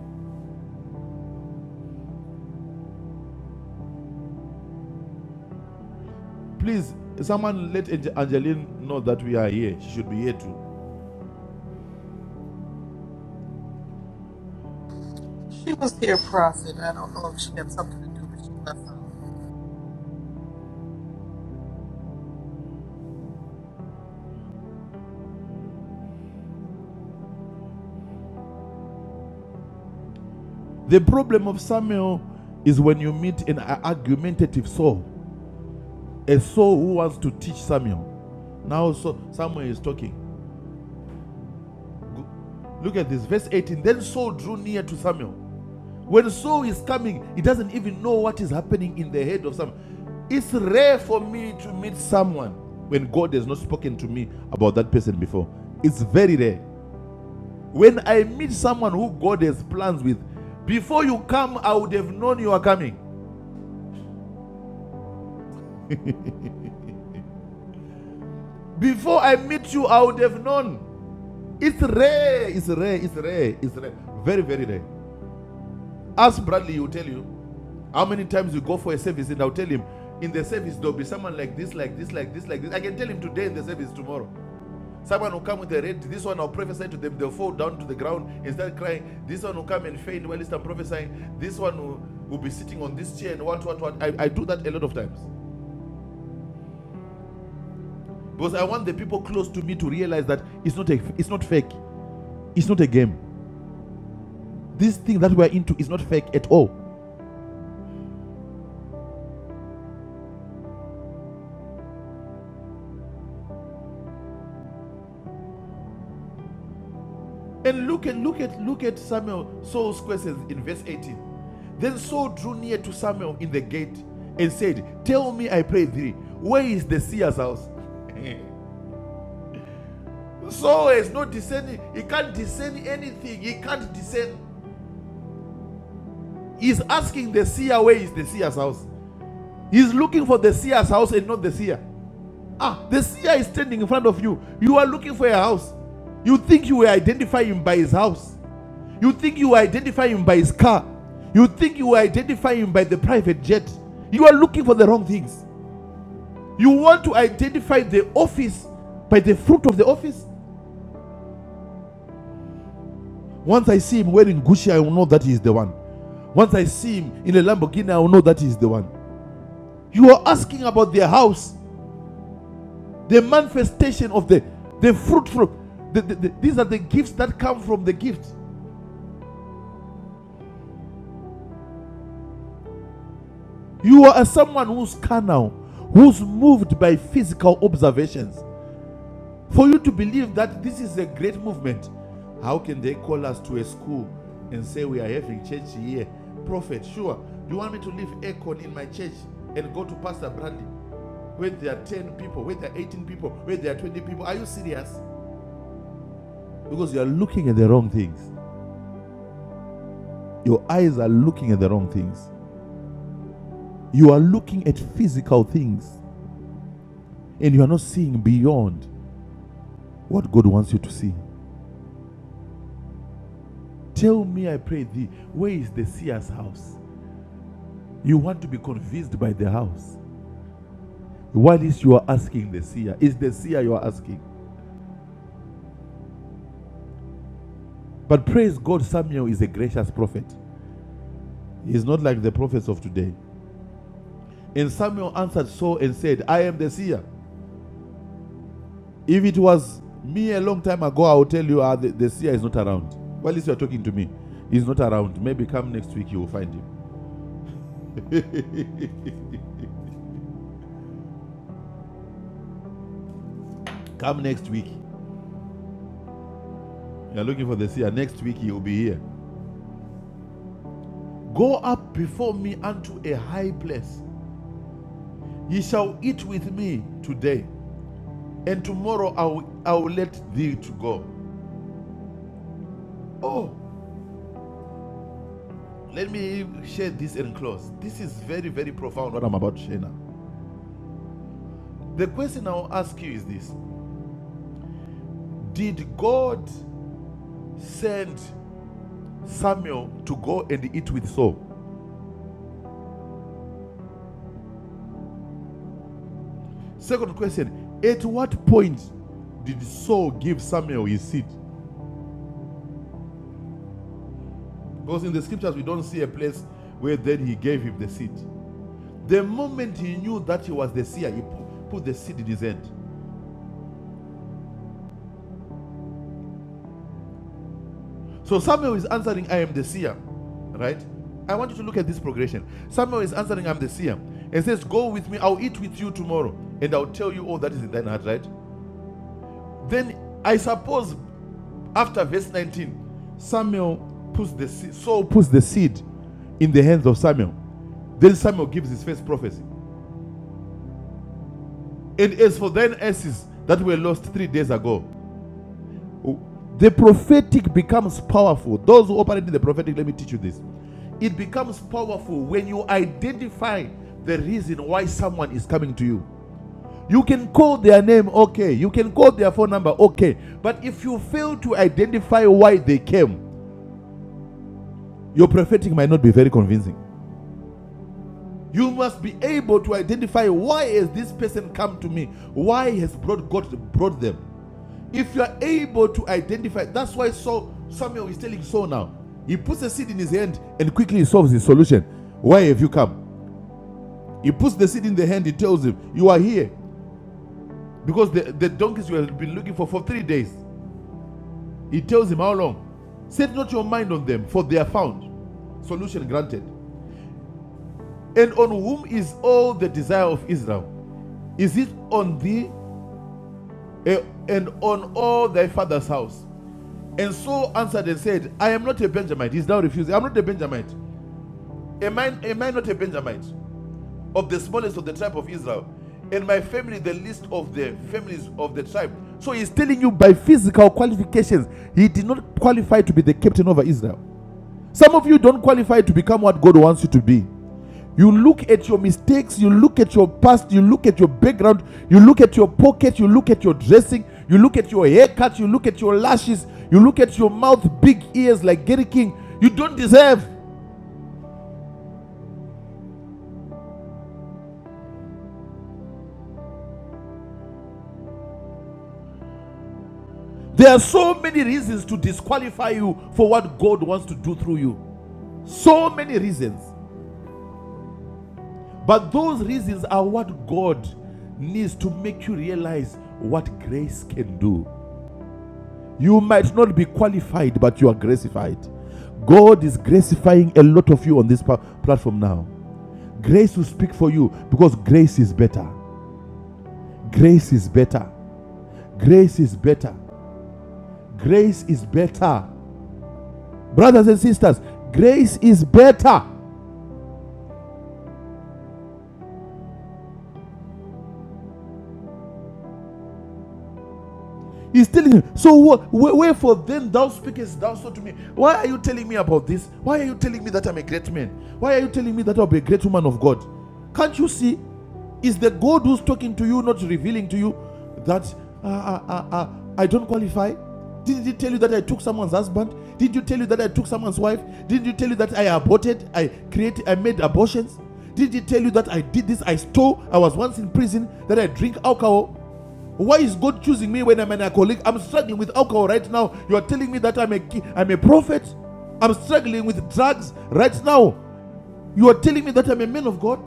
Speaker 3: Please, someone let Ange- Angeline know that we are here. She should be here too.
Speaker 1: She was here, Prophet. I don't know if she had something to do, but she left out.
Speaker 3: The problem of Samuel is when you meet an argumentative soul, a soul who wants to teach Samuel. Now so Samuel is talking. Look at this, verse 18. Then Saul drew near to Samuel. When Saul is coming, he doesn't even know what is happening in the head of Samuel. It's rare for me to meet someone when God has not spoken to me about that person before. It's very rare. When I meet someone who God has plans with, before you come, I would have known you are coming. Before I meet you, I would have known. It's rare, it's rare, it's rare, it's rare. Very, very rare. Ask Bradley, he will tell you. How many times we go for a service and I'll tell him, in the service there'll be someone like this, like this, like this, like this. I can tell him today in the service tomorrow. Someone will come with a red, this one I'll prophesy to them, they'll fall down to the ground and start crying. This one will come and faint while I'm prophesying. This one will, will be sitting on this chair and what, what, what. I, I do that a lot of times. Because I want the people close to me to realize that it's not a, it's not fake. It's not a game. This thing that we're into is not fake at all. And look at look at look at Samuel Saul's questions in verse 18. Then Saul drew near to Samuel in the gate and said, Tell me, I pray thee, where is the seer's house? Saul is not discerning, he can't discern anything, he can't discern. He's asking the seer where is the seer's house. He's looking for the seer's house and not the seer. Ah, the seer is standing in front of you. You are looking for a house. You think you will identify him by his house. You think you identify him by his car. You think you identify him by the private jet. You are looking for the wrong things. You want to identify the office by the fruit of the office. Once I see him wearing Gucci, I will know that he is the one. Once I see him in a Lamborghini, I will know that he is the one. You are asking about their house, the manifestation of the the fruit from the, the- the- these are the gifts that come from the gift. You are someone who's carnal, who's moved by physical observations. For you to believe that this is a great movement, how can they call us to a school and say we are having church here? Prophet, sure. Do you want me to leave Econ in my church and go to Pastor Brandy where there are 10 people, where there are 18 people, where there are 20 people? Are you serious? Because you are looking at the wrong things. Your eyes are looking at the wrong things. You are looking at physical things and you are not seeing beyond what God wants you to see. Tell me, I pray thee, where is the seer's house? You want to be convinced by the house. What is you are asking the seer? It's the seer you are asking. But praise God, Samuel is a gracious prophet. He's not like the prophets of today. And Samuel answered Saul and said, I am the seer. If it was me a long time ago, I would tell you ah, the, the seer is not around. Well, at least you are talking to me. He's not around. Maybe come next week you will find him. come next week. You are looking for the seer. Next week he will be here. Go up before me unto a high place Ye shall eat with me today, and tomorrow I will, I will let thee to go. Oh, let me share this and close. This is very, very profound what I'm about to share now. The question I'll ask you is this Did God send Samuel to go and eat with Saul? Second question At what point did Saul give Samuel his seed? Because in the scriptures, we don't see a place where then he gave him the seed. The moment he knew that he was the seer, he put the seed in his hand. So Samuel is answering, I am the seer. Right? I want you to look at this progression. Samuel is answering, I'm the seer. And says, Go with me, I'll eat with you tomorrow, and I'll tell you all that is in thine heart, right? Then I suppose after verse 19, Samuel puts the seed, Saul puts the seed in the hands of Samuel. Then Samuel gives his first prophecy. And as for thine asses that were lost three days ago, The prophetic becomes powerful. Those who operate in the prophetic, let me teach you this. It becomes powerful when you identify the reason why someone is coming to you. You can call their name, okay. You can call their phone number, okay. But if you fail to identify why they came, your prophetic might not be very convincing. You must be able to identify why has this person come to me? Why has brought God brought them? If you are able to identify, that's why Saul, Samuel is telling Saul now. He puts the seed in his hand and quickly solves his solution. Why have you come? He puts the seed in the hand, he tells him, You are here. Because the, the donkeys you have been looking for for three days. He tells him how long? Set not your mind on them, for they are found. Solution granted. And on whom is all the desire of Israel? Is it on thee eh, and on all thy father's house? And Saul answered and said, I am not a Benjamite. He's now refusing. I'm not a Benjamite. Am I, am I not a Benjamite? Of the smallest of the tribe of Israel. And my family, the least of the families of the tribe. So he's telling you by physical qualifications, he did not qualify to be the captain over Israel. Some of you don't qualify to become what God wants you to be. You look at your mistakes, you look at your past, you look at your background, you look at your pocket, you look at your dressing, you look at your haircut, you look at your lashes, you look at your mouth, big ears like Gary King. You don't deserve. There are so many reasons to disqualify you for what God wants to do through you. So many reasons. But those reasons are what God needs to make you realize what grace can do. You might not be qualified, but you are gracified. God is gracifying a lot of you on this platform now. Grace will speak for you because grace is better. Grace is better. Grace is better. Grace is better. Brothers and sisters, grace is better. He's telling him, So what? Wherefore then thou speakest thou so to me? Why are you telling me about this? Why are you telling me that I'm a great man? Why are you telling me that I'll be a great woman of God? Can't you see? Is the God who's talking to you not revealing to you that uh, uh, uh, uh, I don't qualify? Didn't he tell you that I took someone's husband? Didn't you tell you that I took someone's wife? Didn't you tell you that I aborted? I created, I made abortions? Did not he tell you that I did this? I stole. I was once in prison. That I drink alcohol. Why is God choosing me when I'm an alcoholic? I'm struggling with alcohol right now. You're telling me that I'm a am a prophet. I'm struggling with drugs right now. You are telling me that I'm a man of God.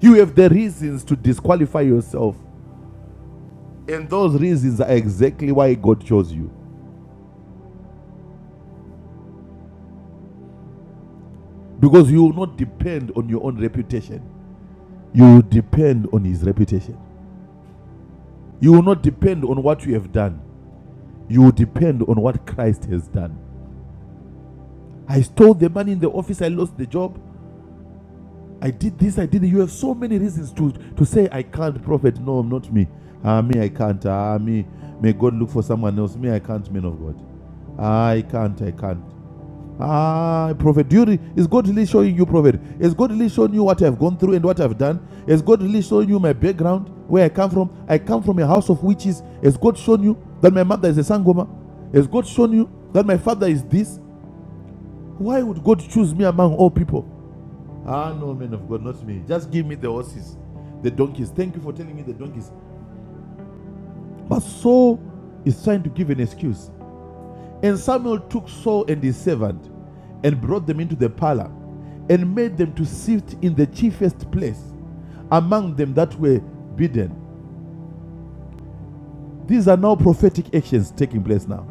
Speaker 3: You have the reasons to disqualify yourself. And those reasons are exactly why God chose you. Because you will not depend on your own reputation. You will depend on His reputation. You will not depend on what you have done. You will depend on what Christ has done. I stole the money in the office, I lost the job. I did this, I did that. You have so many reasons to, to say, I can't, prophet. No, not me. Ah, me, I can't. Ah, me. May God look for someone else. Me, I can't, man of God. Ah, I can't, I can't. Ah, prophet, do you re- is God really showing you, prophet? Is God really showing you what I've gone through and what I've done? Is God really showing you my background, where I come from? I come from a house of witches. Has God shown you that my mother is a sangoma? Has God shown you that my father is this? Why would God choose me among all people? Ah, no, man of God, not me. Just give me the horses, the donkeys. Thank you for telling me the donkeys. But Saul is trying to give an excuse. And Samuel took Saul and his servant and brought them into the parlor and made them to sit in the chiefest place among them that were bidden. These are now prophetic actions taking place now.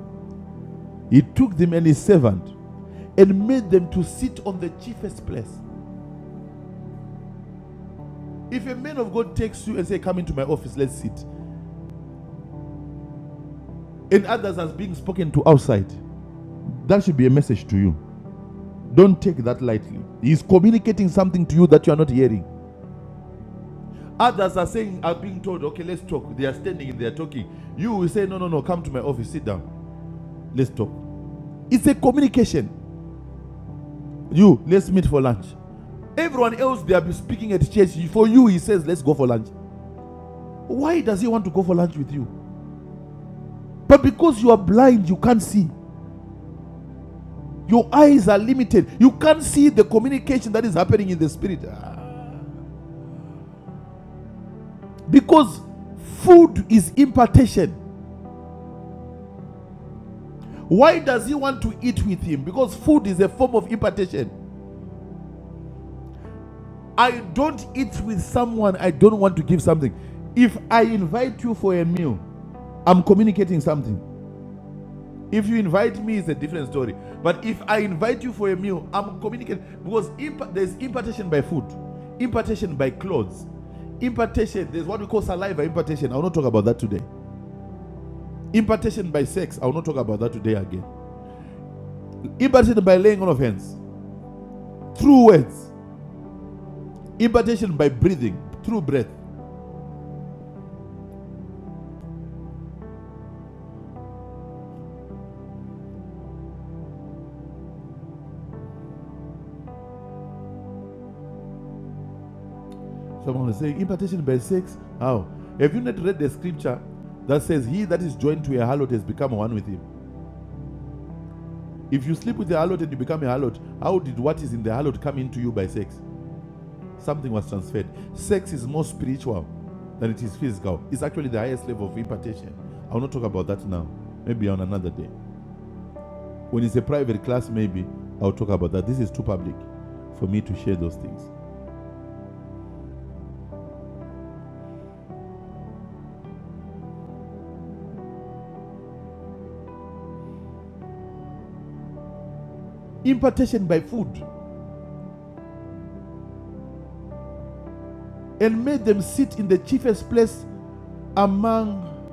Speaker 3: He took them and his servant and made them to sit on the chiefest place. If a man of God takes you and say, Come into my office, let's sit, and others are being spoken to outside, That should be a message to you. Don't take that lightly. He's communicating something to you that you are not hearing. Others are saying, are being told, okay, let's talk. They are standing, they are talking. You will say, no, no, no, come to my office, sit down, let's talk. It's a communication. You, let's meet for lunch. Everyone else, they are speaking at church. For you, he says, let's go for lunch. Why does he want to go for lunch with you? But because you are blind, you can't see. Your eyes are limited. You can't see the communication that is happening in the spirit. Ah. Because food is impartation. Why does he want to eat with him? Because food is a form of impartation. I don't eat with someone I don't want to give something. If I invite you for a meal, I'm communicating something. If you invite me, it's a different story. But if I invite you for a meal, I'm communicating because imp- there's impartation by food, impartation by clothes, impartation. There's what we call saliva impartation. I will not talk about that today. Impartation by sex. I will not talk about that today again. Impartation by laying on of hands, through words. Impartation by breathing, through breath. Someone is saying, impartation by sex? How? Have you not read the scripture that says, He that is joined to a harlot has become one with him? If you sleep with a harlot and you become a harlot, how did what is in the harlot come into you by sex? Something was transferred. Sex is more spiritual than it is physical. It's actually the highest level of impartation. I will not talk about that now. Maybe on another day. When it's a private class, maybe I'll talk about that. This is too public for me to share those things. impartation by food, and made them sit in the chiefest place among,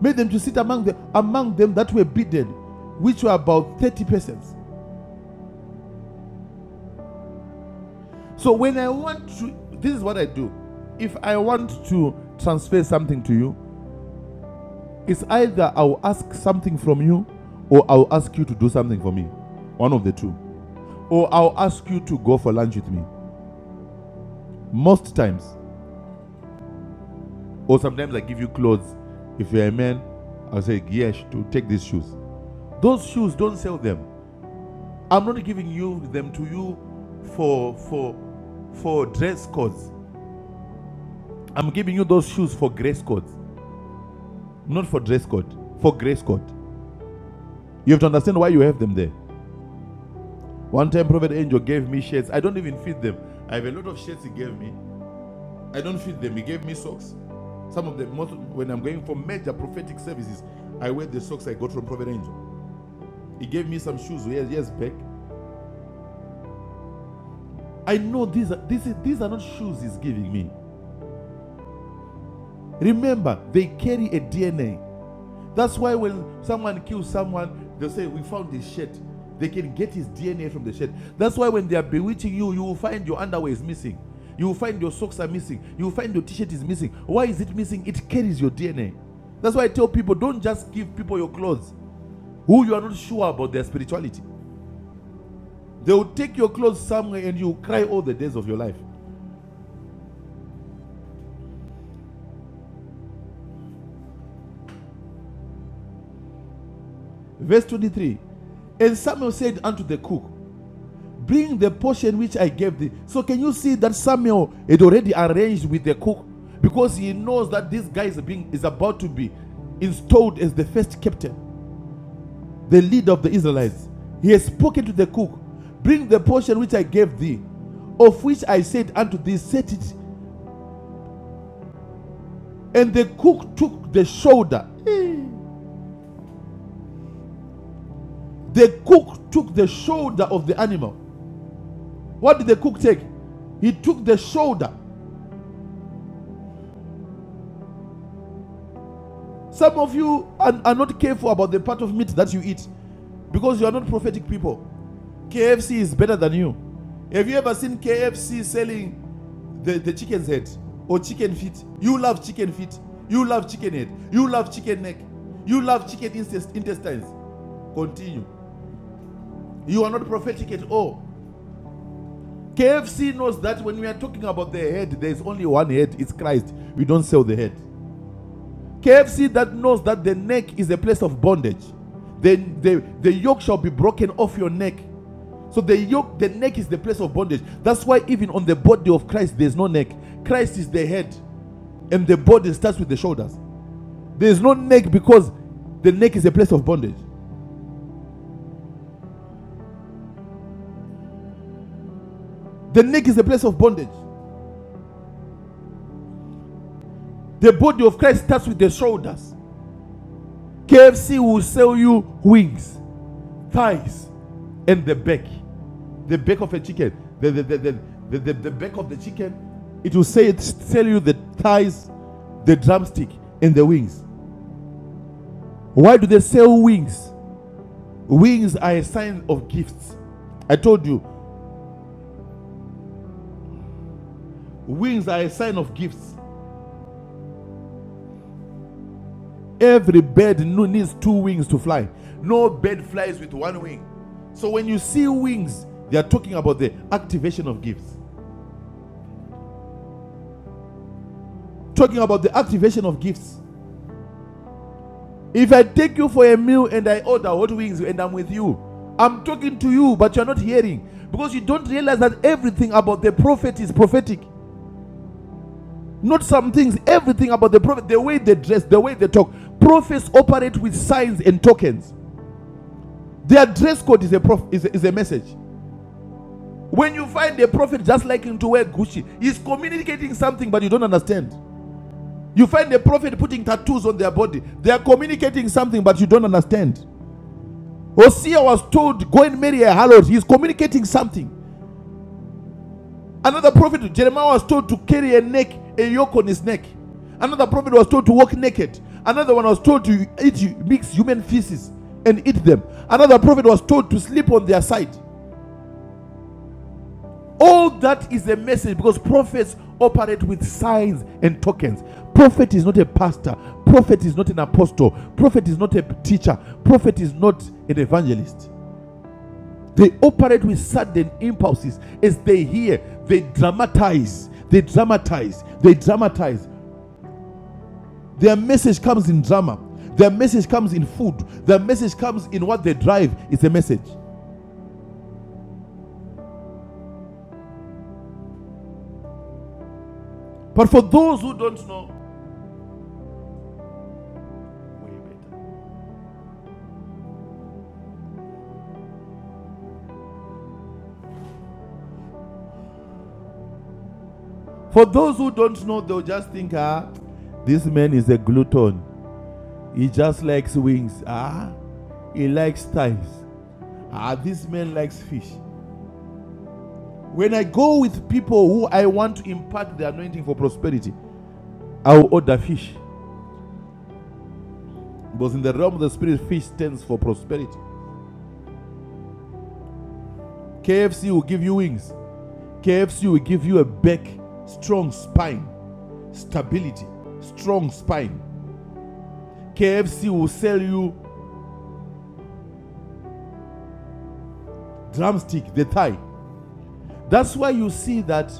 Speaker 3: made them to sit among, the, among them that were bidden, which were about 30 persons. So when I want to, this is what I do. If I want to transfer something to you, it's either I'll ask something from you or I'll ask you to do something for me. One of the two. Or I'll ask you to go for lunch with me. Most times. Or sometimes I give you clothes. If you're a man, I'll say, Yes, to take these shoes. Those shoes, don't sell them. I'm not giving you them to you for for for dress codes. I'm giving you those shoes for grace codes, not for dress code. For grace code, you have to understand why you have them there. One time, Prophet Angel gave me shirts. I don't even fit them. I have a lot of shirts he gave me. I don't fit them. He gave me socks. Some of them, most when I'm going for major prophetic services, I wear the socks I got from Prophet Angel. He gave me some shoes years years back. I know these are these these are not shoes he's giving me. Remember, they carry a DNA. That's why when someone kills someone, they'll say, We found his shirt. They can get his DNA from the shirt. That's why when they are bewitching you, you will find your underwear is missing. You will find your socks are missing. You will find your t shirt is missing. Why is it missing? It carries your DNA. That's why I tell people don't just give people your clothes who you are not sure about their spirituality. They will take your clothes somewhere and you will cry all the days of your life. Verse 23 And Samuel said unto the cook, Bring the portion which I gave thee. So can you see that Samuel had already arranged with the cook because he knows that this guy is being is about to be installed as the first captain, the leader of the Israelites. He has spoken to the cook, Bring the portion which I gave thee, of which I said unto thee, set it. And the cook took the shoulder. The cook took the shoulder of the animal. What did the cook take? He took the shoulder Some of you are, are not careful about the part of meat that you eat because you are not prophetic people. KFC is better than you. Have you ever seen KFC selling the, the chicken's head or chicken feet? You love chicken feet. You love chicken head. You love chicken neck. You love chicken intestines. Continue. You are not prophetic at all. KFC knows that when we are talking about the head, there is only one head. It's Christ. We don't sell the head. KFC that knows that the neck is a place of bondage. The, the, the yoke shall be broken off your neck. So the yoke, the neck is the place of bondage. That's why even on the body of Christ, there's no neck. Christ is the head, and the body starts with the shoulders. There's no neck because the neck is a place of bondage. The neck is a place of bondage. The body of Christ starts with the shoulders. KFC will sell you wings, thighs, and the back. the back of a chicken, the the the, the, the, the, the back of the chicken, it will say it tell you the thighs, the drumstick, and the wings. Why do they sell wings? Wings are a sign of gifts. I told you, wings are a sign of gifts. Every bird no- needs two wings to fly. No bird flies with one wing. So when you see wings, they are talking about the activation of gifts. Talking about the activation of gifts. If I take you for a meal and I order hot wings and I'm with you, I'm talking to you, but you're not hearing because you don't realize that everything about the prophet is prophetic. Not some things, everything about the prophet, the way they dress, the way they talk. Prophets operate with signs and tokens. Their dress code is a, prof- is a, is a message. When you find a prophet just liking to wear Gucci, he's communicating something, but you don't understand. You find a prophet putting tattoos on their body, they are communicating something, but you don't understand. Hosea was told, Go and marry a harlot. He's communicating something. Another prophet, Jeremiah, was told to carry a neck, a yoke on his neck. Another prophet was told to walk naked. Another one was told to eat, mix human feces and eat them. Another prophet was told to sleep on their side. All that is a message because prophets operate with signs and tokens. Prophet is not a pastor. Prophet is not an apostle. Prophet is not a teacher. Prophet is not an evangelist. They operate with sudden impulses as they hear. They dramatize. They dramatize. They dramatize. Their message comes in drama. Their message comes in food. Their message comes in what they drive. It's a message. But for those who don't know, For those who don't know, they'll just think, ah, this man is a glutton. He just likes wings. Ah, he likes thighs. Ah, this man likes fish. When I go with people who I want to impart the anointing for prosperity, I will order fish. Because in the realm of the spirit, fish stands for prosperity. KFC will give you wings. KFC will give you a back, strong spine, stability, strong spine. KFC will sell you drumstick, the thigh. That's why you see that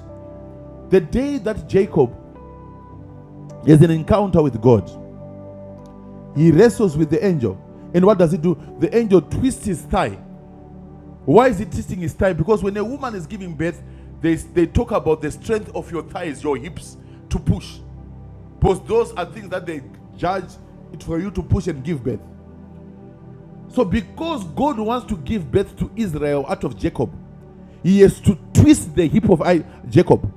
Speaker 3: the day that Jacob has an encounter with God, he wrestles with the angel. And what does he do? The angel twists his thigh Why is it testing his thigh? Because when a woman is giving birth, they, they talk about the strength of your thighs, your hips to push. Because those are things that they judge it for you to push and give birth. So, because God wants to give birth to Israel out of Jacob, he has to twist the hip of I, Jacob.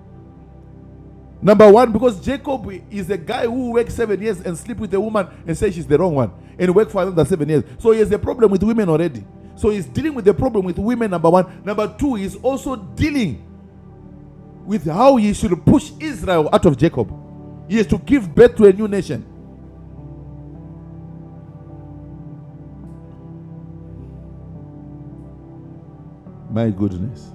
Speaker 3: Number one, because Jacob is a guy who works seven years and sleep with a woman and say she's the wrong one and work for another seven years. So he has a problem with women already. So he's dealing with the problem with women, number one. Number two, he's also dealing with how he should push Israel out of Jacob. He is to give birth to a new nation. My goodness.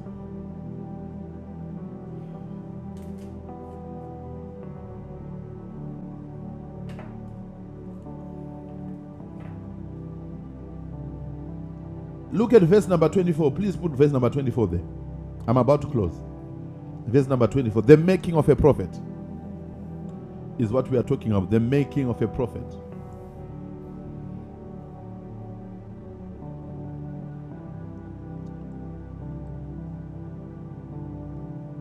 Speaker 3: Look at verse number 24. Please put verse number 24 there. I'm about to close. Verse number 24. The making of a prophet is what we are talking of. The making of a prophet.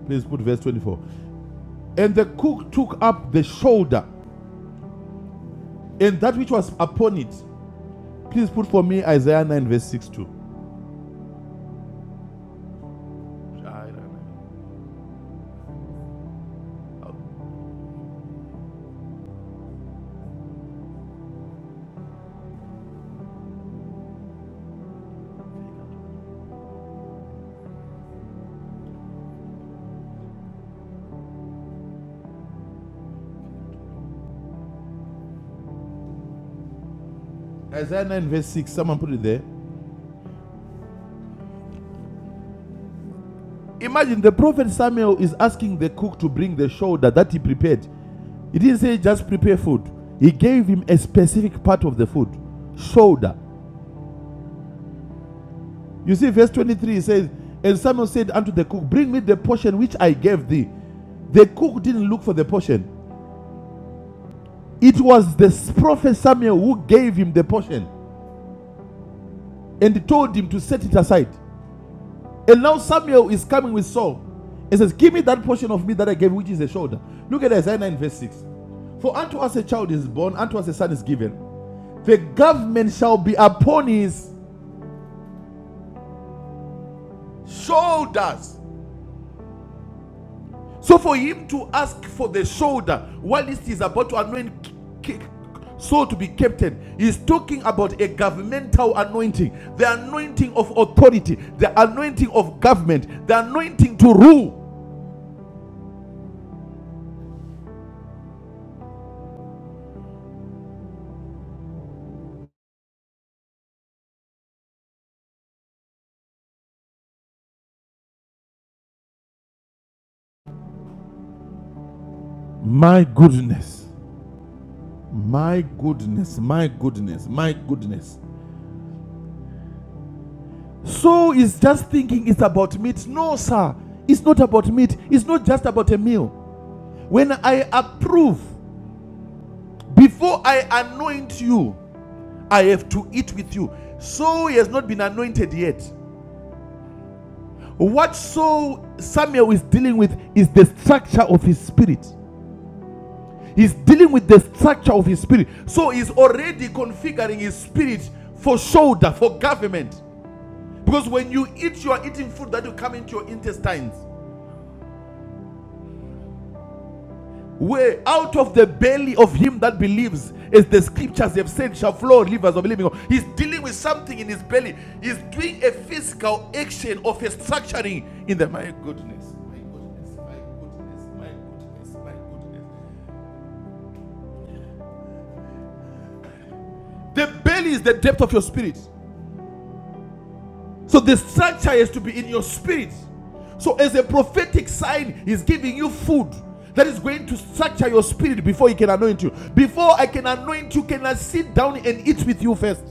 Speaker 3: Please put verse 24. And the cook took up the shoulder and that which was upon it. Please put for me Isaiah 9, verse 6 too. Isaiah 9, verse 6. Someone put it there. Imagine the prophet Samuel is asking the cook to bring the shoulder that he prepared. He didn't say just prepare food, he gave him a specific part of the food shoulder. You see, verse 23 he says, And Samuel said unto the cook, Bring me the portion which I gave thee. The cook didn't look for the portion, it was the prophet Samuel who gave him the portion and told him to set it aside. And now Samuel is coming with Saul. He says, Give me that portion of me that I gave, which is the shoulder. Look at Isaiah 9, verse 6. For unto us a child is born, unto us a son is given. The government shall be upon his shoulders. So for him to ask for the shoulder while he is about to anoint Saul to be captain, he's talking about a governmental anointing, the anointing of authority, the anointing of government, the anointing to rule. My goodness. My goodness, my goodness, my goodness. So he's just thinking it's about meat. No, sir. It's not about meat. It's not just about a meal. When I approve, before I anoint you, I have to eat with you. So he has not been anointed yet. What so Samuel is dealing with is the structure of his spirit. He's dealing with the structure of his spirit. So he's already configuring his spirit for shoulder, for government. Because when you eat, you are eating food that will come into your intestines. Where out of the belly of him that believes, as the scriptures have said, shall flow rivers of living. water. He's dealing with something in his belly. He's doing a physical action of a structuring in the my goodness. My goodness, my goodness, my goodness, my goodness. The belly is the depth of your spirit. So the structure has to be in your spirit. So as a prophetic sign, he's giving you food that is going to structure your spirit before he can anoint you. Before I can anoint you, can I sit down and eat with you first?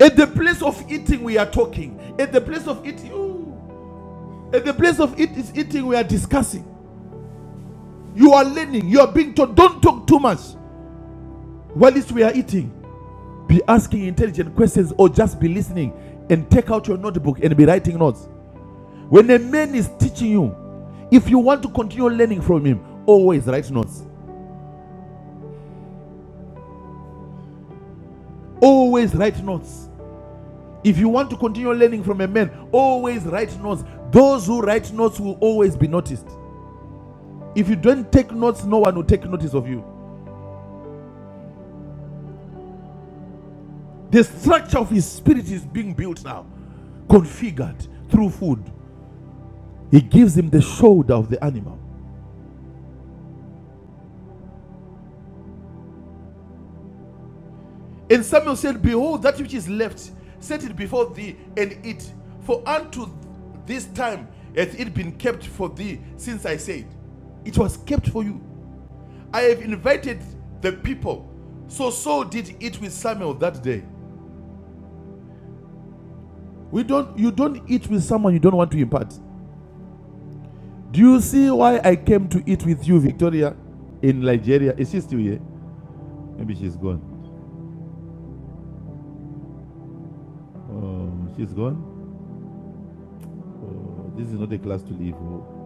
Speaker 3: At the place of eating, we are talking. At the place of eating, ooh. at the place of eat is eating, we are discussing. You are learning. You are being taught. Don't talk too much. While we are eating, be asking intelligent questions or just be listening and take out your notebook and be writing notes. When a man is teaching you, if you want to continue learning from him, always write notes. Always write notes. If you want to continue learning from a man, always write notes. Those who write notes will always be noticed. If you don't take notes, no one will take notice of you. The structure of his spirit is being built now, configured through food. He gives him the shoulder of the animal. And Samuel said, Behold, that which is left, set it before thee and eat. For unto this time hath it been kept for thee since I said, It was kept for you. I have invited the people. So Saul did eat with Samuel that day. We don't you don't eat with someone you don't want to impart. Do you see why I came to eat with you, Victoria? In Nigeria. Is she still here? Maybe she's gone. Um, she's gone. Oh, this is not a class to leave. Oh,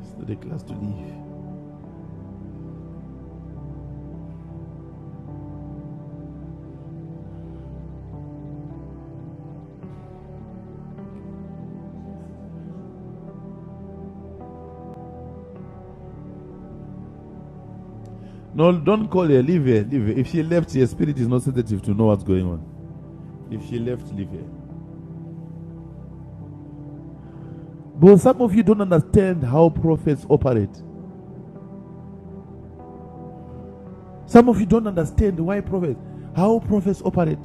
Speaker 3: it's not a class to leave. No, don't call her. Leave her. Leave her. If she left, her spirit is not sensitive to know what's going on. If she left, leave her. But some of you don't understand how prophets operate. Some of you don't understand why prophets, how prophets operate.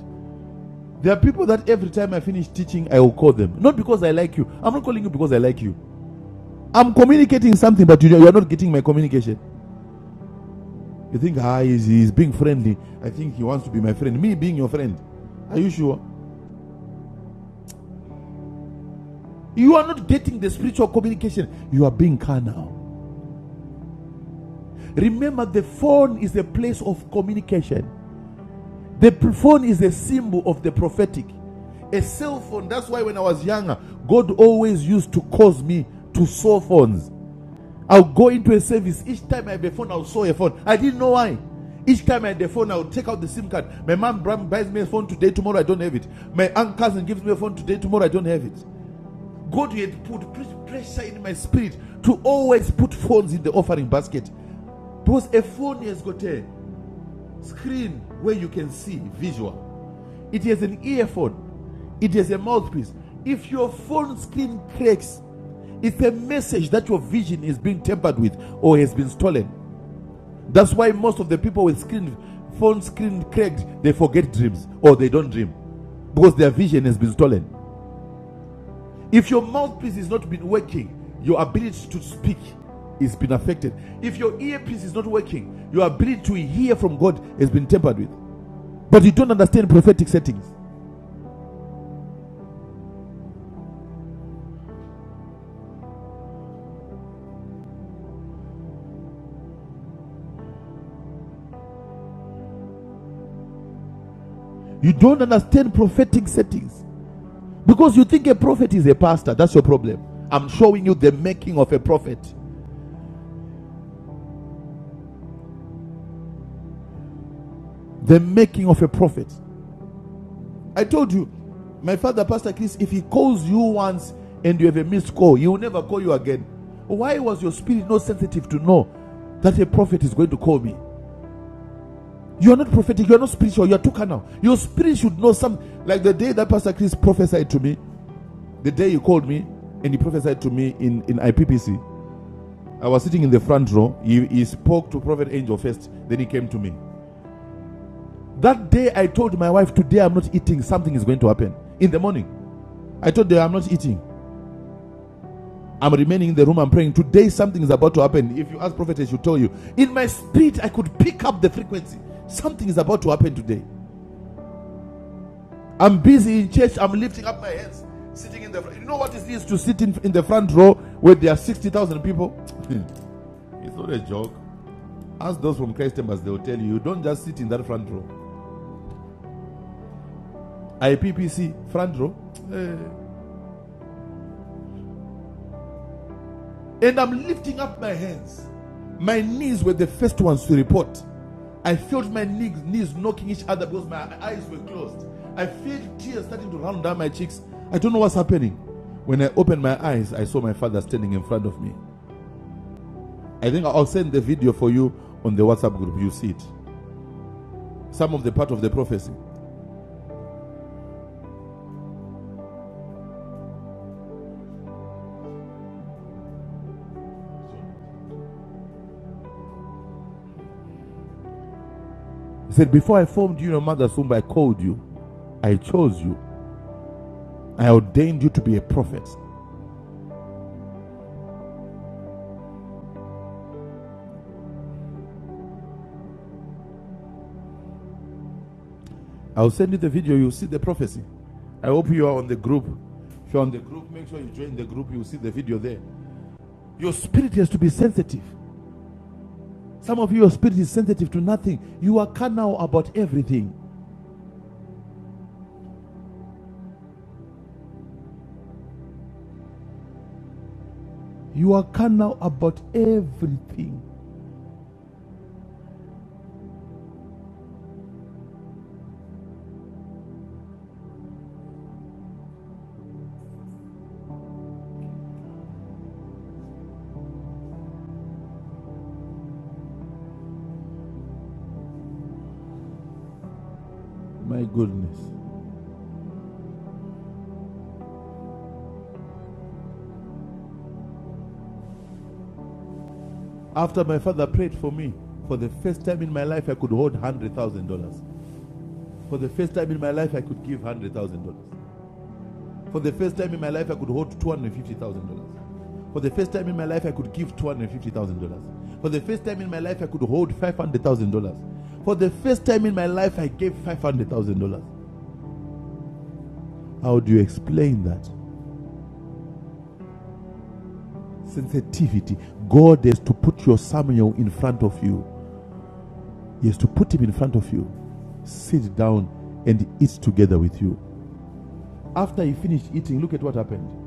Speaker 3: There are people that every time I finish teaching, I will call them. Not because I like you. I'm not calling you because I like you. I'm communicating something, but you, you are not getting my communication. You think, ah, he's, he's being friendly. I think he wants to be my friend. Me being your friend. Are you sure? You are not getting the spiritual communication. You are being carnal. Remember, the phone is a place of communication. The phone is a symbol of the prophetic. A cell phone, that's why when I was younger, God always used to cause me to saw phones. I'll go into a service. Each time I have a phone, I'll saw a phone. I didn't know why. Each time I had a phone, i would take out the SIM card. My mom bra- buys me a phone today, tomorrow I don't have it. My aunt cousin gives me a phone today, tomorrow I don't have it. God had put pressure in my spirit to always put phones in the offering basket. Because a phone has got a screen where you can see visual. It has an earphone. It has a mouthpiece. If your phone screen cracks, it's a message that your vision is being tampered with or has been stolen. That's why most of the people with screen phone screen cracked, they forget dreams or they don't dream because their vision has been stolen. If your mouthpiece is not been working, your ability to speak is been affected. If your earpiece is not working, your ability to hear from God has been tampered with. But you don't understand prophetic settings. You don't understand prophetic settings. Because you think a prophet is a pastor. That's your problem. I'm showing you the making of a prophet. The making of a prophet. I told you, my father, Pastor Chris, if he calls you once and you have a missed call, he will never call you again. Why was your spirit not sensitive to know that a prophet is going to call me? You are not prophetic, you are not spiritual, you are too carnal. Your spirit should know some. Like the day that Pastor Chris prophesied to me, The day you called me and you prophesied to me in, in IPPC, I was sitting in the front row. He, he spoke to Prophet Angel first, then he came to me. That day I told my wife, Today I'm not eating, something is going to happen. In the morning, I told her, I'm not eating. I'm remaining in the room, I'm praying. Today something is about to happen. If you ask prophetess, she'll tell you. In my spirit, I could pick up the frequency. Something is about to happen today. I'm busy in church, I'm lifting up my hands, sitting in the front. You know what it is to sit in, in the front row where there are 60,000 people? it's not a joke. Ask those from Christ Chambers, they will tell you, you don't just sit in that front row. IPPC, front row. And I'm lifting up my hands. My knees were the first ones to report. I felt my knees, knees knocking each other because my eyes were closed. I felt tears starting to run down my cheeks. I don't know what's happening. When I opened my eyes, I saw my father standing in front of me. I think I'll send the video for you on the WhatsApp group. You see it. Some of the part of the prophecy. He said, Before I formed you your mother's womb, I called you. I chose you. I ordained you to be a prophet. I'll send you the video, you'll see the prophecy. I hope you are on the group. If you're on the group, make sure you join the group, you'll see the video there. Your spirit has to be sensitive. Some of you, your spirit is sensitive to nothing. You are carnal about everything. You are carnal about everything. My goodness. After my father prayed for me, for the first time in my life, I could hold $100,000. For the first time in my life, I could give $100,000. For the first time in my life, I could hold $250,000. For the first time in my life, I could give $250,000. For the first time in my life, I could hold $500,000. For the first time in my life, I gave $500,000. How do you explain that? Sensitivity. God has to put your Samuel in front of you, He has to put him in front of you. Sit down and eat together with you. After he finished eating, look at what happened.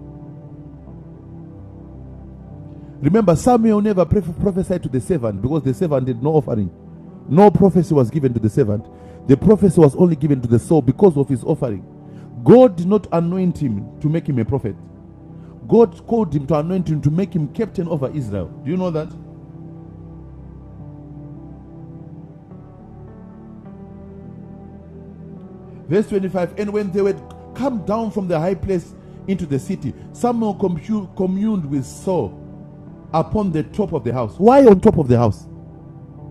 Speaker 3: Remember, Samuel never prophesied to the servant because the servant did no offering. No prophecy was given to the servant. The prophecy was only given to the soul because of his offering. God did not anoint him to make him a prophet. God called him to anoint him to make him captain over Israel. Do you know that? Verse 25 And when they were come down from the high place into the city, Samuel communed with Saul upon the top of the house. Why on top of the house?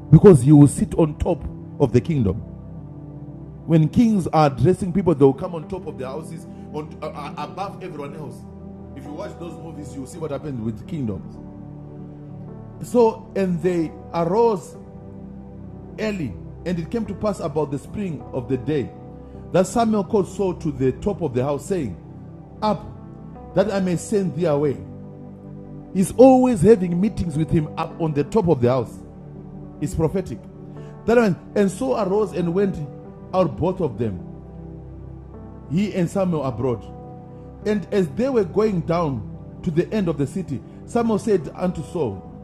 Speaker 3: Because he will sit on top of the kingdom. When kings are dressing people, they'll come on top of their houses, on uh, uh, above everyone else. If you watch those movies, you'll see what happens with kingdoms. So, and they arose early, and it came to pass about the spring of the day that Samuel called Saul to the top of the house, saying, Up, that I may send thee away. He's always having meetings with him up on the top of the house. It's prophetic. That one, and Saul arose and went out both of them, he and Samuel abroad. And as they were going down to the end of the city, Samuel said unto Saul,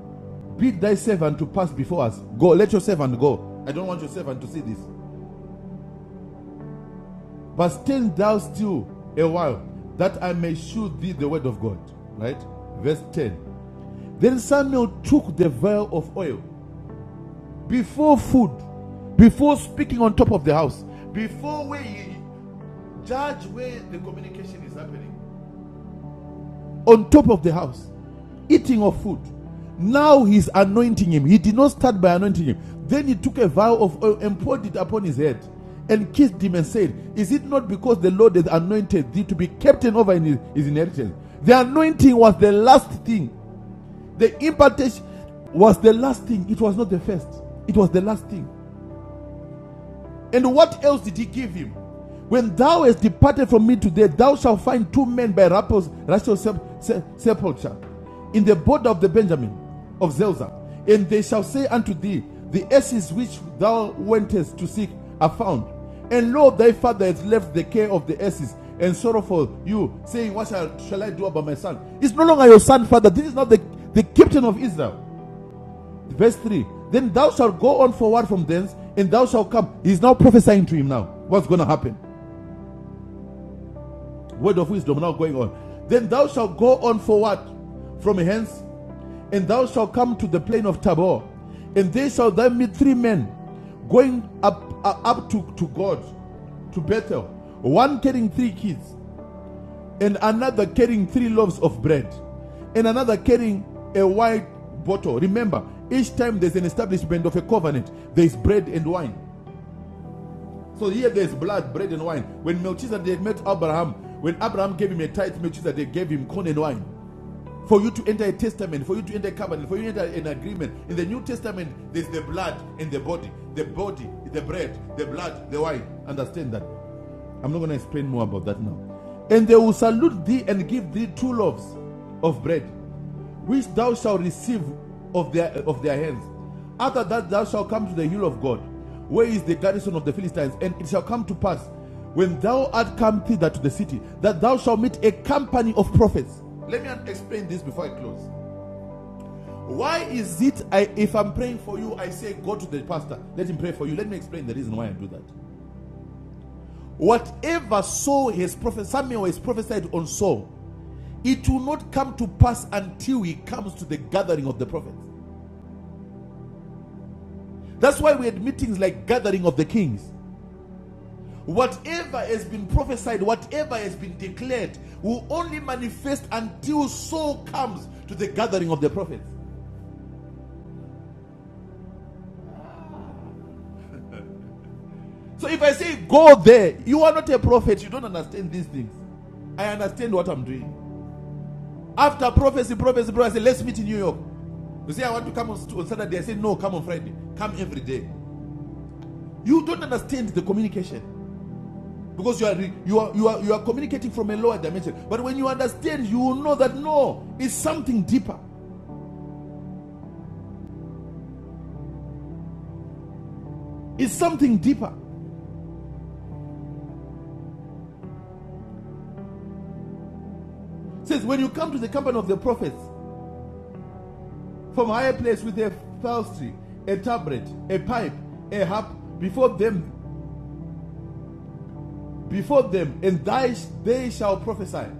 Speaker 3: Bid thy servant to pass before us. Go, let your servant go. I don't want your servant to see this. But stand thou still a while, that I may shew thee the word of God. Right? Verse 10. Then Samuel took the vial of oil before food, before speaking on top of the house, before where judge where the communication is happening, on top of the house. eating of food. Now he's anointing him. He did not start by anointing him. Then he took a vial of oil and poured it upon his head and kissed him and said, Is it not because the Lord has anointed thee to be captain over his, his inheritance? The anointing was the last thing. The impartation was the last thing. It was not the first, it was the last thing. And what else did he give him? When thou hast departed from me today, thou shalt find two men by Rapos, Rachel's sepulchre in the border of the Benjamin of Zelzah. And they shall say unto thee, The asses which thou wentest to seek are found. And lo, thy father hath left the care of the asses and sorrow for you, saying, What shall, shall I do about my son? It's no longer your son, father. This is not the, the captain of Israel. Verse 3 Then thou shalt go on forward from thence, and thou shalt come. He's now prophesying to him now. What's going to happen? Word of wisdom now going on. Then thou shalt go on forward from hence, and thou shalt come to the plain of Tabor, and they shall there meet three men going up, uh, up to, to God, to Bethel, one carrying three kids, and another carrying three loaves of bread, and another carrying a wine bottle. Remember, each time there's an establishment of a covenant, there's bread and wine. So here there's blood, bread, and wine. When Melchizedek met Abraham, when Abraham gave him a tithe, Melchizedek gave him corn and wine. For you to enter a testament, for you to enter a covenant, for you to enter an agreement. In the New Testament, there's the blood and the body. The body, the bread, the blood, the wine. Understand that. I'm not going to explain more about that now. And they will salute thee and give thee two loaves of bread, which thou shalt receive of their of their hands. After that thou shalt come to the hill of God, where is the garrison of the Philistines, and it shall come to pass, when thou art come thither to the city, that thou shalt meet a company of prophets. Let me explain this before I close. Why is it I, if I'm praying for you, I say go to the pastor, let him pray for you. Let me explain the reason why I do that. Whatever Saul has prophesied, Samuel has prophesied on Saul, it will not come to pass until he comes to the gathering of the prophets. That's why we had meetings like gathering of the kings. Whatever has been prophesied, whatever has been declared, will only manifest until Saul comes to the gathering of the prophets. So if I say go there, you are not a prophet. You don't understand these things. I understand what I'm doing. After prophecy, prophecy, prophecy. Let's meet in New York. You say, I want to come on Saturday. I say, no, come on Friday. Come every day. You don't understand the communication because you are, you are, you are, you are communicating from a lower dimension. But when you understand, you will know that no, it's something deeper. It's something deeper. It says, when you come to the company of the prophets from a higher place with a phailstry, a tabret, a pipe, a harp before them, before them, and thy, they shall prophesy.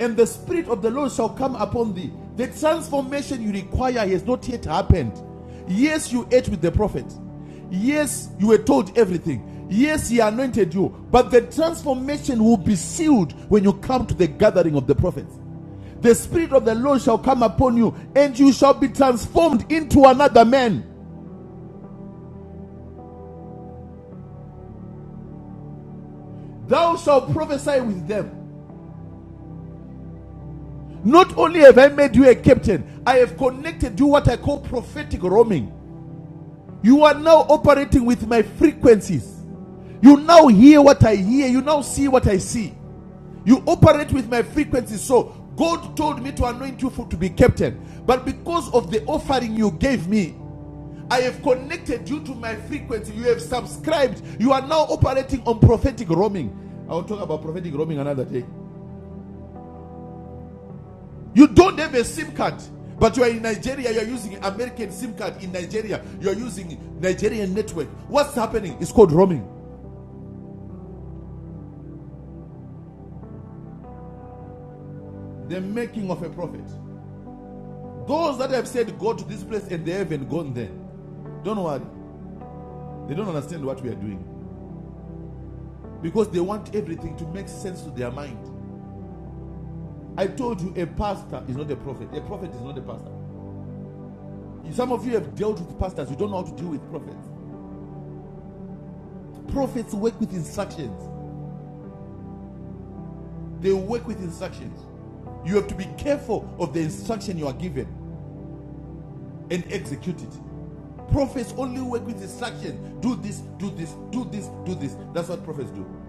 Speaker 3: and the Spirit of the Lord shall come upon thee. The transformation you require has not yet happened. Yes, you ate with the prophet. Yes, you were told everything. Yes, he anointed you. But the transformation will be sealed when you come to the gathering of the prophets. The Spirit of the Lord shall come upon you, and you shall be transformed into another man. Thou shalt prophesy with them. Not only have I made you a captain, I have connected you what I call prophetic roaming. You are now operating with my frequencies. You now hear what I hear. You now see what I see. You operate with my frequencies. So God told me to anoint you for, to be captain. But because of the offering you gave me, I have connected you to my frequency. You have subscribed. You are now operating on prophetic roaming. I will talk about prophetic roaming another day. You don't have a SIM card, but you are in Nigeria. You are using American SIM card in Nigeria. You are using Nigerian network. What's happening? It's called roaming. the making of a prophet. Those that have said, Go to this place and they haven't gone there, don't worry. They don't understand what we are doing because they want everything to make sense to their mind. I told you a pastor is not a prophet, a prophet is not a pastor. Some of you have dealt with pastors, you don't know how to deal with prophets. Prophets work with instructions, they work with instructions. You have to be careful of the instruction you are given and execute it. Prophets only work with instructions. Do this, do this, do this, do this. That's what prophets do.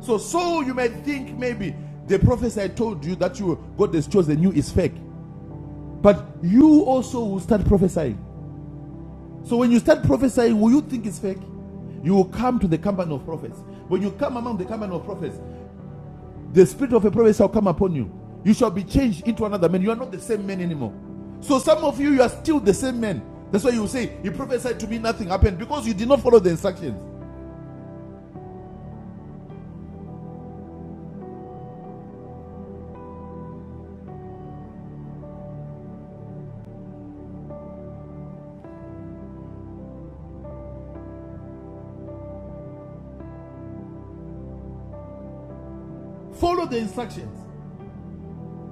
Speaker 3: So, so you may think maybe the prophecy I told you that you God has chosen you is fake, but you also will start prophesying. So when you start prophesying, will you think it's fake? You will come to the company of prophets. When you come among the company of prophets, the spirit of a prophet shall come upon you. You shall be changed into another man. You are not the same man anymore. So some of you, you are still the same man. That's why you say he prophesied to me, nothing happened because you did not follow the instructions. Follow the instructions.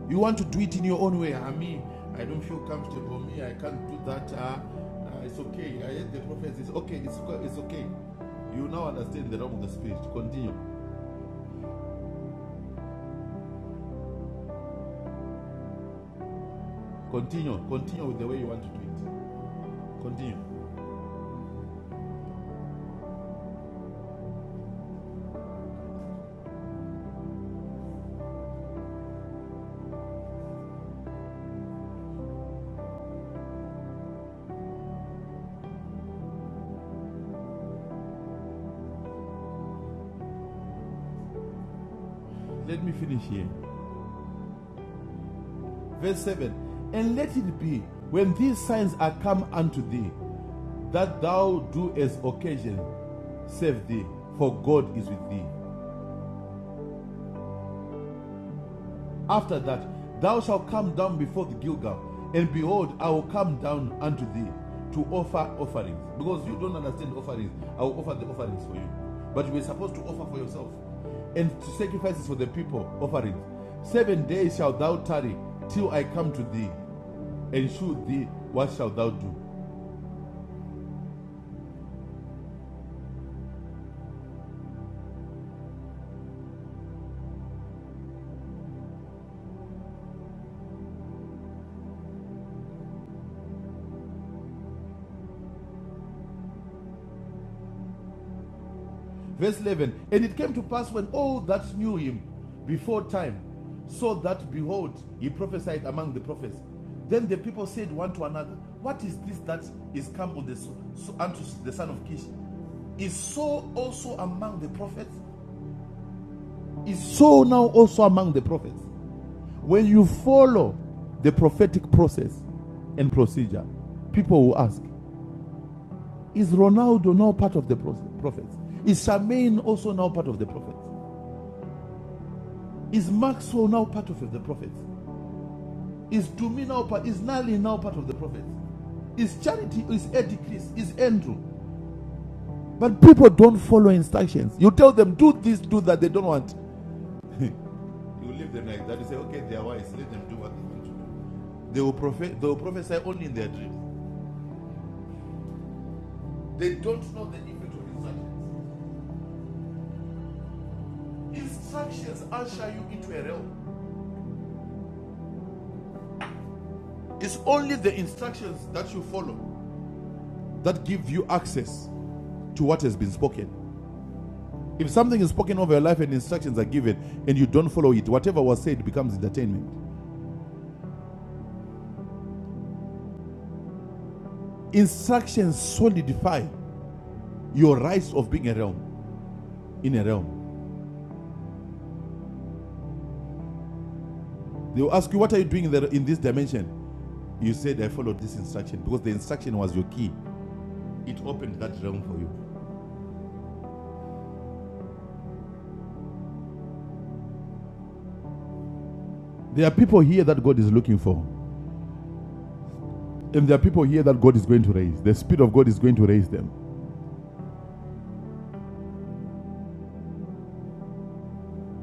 Speaker 3: You want to do it in your own way. I mean, I don't feel comfortable. Me, I can't do that. Ah, ah, it's okay. I heard the prophet is okay. It's, okay. it's okay. You now understand the realm of the spirit. Continue. Continue. Continue with the way you want to do it. Continue. Let me finish here. Verse 7 And let it be when these signs are come unto thee, that thou do as occasion save thee, for God is with thee. After that, thou shalt come down before the Gilgal, and behold, I will come down unto thee to offer offerings. Because you don't understand offerings, I will offer the offerings for you. But you were supposed to offer for yourself, and to sacrifices for the people, offerings. Seven days shalt thou tarry till I come to thee, and shew thee what shalt thou do. Verse 11 And it came to pass when all that knew him before time saw that, behold, he prophesied among the prophets. Then the people said one to another, What is this that is come on the, s- unto the son of Kish? Is so also among the prophets? Is so now also among the prophets? When you follow the prophetic process and procedure, people will ask, Is Ronaldo now part of the prophets? Is Charmaine also now part of the prophets? Is Maxwell now part of the prophets? Is Dumi now part? Is Nali now part of the prophets? Is Charity? Is Eddie Chris? Is Andrew? But people don't follow instructions. You tell them do this, do that. They don't want. you leave them like that. You say, okay, they are wise. Let them do what they want to do. They will prophet. They will prophesy only in their dreams. They don't know the effect of instructions. Instructions usher you into a realm. It's only the instructions that you follow that give you access to what has been spoken. If something is spoken over your life and instructions are given and you don't follow it, whatever was said becomes entertainment. Instructions solidify your rights of being a realm, in a realm. They will ask you, What are you doing in, the, in this dimension? You said, I followed this instruction because the instruction was your key. It opened that realm for you. There are people here that God is looking for, and there are people here that God is going to raise. The Spirit of God is going to raise them.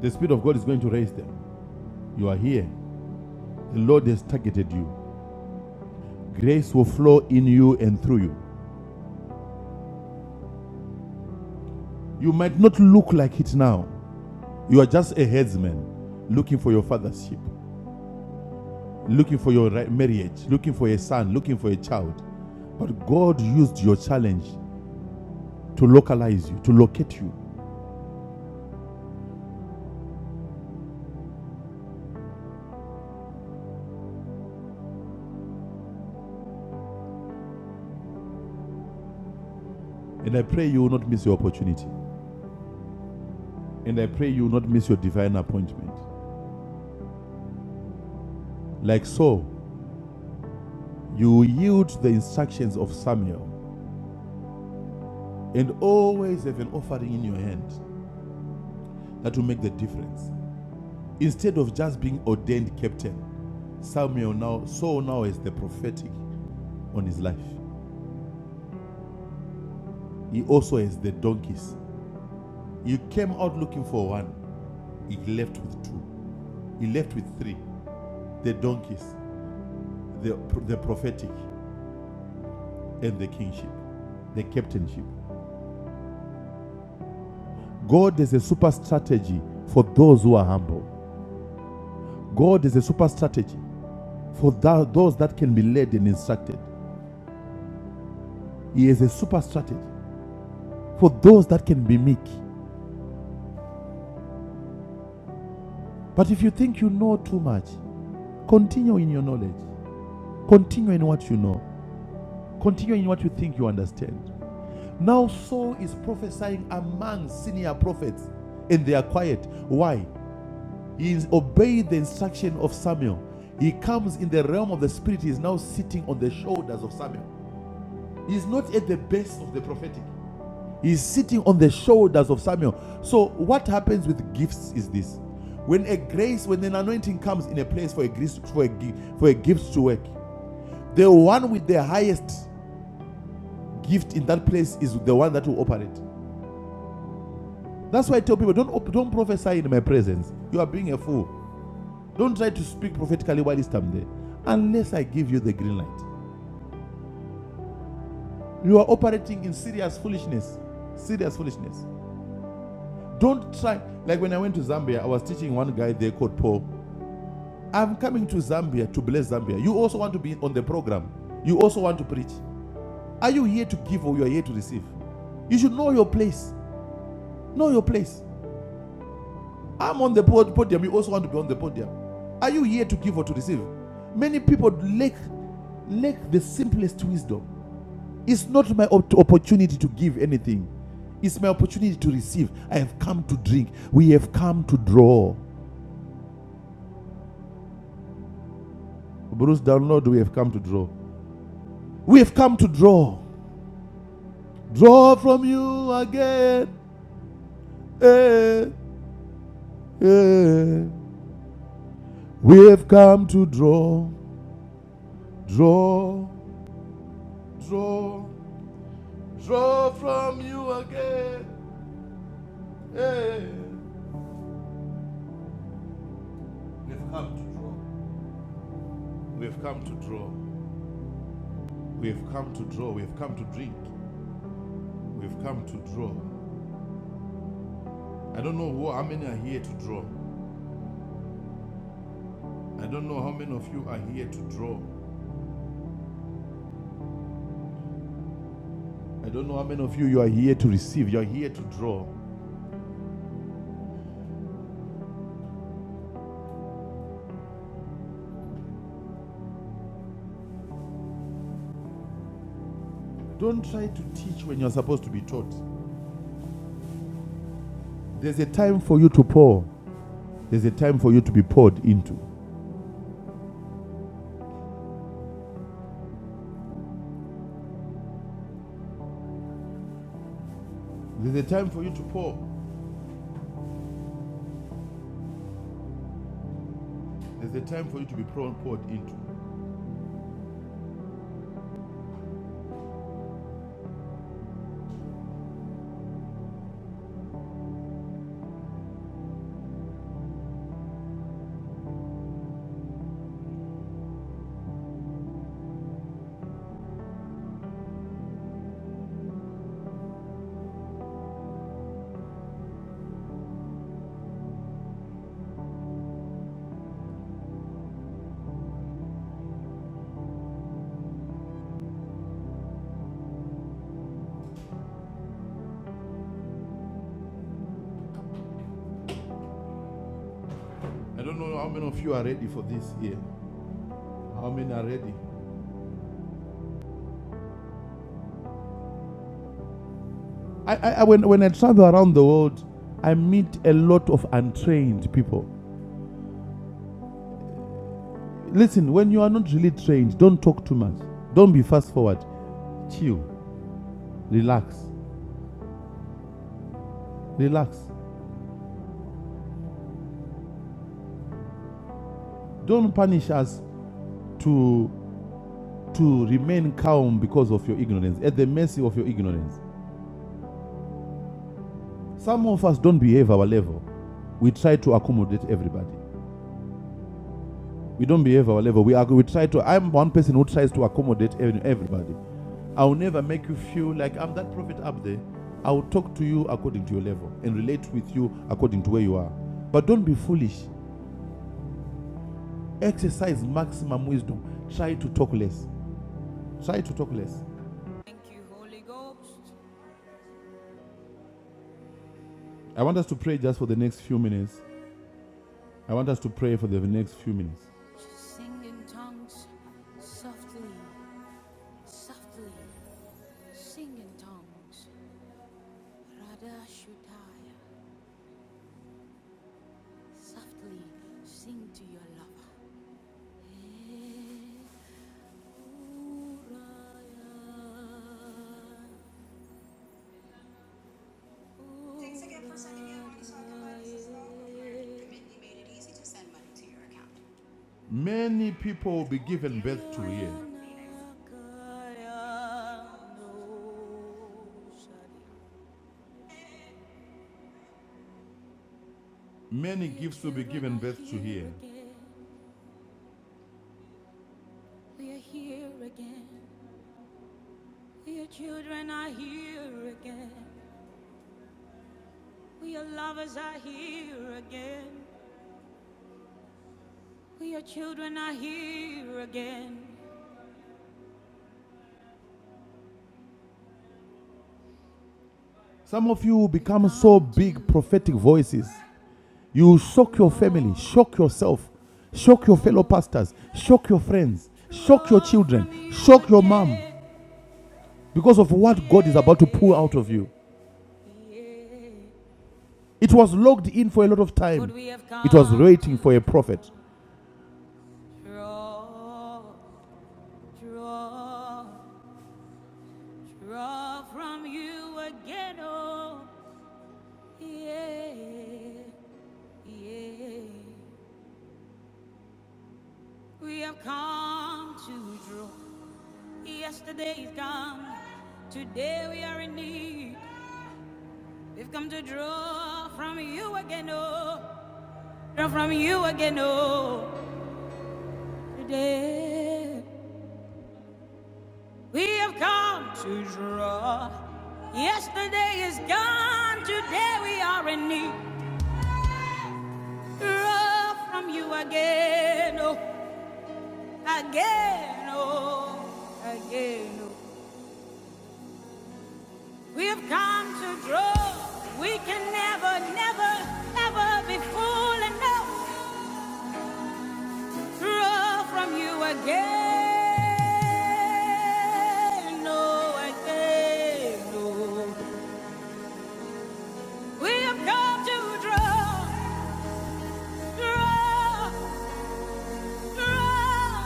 Speaker 3: The Spirit of God is going to raise them. You are here. The Lord has targeted you. Grace will flow in you and through you. You might not look like it now. You are just a headsman looking for your father's sheep, looking for your marriage, looking for a son, looking for a child. But God used your challenge to localize you, to locate you. And I pray you will not miss your opportunity. And I pray you will not miss your divine appointment. Like so, you yield to the instructions of Samuel and always have an offering in your hand that will make the difference. Instead of just being ordained captain, Samuel now, Saul now is the prophetic on his life. He also has the donkeys. He came out looking for one. He left with two. He left with three: the donkeys, the the prophetic, and the kingship, the captainship. God is a super strategy for those who are humble. God is a super strategy for tha- those that can be led and instructed. He is a super strategy for those that can be meek. But if you think you know too much, continue in your knowledge. Continue in what you know. Continue in what you think you understand. Now, Saul is prophesying among senior prophets, and they are quiet. Why? He is obeyed the instruction of Samuel. He comes in the realm of the spirit. He is now sitting on the shoulders of Samuel. He is not at the base of the prophetic. He is sitting on the shoulders of Samuel. So, what happens with gifts is this: when a grace, when an anointing comes in a place for a grace, for a gi- for a gift to work, the one with the highest gift in that place is the one that will operate. That's why I tell people don't don't prophesy in my presence. You are being a fool. Don't try to speak prophetically while I'm there, unless I give you the green light. You are operating in serious foolishness. Serious foolishness. Don't try. Like when I went to Zambia, I was teaching one guy there called Paul. I'm coming to Zambia to bless Zambia. You also want to be on the program. You also want to preach. Are you here to give or you are here to receive? You should know your place. Know your place. I'm on the podium. You also want to be on the podium. Are you here to give or to receive? Many people lack lack the simplest wisdom. It's not my op- opportunity to give anything. It's my opportunity to receive. I have come to drink. We have come to draw. Bruce, download. We have come to draw. We have come to draw. Draw from you again. Eh, eh. We have come to draw, draw, draw. Draw from you again. Hey. We've come to draw. We've come to draw. We've come to draw. We've come to drink. We've come to draw. I don't know who, how many are here to draw. I don't know how many of you are here to draw. I don't know how many of you you are here to receive. You're here to draw. Don't try to teach when you're supposed to be taught. There's a time for you to pour. There's a time for you to be poured into. There's a time for you to pour. There's a time for you to be poured poured into. I don't know how many of you are ready for this year. How many are ready? I, I, when, when I travel around the world, I meet a lot of untrained people. Listen, when you are not really trained, don't talk too much. Don't be fast forward. Chill. Relax. Relax. Don't punish us to, to remain calm because of your ignorance, at the mercy of your ignorance. Some of us don't behave our level. We try to accommodate everybody. We don't behave our level. We are, we try to. I'm one person who tries to accommodate everybody. I will never make you feel like I'm that prophet up there. I will talk to you according to your level and relate with you according to where you are. But don't be foolish. Exercise maximum wisdom. Try to talk less. Try to talk less. Thank you, Holy Ghost. I want us to pray just for the next few minutes. I want us to pray for the next few minutes. Sing in tongues, softly, softly. Sing in tongues. Radha Shutaya, softly sing to your lover. Many people will be given birth to here. Many gifts will be given birth to here. We are here again. We children are here again. We are lovers are here again. We are children are here again. Some of you will become so big prophetic voices. You shock your family, shock yourself, shock your fellow pastors, shock your friends, shock your children, shock your mom because of what God is about to pour out of you. It was locked in for a lot of time. It was waiting for a prophet. Draw, draw, draw from you again, oh, yeah, yeah. We have come to draw. Yesterday is gone. Today we are in need. We've come to draw from you again, oh. Draw from you again, oh. Today we have come to draw. Yesterday is gone. Today we are in need. Draw from you again, oh. Again, oh. Again, oh. We've come to draw. We can never, never, never be full enough. to Draw from you again. No, again, no. We have come to draw, draw, draw,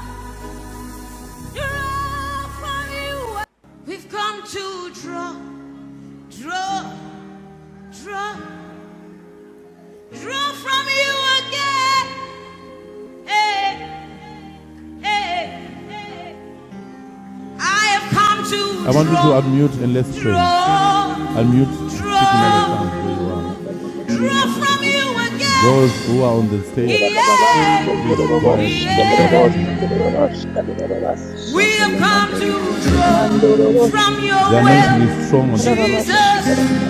Speaker 3: draw from you. We've come to draw, draw, draw, draw from you again. Hey, hey, hey. I have come to I want draw, you to draw, unmute and let's pray. draw, Unmute. Speak in other tongues where you are.
Speaker 6: Leo Santa la
Speaker 3: draw
Speaker 6: Mambra
Speaker 3: from you again. Those who are on the stage, Yeah, please go ahead. yeah. We have come to draw from your The anointing well, is strong on this. Jesus.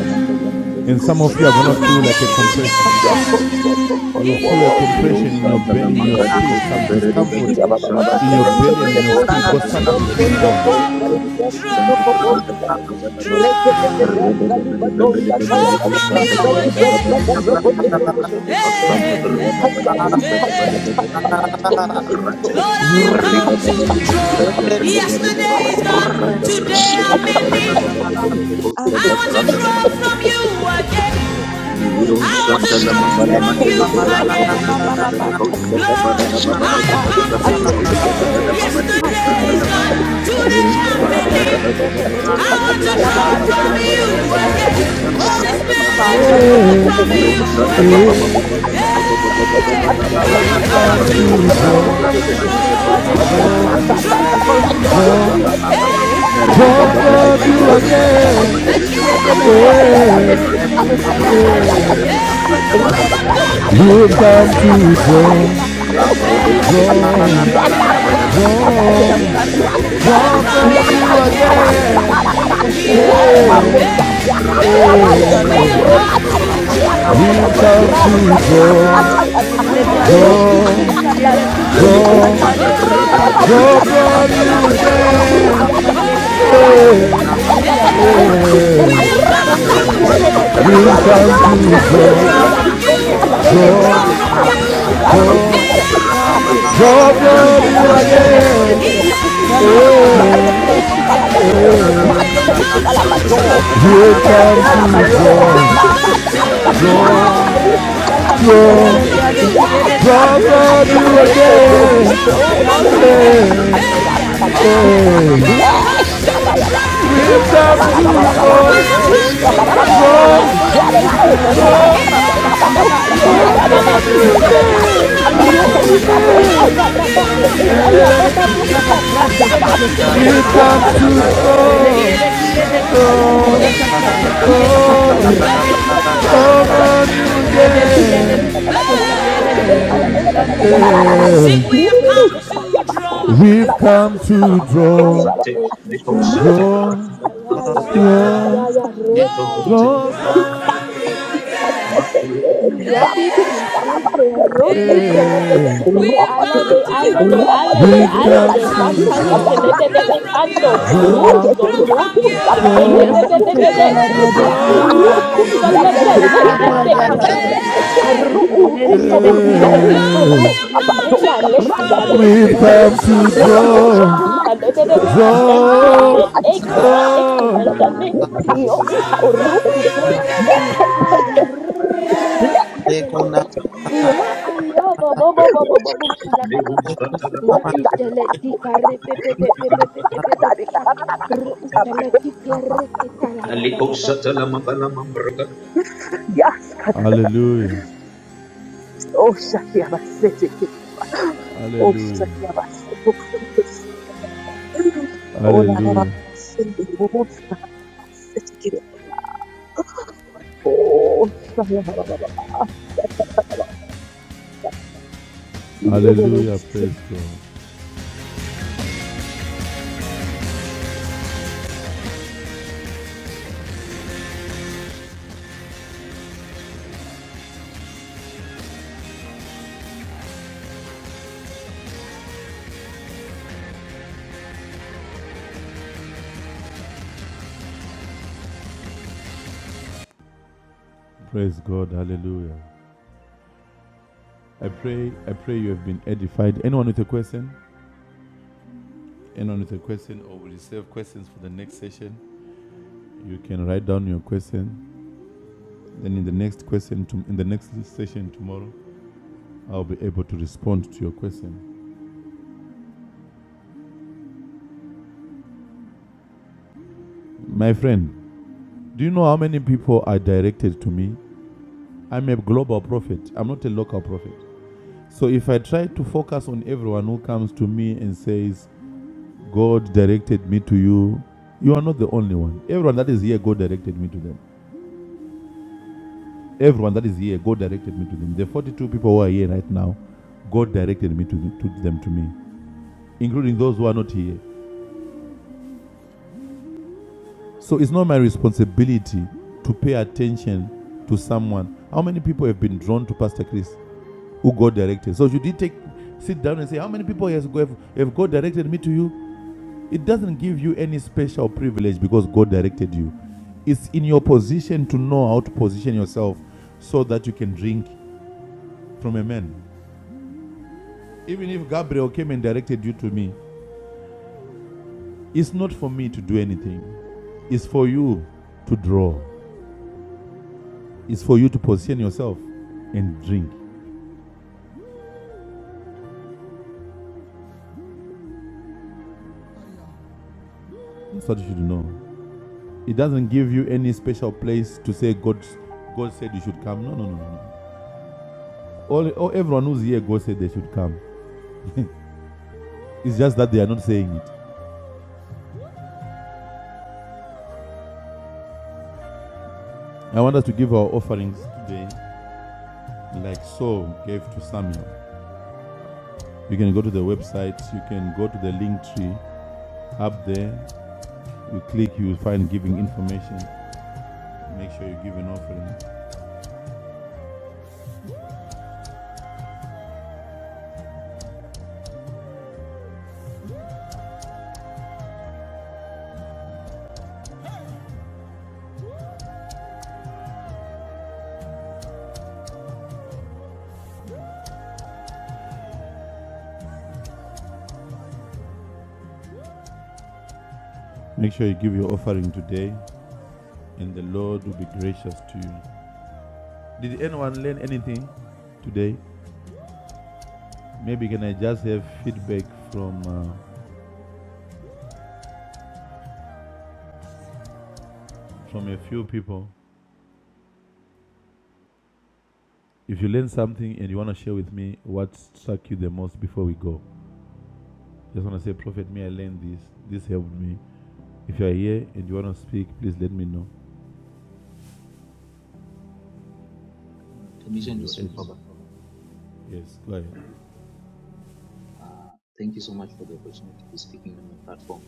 Speaker 3: And some of you are Draw going to feel from
Speaker 4: Ooh,
Speaker 3: like a you compression. again. You'll feel a Yeah. compression in your belly, in your
Speaker 6: de
Speaker 3: spirit,
Speaker 6: Costa
Speaker 3: some
Speaker 6: de
Speaker 3: discomfort
Speaker 4: Shiva
Speaker 6: Bedo
Speaker 4: Baba
Speaker 6: Santa
Speaker 4: Baba
Speaker 3: in
Speaker 1: Thank
Speaker 3: your
Speaker 6: Granta
Speaker 4: sende
Speaker 3: belly
Speaker 6: de
Speaker 3: and
Speaker 4: kide
Speaker 3: in your
Speaker 6: Costa
Speaker 3: spirit
Speaker 4: boshka
Speaker 3: because something
Speaker 4: libras
Speaker 3: is being
Speaker 4: rondo
Speaker 3: born.
Speaker 4: koshka libras
Speaker 3: Draw,
Speaker 6: de
Speaker 4: kuto
Speaker 6: Santa
Speaker 3: draw
Speaker 4: koboshka.
Speaker 1: you.
Speaker 6: Granta
Speaker 4: Rekete de
Speaker 3: Draw,
Speaker 4: braska
Speaker 6: Santa
Speaker 4: liba donda
Speaker 3: draw from you
Speaker 4: kalabasuza ki
Speaker 7: ele
Speaker 3: again.
Speaker 4: brazaka
Speaker 7: pepe
Speaker 4: brakote de
Speaker 7: kior
Speaker 4: de de de de.
Speaker 3: Hey,
Speaker 7: ele ki
Speaker 4: Zikasa
Speaker 3: hey,
Speaker 7: papa
Speaker 3: hey,
Speaker 7: papa
Speaker 4: kikasa takaba
Speaker 3: hey.
Speaker 4: teka
Speaker 7: korre
Speaker 4: ibado.
Speaker 3: Lord,
Speaker 7: ele ki
Speaker 3: I have
Speaker 7: arre
Speaker 3: come
Speaker 7: pepe
Speaker 4: Rakata
Speaker 3: to
Speaker 4: tapasuka
Speaker 3: draw.
Speaker 4: bakoto
Speaker 7: ya
Speaker 3: Yesterday's
Speaker 4: tokoto.
Speaker 7: ishele
Speaker 3: gone,
Speaker 7: ki
Speaker 3: today
Speaker 7: korre
Speaker 3: I'm
Speaker 4: Shikaka
Speaker 3: in
Speaker 7: ikaya
Speaker 3: need.
Speaker 4: bakate
Speaker 7: papa
Speaker 4: kende kete
Speaker 3: I want
Speaker 4: kete
Speaker 3: to
Speaker 7: antishele
Speaker 3: draw
Speaker 7: pepe
Speaker 4: kete
Speaker 3: from
Speaker 6: Grante,
Speaker 7: pepe
Speaker 3: you
Speaker 4: kete
Speaker 7: kaya
Speaker 4: kete
Speaker 3: again.
Speaker 5: you.
Speaker 4: kete.
Speaker 7: arre ki tole
Speaker 6: Little
Speaker 3: I
Speaker 7: pepe
Speaker 4: Suka
Speaker 3: want
Speaker 6: Santa
Speaker 3: to
Speaker 5: Shantarisi
Speaker 7: pepe
Speaker 4: shaki
Speaker 6: Lamamba
Speaker 7: pepe
Speaker 3: draw from
Speaker 7: ishele
Speaker 4: bakoka
Speaker 6: Lamandele
Speaker 3: you
Speaker 7: ki
Speaker 6: Berete
Speaker 4: saka
Speaker 7: ro
Speaker 6: de
Speaker 3: again.
Speaker 7: papa
Speaker 6: Bebe
Speaker 7: papa
Speaker 6: de
Speaker 4: saka.
Speaker 6: Costa
Speaker 3: Lord,
Speaker 6: da
Speaker 7: me
Speaker 6: Barada
Speaker 4: Rock
Speaker 6: Baba
Speaker 3: I
Speaker 6: de
Speaker 3: have
Speaker 7: ikoba
Speaker 6: Bebe de
Speaker 3: come
Speaker 6: Bebe
Speaker 3: to
Speaker 6: de
Speaker 7: re
Speaker 6: Costa
Speaker 3: draw.
Speaker 6: da
Speaker 7: ishele
Speaker 6: Bada Baba de
Speaker 7: tikan
Speaker 6: Costa
Speaker 7: kan
Speaker 6: da
Speaker 3: Yesterday is
Speaker 7: kana
Speaker 6: Lamande.
Speaker 3: gone,
Speaker 7: me
Speaker 3: today
Speaker 6: Little
Speaker 3: I'm
Speaker 7: ikorre
Speaker 6: Santa La
Speaker 7: rebe
Speaker 3: finished.
Speaker 7: be
Speaker 6: Garada
Speaker 7: be be
Speaker 6: de
Speaker 7: be be
Speaker 6: Baba
Speaker 7: be
Speaker 6: de
Speaker 3: I
Speaker 7: be be
Speaker 6: Bebe
Speaker 3: want
Speaker 6: de
Speaker 3: to
Speaker 7: shala
Speaker 5: yede
Speaker 3: draw
Speaker 6: Costa da
Speaker 7: babanti
Speaker 5: Christos
Speaker 3: from
Speaker 6: La
Speaker 5: of the
Speaker 3: you
Speaker 6: Barada
Speaker 5: Rossi
Speaker 6: Baba
Speaker 7: rebe
Speaker 6: de
Speaker 5: yede
Speaker 7: rebe
Speaker 6: Costa
Speaker 3: again.
Speaker 6: da
Speaker 7: kina
Speaker 5: Pietis,
Speaker 3: Holy
Speaker 6: Raga
Speaker 7: nanti
Speaker 6: da Baba de
Speaker 7: kama
Speaker 6: Bebe.
Speaker 3: Spirit,
Speaker 7: un
Speaker 5: Yedeleriede
Speaker 3: draw from you
Speaker 6: Little
Speaker 7: porra me
Speaker 5: kusutos
Speaker 6: Santa
Speaker 3: again.
Speaker 6: Baba Baba Baba
Speaker 5: satalariede
Speaker 6: Baba
Speaker 7: kinte
Speaker 6: Baba Baba
Speaker 3: Hey,
Speaker 5: yedeleriade
Speaker 6: Baba Baba
Speaker 3: we
Speaker 6: de
Speaker 5: kiede
Speaker 7: Atis
Speaker 3: have
Speaker 6: Bebe de
Speaker 3: come
Speaker 5: kusutos
Speaker 3: to
Speaker 6: Carreta
Speaker 7: elenio
Speaker 6: de Bebe
Speaker 7: momo
Speaker 5: yetes
Speaker 3: draw,
Speaker 6: de
Speaker 7: momo mosha
Speaker 6: Bebe
Speaker 7: shala
Speaker 6: de
Speaker 7: pa pa pa
Speaker 5: jadeleriade
Speaker 6: Costa
Speaker 7: pa
Speaker 5: lia
Speaker 7: pa pa
Speaker 6: da
Speaker 3: draw,
Speaker 7: pa
Speaker 5: sante
Speaker 6: Rade
Speaker 5: delisiede
Speaker 7: ukoro
Speaker 3: draw,
Speaker 5: kusutos
Speaker 7: ushele pe
Speaker 5: yedelisiada
Speaker 7: ike
Speaker 5: vratos
Speaker 7: ai
Speaker 5: satas
Speaker 3: yeah,
Speaker 7: ishele
Speaker 3: again.
Speaker 5: jacris
Speaker 7: iko romani
Speaker 5: yedeleriade
Speaker 3: Hey,
Speaker 7: ike
Speaker 3: we have come
Speaker 7: ne
Speaker 5: kiede
Speaker 3: to
Speaker 7: ne ne ne
Speaker 5: kustos
Speaker 7: kupa
Speaker 5: salariade
Speaker 7: ushele
Speaker 5: kiete sante
Speaker 7: tisha
Speaker 5: lia
Speaker 7: ishele
Speaker 5: vratos
Speaker 7: pepe
Speaker 3: You've
Speaker 7: kinta
Speaker 3: come
Speaker 7: la pa
Speaker 5: Releriede
Speaker 7: pa
Speaker 3: to
Speaker 7: pa pa pa
Speaker 5: kiede
Speaker 3: draw,
Speaker 7: pa pa
Speaker 5: kusutos
Speaker 7: Roma
Speaker 5: salariade kiete
Speaker 7: tishele
Speaker 3: Wrong,
Speaker 7: pepe pepe
Speaker 5: jeleriade
Speaker 7: kan
Speaker 5: rusutos
Speaker 7: tishele
Speaker 5: sata
Speaker 3: wrong,
Speaker 7: tia
Speaker 5: vratos
Speaker 4: Yakakasakabadostabrak,
Speaker 7: roton ta la
Speaker 3: wrong
Speaker 7: pa
Speaker 5: ekietes
Speaker 7: pa
Speaker 3: from
Speaker 7: pa pa
Speaker 3: you
Speaker 7: pa pa
Speaker 5: jante liate
Speaker 7: ike
Speaker 3: again.
Speaker 7: ne ne
Speaker 4: yakashkaraskarararara,
Speaker 5: rusutos
Speaker 7: ike ne
Speaker 5: sata
Speaker 7: ne
Speaker 5: prates
Speaker 3: Yeah,
Speaker 7: ike
Speaker 3: yeah.
Speaker 5: Jalaria de Kiede
Speaker 4: lerobozakiyakateyabadostabrukatata,
Speaker 7: Korotishele
Speaker 5: Christos
Speaker 3: We've
Speaker 7: bekantishele
Speaker 5: Satalaria de
Speaker 7: pe pe pe
Speaker 8: to
Speaker 7: pe
Speaker 5: Sietes,
Speaker 7: pe
Speaker 3: come
Speaker 7: pe
Speaker 3: to
Speaker 7: pe.
Speaker 8: draw.
Speaker 4: yakasegegreskataskatatata,
Speaker 6: Thank
Speaker 3: draw,
Speaker 5: Redeleria de
Speaker 7: Ukoru
Speaker 3: draw.
Speaker 5: Christos Kiede
Speaker 3: Go,
Speaker 5: Christos
Speaker 4: kushkakalakatikbrukatelebadikasake,
Speaker 6: Aliko
Speaker 5: Salaria de
Speaker 6: Santa
Speaker 7: tikare pe pe
Speaker 6: Ragada
Speaker 7: pe
Speaker 5: Kietes,
Speaker 7: pe
Speaker 6: Baba
Speaker 7: pe.
Speaker 3: go
Speaker 6: Dudu Baba
Speaker 5: Janta
Speaker 3: from
Speaker 7: Ya
Speaker 6: Dudu
Speaker 3: you
Speaker 8: We
Speaker 5: Prato
Speaker 6: Baba
Speaker 5: Sutos
Speaker 6: Raga
Speaker 5: Sata
Speaker 7: ya
Speaker 6: Baba
Speaker 3: again.
Speaker 4: abrakatata,
Speaker 5: Prate
Speaker 6: Dudu Baba Dudu Dudu Dudu
Speaker 7: akopaka
Speaker 6: Raga
Speaker 5: Kietes,
Speaker 3: Yeah,
Speaker 7: peke
Speaker 6: Baba Dudu Baba
Speaker 5: Riede
Speaker 7: kara
Speaker 6: Sante.
Speaker 4: yakasegetetetete,
Speaker 5: Diavrato
Speaker 3: yeah.
Speaker 5: Sutos
Speaker 3: We'll
Speaker 6: Lerun
Speaker 7: antusheleki
Speaker 3: come
Speaker 5: Satalaria
Speaker 7: tonto
Speaker 5: de
Speaker 3: to
Speaker 6: Satala
Speaker 7: re pe
Speaker 6: Mangala
Speaker 7: pe
Speaker 5: Kiete
Speaker 7: pe
Speaker 3: draw,
Speaker 6: Mantala
Speaker 3: We'll
Speaker 6: Barada
Speaker 8: have
Speaker 5: Kietes,
Speaker 3: come
Speaker 6: Baba
Speaker 8: come
Speaker 6: Dudu
Speaker 3: to
Speaker 7: Ya
Speaker 8: to
Speaker 6: Santa
Speaker 3: draw,
Speaker 5: Riedeleria
Speaker 3: draw,
Speaker 7: ikene
Speaker 4: yakasekatatatakalokaskabadoskakate,
Speaker 6: Rada
Speaker 8: draw.
Speaker 5: de
Speaker 3: from
Speaker 6: Baba
Speaker 7: ikene
Speaker 6: Dudu
Speaker 5: Sutos
Speaker 6: Dudu Dudu
Speaker 7: ikene
Speaker 6: Dudu
Speaker 5: Salaria
Speaker 7: me
Speaker 5: de
Speaker 6: Raga
Speaker 5: Creje
Speaker 8: Draw.
Speaker 3: you,
Speaker 7: inkoman
Speaker 5: Christos
Speaker 6: Baba Dudu Baba
Speaker 7: na
Speaker 6: Dudu
Speaker 3: draw
Speaker 5: Kietes,
Speaker 6: Santa
Speaker 7: ikare
Speaker 4: yashkabakukaskarabaskarakatata,
Speaker 6: Rada Baba
Speaker 5: Jante
Speaker 6: Dudu.
Speaker 7: isheleti
Speaker 5: Prato
Speaker 3: draw
Speaker 7: onoman
Speaker 5: Sutos
Speaker 3: from
Speaker 6: Yante
Speaker 3: you
Speaker 6: Grante
Speaker 8: Here
Speaker 5: Satalaria de
Speaker 6: Dudu
Speaker 3: again.
Speaker 7: Ya
Speaker 8: again.
Speaker 6: Barada
Speaker 5: Kietes,
Speaker 6: Baba Dudu
Speaker 4: ashkarabasekerebas-
Speaker 3: Yeah,
Speaker 5: Janta
Speaker 6: Santa
Speaker 7: ukurunta
Speaker 5: Prato
Speaker 6: Rada
Speaker 7: tele pe
Speaker 6: Baba
Speaker 7: pe
Speaker 6: Baba
Speaker 4: Matos
Speaker 6: Baba
Speaker 5: Sutos
Speaker 6: Baba Baba
Speaker 4: Calabado,
Speaker 7: kikantushele
Speaker 6: Dudu.
Speaker 7: pe
Speaker 3: yeah.
Speaker 7: pe
Speaker 4: Matos
Speaker 6: Liko Santa
Speaker 4: Calabado,
Speaker 6: Rada
Speaker 7: ma
Speaker 6: Baba
Speaker 3: We'll come to
Speaker 8: We
Speaker 6: Dudu
Speaker 4: Matos
Speaker 8: have
Speaker 6: Santa
Speaker 8: come
Speaker 7: itekanta
Speaker 6: Rada
Speaker 4: Calabado,
Speaker 8: to
Speaker 6: Baba
Speaker 3: draw, We'll
Speaker 6: Dudu.
Speaker 8: draw.
Speaker 7: tutu
Speaker 6: Liko
Speaker 4: Makatas
Speaker 6: Da
Speaker 3: come to
Speaker 6: Branta
Speaker 7: antiki
Speaker 6: Lamanda
Speaker 3: draw, Draw.
Speaker 6: Dudu
Speaker 8: Draw.
Speaker 4: Caprakatus
Speaker 6: Dudu Dudu
Speaker 3: Draw,
Speaker 6: Dudu
Speaker 7: reistalatia
Speaker 6: Santa
Speaker 4: Catatete,
Speaker 3: from
Speaker 5: Radariade
Speaker 3: you
Speaker 4: Yes,
Speaker 5: kiede
Speaker 3: draw
Speaker 7: repepepepepepepepe
Speaker 5: crusutos
Speaker 4: Kabuka
Speaker 3: from
Speaker 5: yede
Speaker 3: you
Speaker 4: Zaki
Speaker 5: leriade
Speaker 4: Koko
Speaker 7: lekuman
Speaker 8: Today.
Speaker 3: again. Draw
Speaker 5: quietes
Speaker 4: Zoto
Speaker 6: Son
Speaker 7: o
Speaker 6: de
Speaker 3: from you
Speaker 4: Koto
Speaker 6: grande
Speaker 7: borun
Speaker 6: y la
Speaker 5: janteleriade
Speaker 3: Hey,
Speaker 4: Kazaka
Speaker 6: nave la
Speaker 5: custos
Speaker 7: esheledi
Speaker 6: mamba de
Speaker 3: again.
Speaker 6: costa de
Speaker 7: ananasa
Speaker 4: Krakabakuta,
Speaker 3: hey. We have come to
Speaker 7: lepepepepepepepepe
Speaker 4: Leshabayaba,
Speaker 3: draw. We
Speaker 8: We
Speaker 3: have
Speaker 8: have
Speaker 3: come to
Speaker 8: come
Speaker 7: ikolo no
Speaker 8: to
Speaker 4: Bushkabarababa,
Speaker 7: lo
Speaker 8: draw.
Speaker 7: no lo no
Speaker 3: to
Speaker 7: ma
Speaker 3: draw.
Speaker 7: ike
Speaker 4: Bushkabarababa,
Speaker 3: draw
Speaker 7: yade ya
Speaker 8: Draw.
Speaker 4: Janibaroska
Speaker 7: rekishala ba
Speaker 5: janteleriade
Speaker 7: ba ba ba
Speaker 5: quiete
Speaker 7: ba
Speaker 8: Draw.
Speaker 4: Barastika
Speaker 7: ba ba ba
Speaker 4: Baroska
Speaker 5: crusutos
Speaker 7: iyo o ba ba
Speaker 5: salariede
Speaker 7: ba
Speaker 4: Brakata,
Speaker 7: shele be
Speaker 5: quietes
Speaker 7: be
Speaker 8: We
Speaker 7: be
Speaker 8: have
Speaker 4: Yakalika
Speaker 8: come
Speaker 7: ro um
Speaker 8: to
Speaker 7: te
Speaker 6: la
Speaker 5: janterisiede
Speaker 7: ya
Speaker 4: Bakuka
Speaker 7: ya ba
Speaker 5: crusutos
Speaker 7: ba
Speaker 4: Sekete.
Speaker 7: e
Speaker 5: salariede
Speaker 7: ya ya ba ba
Speaker 5: quiete
Speaker 7: ba
Speaker 5: jada
Speaker 7: ikan
Speaker 5: pratos
Speaker 7: shele
Speaker 5: sutos
Speaker 7: di koro
Speaker 5: yete
Speaker 7: ba
Speaker 5: lia
Speaker 7: ba
Speaker 3: come
Speaker 7: ba
Speaker 4: Robot,
Speaker 7: ba
Speaker 3: to
Speaker 5: vrates
Speaker 7: ba shala
Speaker 3: know,
Speaker 5: releriede quiede crusu
Speaker 7: ba
Speaker 3: know,
Speaker 5: projata prate quiete
Speaker 3: know,
Speaker 5: salariade crusutos
Speaker 6: de
Speaker 3: come
Speaker 6: la
Speaker 5: sata
Speaker 3: on you
Speaker 5: riede leriede
Speaker 3: again.
Speaker 5: rusutos
Speaker 6: Thank
Speaker 5: yede quietes janterisiede
Speaker 3: Yeah.
Speaker 5: rusutos yetes
Speaker 3: We've come to draw, draw, draw, draw.
Speaker 8: we
Speaker 1: I don't
Speaker 7: Yadi compante rotu shele pe pe pe
Speaker 3: Yeah.
Speaker 7: pe
Speaker 3: We
Speaker 7: pe
Speaker 3: have
Speaker 7: ale de
Speaker 3: come
Speaker 7: ale
Speaker 3: to
Speaker 7: de
Speaker 3: draw.
Speaker 7: ale
Speaker 1: know
Speaker 7: de
Speaker 3: We've
Speaker 7: ale
Speaker 8: have
Speaker 7: de
Speaker 3: come
Speaker 8: come
Speaker 3: to
Speaker 7: campane
Speaker 8: to
Speaker 7: che le
Speaker 8: draw.
Speaker 3: draw,
Speaker 7: pe pe
Speaker 4: robot,
Speaker 3: Draw
Speaker 7: pe
Speaker 3: from you.
Speaker 7: canto u
Speaker 8: Draw.
Speaker 3: draw,
Speaker 7: so
Speaker 3: Draw
Speaker 4: Rekete
Speaker 3: from you.
Speaker 7: roti
Speaker 4: bakusa
Speaker 7: shele pe
Speaker 3: draw,
Speaker 4: baruko
Speaker 7: pe
Speaker 5: Yes,
Speaker 7: pe pe pe
Speaker 4: koburu.
Speaker 7: pe
Speaker 5: Chesalaria
Speaker 3: Hey.
Speaker 5: de
Speaker 7: Ai
Speaker 4: Busa
Speaker 7: cu
Speaker 5: Kietes,
Speaker 4: brata da.
Speaker 7: rotu shele
Speaker 8: Draw.
Speaker 7: pe
Speaker 5: Yada
Speaker 6: you.
Speaker 4: Yekete
Speaker 5: Radia
Speaker 4: kuka
Speaker 7: pe pe
Speaker 5: Radia
Speaker 8: again.
Speaker 7: pe
Speaker 4: saka seke
Speaker 5: Takratus,
Speaker 4: seke.
Speaker 7: Arro
Speaker 4: Yuka
Speaker 7: u-
Speaker 3: Hey. Yeah.
Speaker 4: saka
Speaker 7: uso
Speaker 5: Reria
Speaker 4: bo.
Speaker 5: de Kie
Speaker 7: yo
Speaker 5: de
Speaker 4: Boka
Speaker 7: uso
Speaker 3: Yeah. We
Speaker 7: ro
Speaker 3: have
Speaker 4: koska
Speaker 3: come
Speaker 5: Crucitus,
Speaker 7: meya
Speaker 4: batoska
Speaker 3: to
Speaker 4: braka
Speaker 7: ledia
Speaker 3: draw.
Speaker 4: da.
Speaker 3: We've
Speaker 8: We
Speaker 7: rekia
Speaker 8: have
Speaker 4: Yaka
Speaker 3: come
Speaker 8: come
Speaker 7: rekia
Speaker 3: to
Speaker 4: saka
Speaker 8: to
Speaker 7: rekia
Speaker 4: bakoska
Speaker 3: draw,
Speaker 8: draw.
Speaker 7: lotonta
Speaker 4: braka da.
Speaker 7: lebebebe
Speaker 8: Yeah,
Speaker 4: Yuka
Speaker 7: kantania
Speaker 3: draw,
Speaker 4: saki
Speaker 7: ne
Speaker 4: na da da da
Speaker 7: ekuma
Speaker 4: da
Speaker 8: yeah,
Speaker 3: draw.
Speaker 4: da da.
Speaker 8: yeah,
Speaker 7: ekumantane
Speaker 4: Yuka
Speaker 7: yo
Speaker 4: saka
Speaker 3: Draw
Speaker 7: uso
Speaker 4: seke
Speaker 3: from
Speaker 7: rukutel
Speaker 3: you
Speaker 4: seke.
Speaker 8: yeah, yeah,
Speaker 4: Yeke
Speaker 7: ya
Speaker 3: again.
Speaker 4: seke
Speaker 7: aya
Speaker 8: yeah.
Speaker 4: seke. Yeke
Speaker 7: retitele
Speaker 4: seke seke.
Speaker 7: ya
Speaker 4: Saka saka da
Speaker 7: ayo
Speaker 4: da
Speaker 7: bo
Speaker 4: da.
Speaker 7: bo bo bo bo bo bo
Speaker 4: Ushka
Speaker 7: shala
Speaker 4: saka
Speaker 7: pa
Speaker 4: saka
Speaker 7: pa pa
Speaker 4: saka.
Speaker 7: na
Speaker 4: Boka da da
Speaker 7: ishele
Speaker 4: da. Boka da da
Speaker 7: tikare pe
Speaker 4: da.
Speaker 7: pe pe
Speaker 4: Yaka
Speaker 7: pe pe pe pe pe pe
Speaker 4: saka
Speaker 7: pe ka ro
Speaker 4: saka
Speaker 7: ushele
Speaker 4: saka.
Speaker 7: tikere kitala ba ba ba ba
Speaker 4: Yes,
Speaker 3: Hallelujah,
Speaker 4: oh Shakyabasiti, oh
Speaker 3: hallelujah,
Speaker 4: Shakyabasiti, oh la la la,
Speaker 3: hallelujah,
Speaker 4: Cindy, oh Shakyabasiti, oh Shakyabasiti.
Speaker 3: hallelujah. Praise God, praise God, hallelujah. I pray, I pray you have been edified. Anyone with a question? Anyone with a question, or we reserve questions for the next session. You can write down your question. Then in the next question, to, in the next session tomorrow, I'll be able to respond to your question. My friend, do you know how many people are directed to me? I'm a global prophet. I'm not a local prophet. So if I try to focus on everyone who comes to me and says, "God directed me to you," you are not the only one. Everyone that is here, God directed me to them. Everyone that is here, God directed me to them. The 42 people who are here right now, God directed me to, the- to them to me, including those who are not here. So it's not my responsibility to pay attention to someone. How many people have been drawn to Pastor Chris who God directed? So you did take sit down and say, How many people has go- have, have God directed me to you? It doesn't give you any special privilege because God directed you. It's in your position to know how to position yourself so that you can drink from a man. Even if Gabriel came and directed you to me, it's not for me to do anything. It's for you to draw. It's for you to position yourself and drink. That's what you should know. It doesn't give you any special place to say God, God said you should come. No, no, no, no. no. All, all everyone who's here, God said they should come. It's just that they are not saying it. I want us to give our offerings today, like Saul gave to Samuel. You can go to the website. You can go to the link tree up there. You click, you will find giving information Make sure you give an offering. Make sure you give your offering today, and the Lord will be gracious to you. Did anyone learn anything today? Maybe can I just have feedback from uh, from a few people? If you learned something and you want to share with me what struck you the most before we go, just want to say, Prophet, me I learned this. This helped me. If you are here and you want to speak, please let me know. And
Speaker 6: Permission to speak, Baba.
Speaker 3: Yes, go ahead.
Speaker 6: Uh, thank you so much for the opportunity to be speaking on your platform.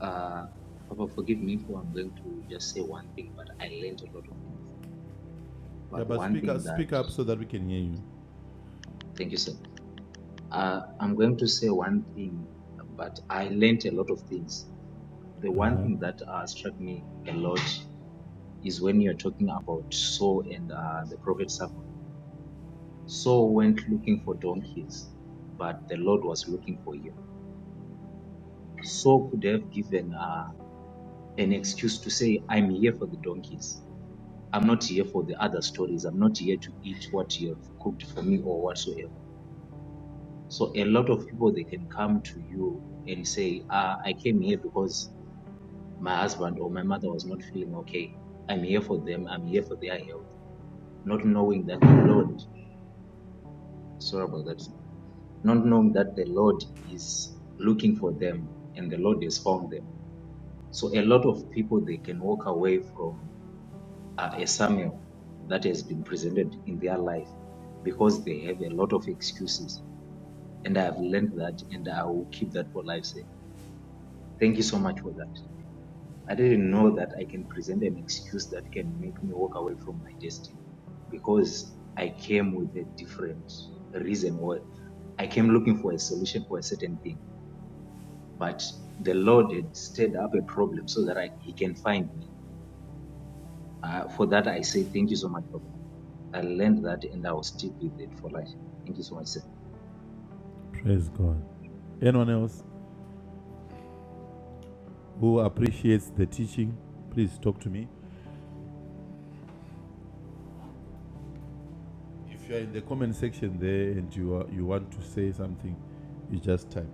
Speaker 6: Uh, Papa, forgive me for I'm going to just say one thing, but I learned a lot of things.
Speaker 3: Yeah,
Speaker 6: But
Speaker 3: but
Speaker 6: one
Speaker 3: speak up,
Speaker 6: thing that,
Speaker 3: speak up so that we can hear you.
Speaker 6: thank you, sir. Uh, I'm going to say one thing, but I learned a lot of things. The
Speaker 3: Uh
Speaker 6: one
Speaker 3: huh.
Speaker 6: thing that uh, struck me a lot is when you're talking about Saul and uh, the prophet Samuel. Saul went looking for donkeys, but the Lord was looking for him. Saul could have given. uh, an excuse to say, I'm here for the donkeys. I'm not here for the other stories. I'm not here to eat what you have cooked for me or whatsoever. So a lot of people, they can come to you and say, ah, I came here because my husband or my mother was not feeling okay. I'm here for them. I'm here for their health. Not knowing that the Lord, sorry about that, not knowing that the Lord is looking for them and the Lord has found them. So a lot of people, they can walk away from uh, a Samuel that has been presented in their life because they have a lot of excuses. And I have learned that and I will keep that for life's sake. Thank you so much for that. I didn't know that I can present an excuse that can make me walk away from my destiny because I came with a different reason or I came looking for a solution for a certain thing. But the Lord had stirred up a problem so that I, He can find me. Uh, for that, I say thank you so much, Papa. I learned that and I will stick with it for life. Thank you so much, sir.
Speaker 3: Praise God. Anyone else? who appreciates the teaching, please talk to me. If you are in the comment section there and you are, you want to say something, you just type.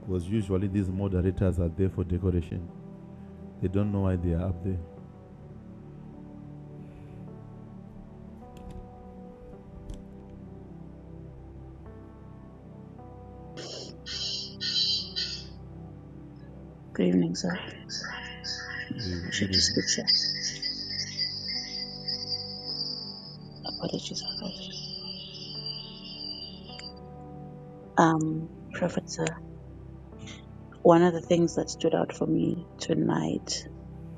Speaker 3: Because usually these moderators are there for decoration. They don't know why they are up there.
Speaker 4: Good evening, sir.
Speaker 3: Good, good evening.
Speaker 4: Uh,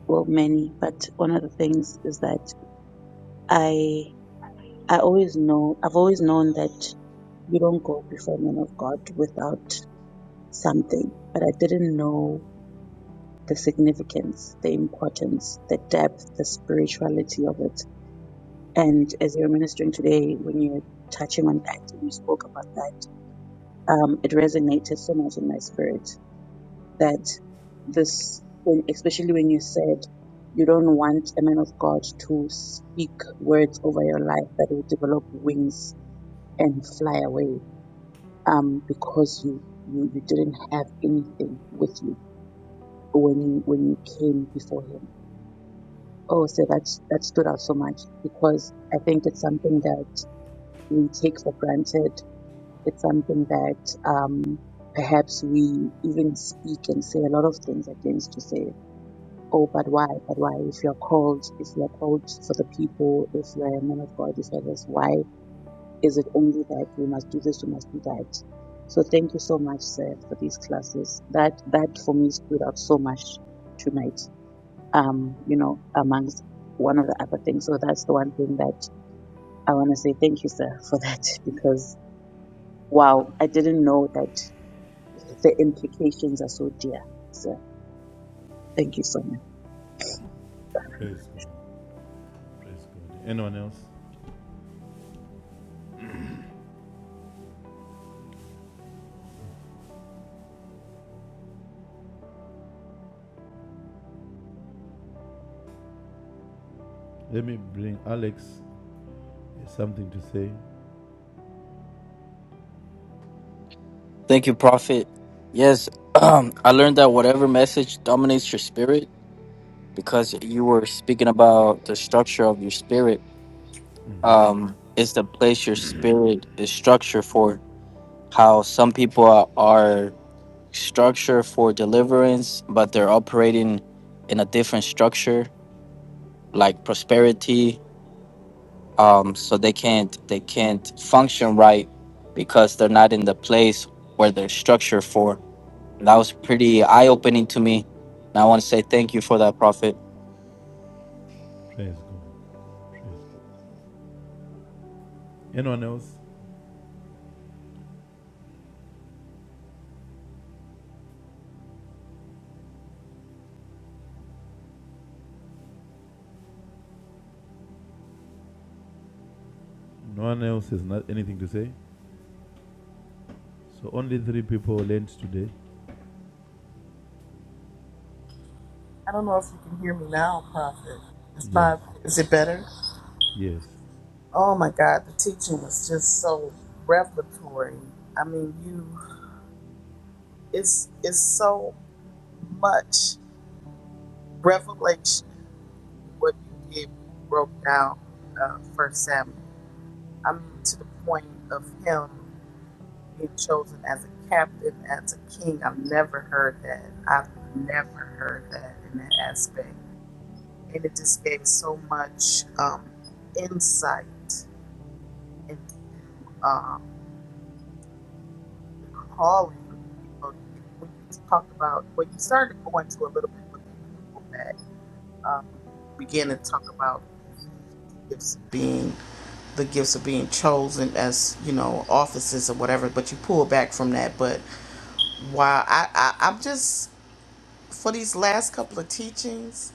Speaker 4: well, many, but one of the things is that I I always know I've always known that you don't go before men of God without something, but I didn't know the significance, the importance, the depth, the spirituality of it. And as you were ministering today, when you were touching on that and you spoke about that, um, it resonated so much in my spirit that this, when, especially when you said you don't want a man of God to speak words over your life that will develop wings and fly away, um, because you, you, you didn't have anything with you when you, when you came before him. Oh, so that's, that stood out so much because I think it's something that we take for granted It's something that um, perhaps we even speak and say a lot of things against to say, oh, but why, but why? If you're called, if you're called for the people, if you're a man of God, if you're this, why is it only that we must do this, we must do that? So thank you so much, sir, for these classes. That that for me stood out so much tonight. Um, you know, amongst one of the other things. So that's the one thing that I want to say thank you, sir, for that because wow, I didn't know that the implications are so dear. So thank you so much.
Speaker 3: Praise God. Praise God. Anyone else? Let me bring Alex something to say.
Speaker 9: Thank you, Prophet. Yes, um, I learned that whatever message dominates your spirit, because you were speaking about the structure of your spirit, um, is the place your spirit is structured for. How some people are, are structured for deliverance, but they're operating in a different structure, like prosperity. Um, so they can't they can't function right because they're not in the place where they're structured for That was pretty eye opening to me. And I want to say thank you for that, Prophet.
Speaker 3: Praise God. Praise God. Anyone else? No one else has not anything to say. So only three people learned today.
Speaker 1: if you can hear me now, Prophet. It's
Speaker 3: Yes.
Speaker 1: my, is it better?
Speaker 3: Yes.
Speaker 1: Oh my God, the teaching was just so revelatory. I mean, you, it's, it's so much revelation in what you did when you broke down uh, First Samuel. I mean, to the point of him being chosen as a captain, as a king. I've never heard that. I've never heard that in that aspect. And it just gave so much um, insight into um, the calling. You know, and when you talked about, well, you started to go into a little bit, but then you pulled back um, began to talk about the Ephesians gifts of being the gifts of being chosen as you know offices or whatever but you pull back from that but while I, I i'm just for these last couple of teachings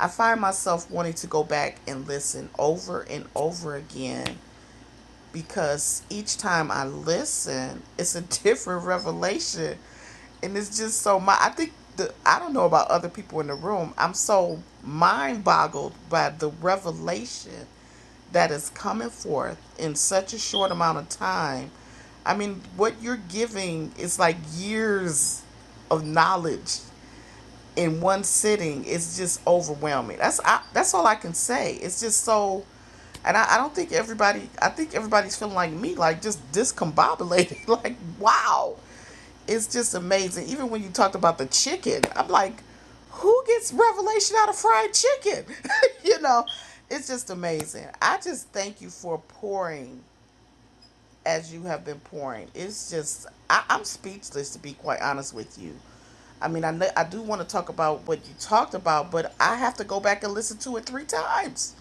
Speaker 1: i find myself wanting to go back and listen over and over again because each time i listen it's a different revelation and it's just so my i think the i don't know about other people in the room i'm so mind boggled by the revelation that is coming forth in such a short amount of time i mean what you're giving is like years of knowledge in one sitting it's just overwhelming that's I, that's all i can say it's just so and I, I don't think everybody i think everybody's feeling like me like just discombobulated like wow it's just amazing. Even when you talked about the chicken, I'm like, who gets revelation out of fried chicken? you know, it's just amazing. I just thank you for pouring as you have been pouring. It's just, I, I'm speechless to be quite honest with you. I mean, I, know I do want to talk about what you talked about, but I have to go back and listen to it three times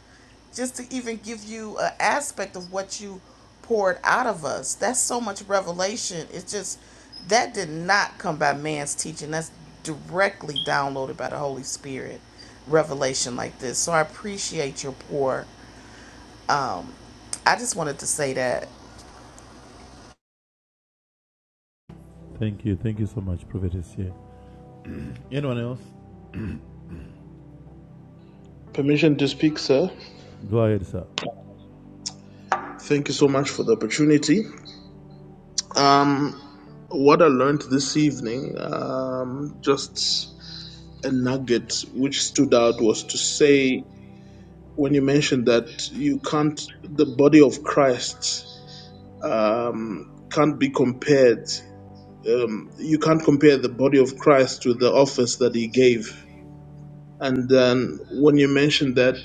Speaker 1: just to even give you an aspect of what you poured out of us. That's so much revelation. It's just, that did not come by man's teaching. That's directly downloaded by the Holy Spirit revelation like this. So I appreciate your pour. Um, I just wanted to say that.
Speaker 3: Thank you. Thank you so much, Prophetess. Here. Anyone else?
Speaker 2: Permission to speak, sir.
Speaker 3: Go ahead, sir.
Speaker 2: Thank you so much for the opportunity. Um, what I learned this evening, um, just a nugget which stood out was to say when you mentioned that you can't, the body of Christ um, can't be compared. Um, you can't compare the body of Christ to the office that he gave. And then when you mentioned that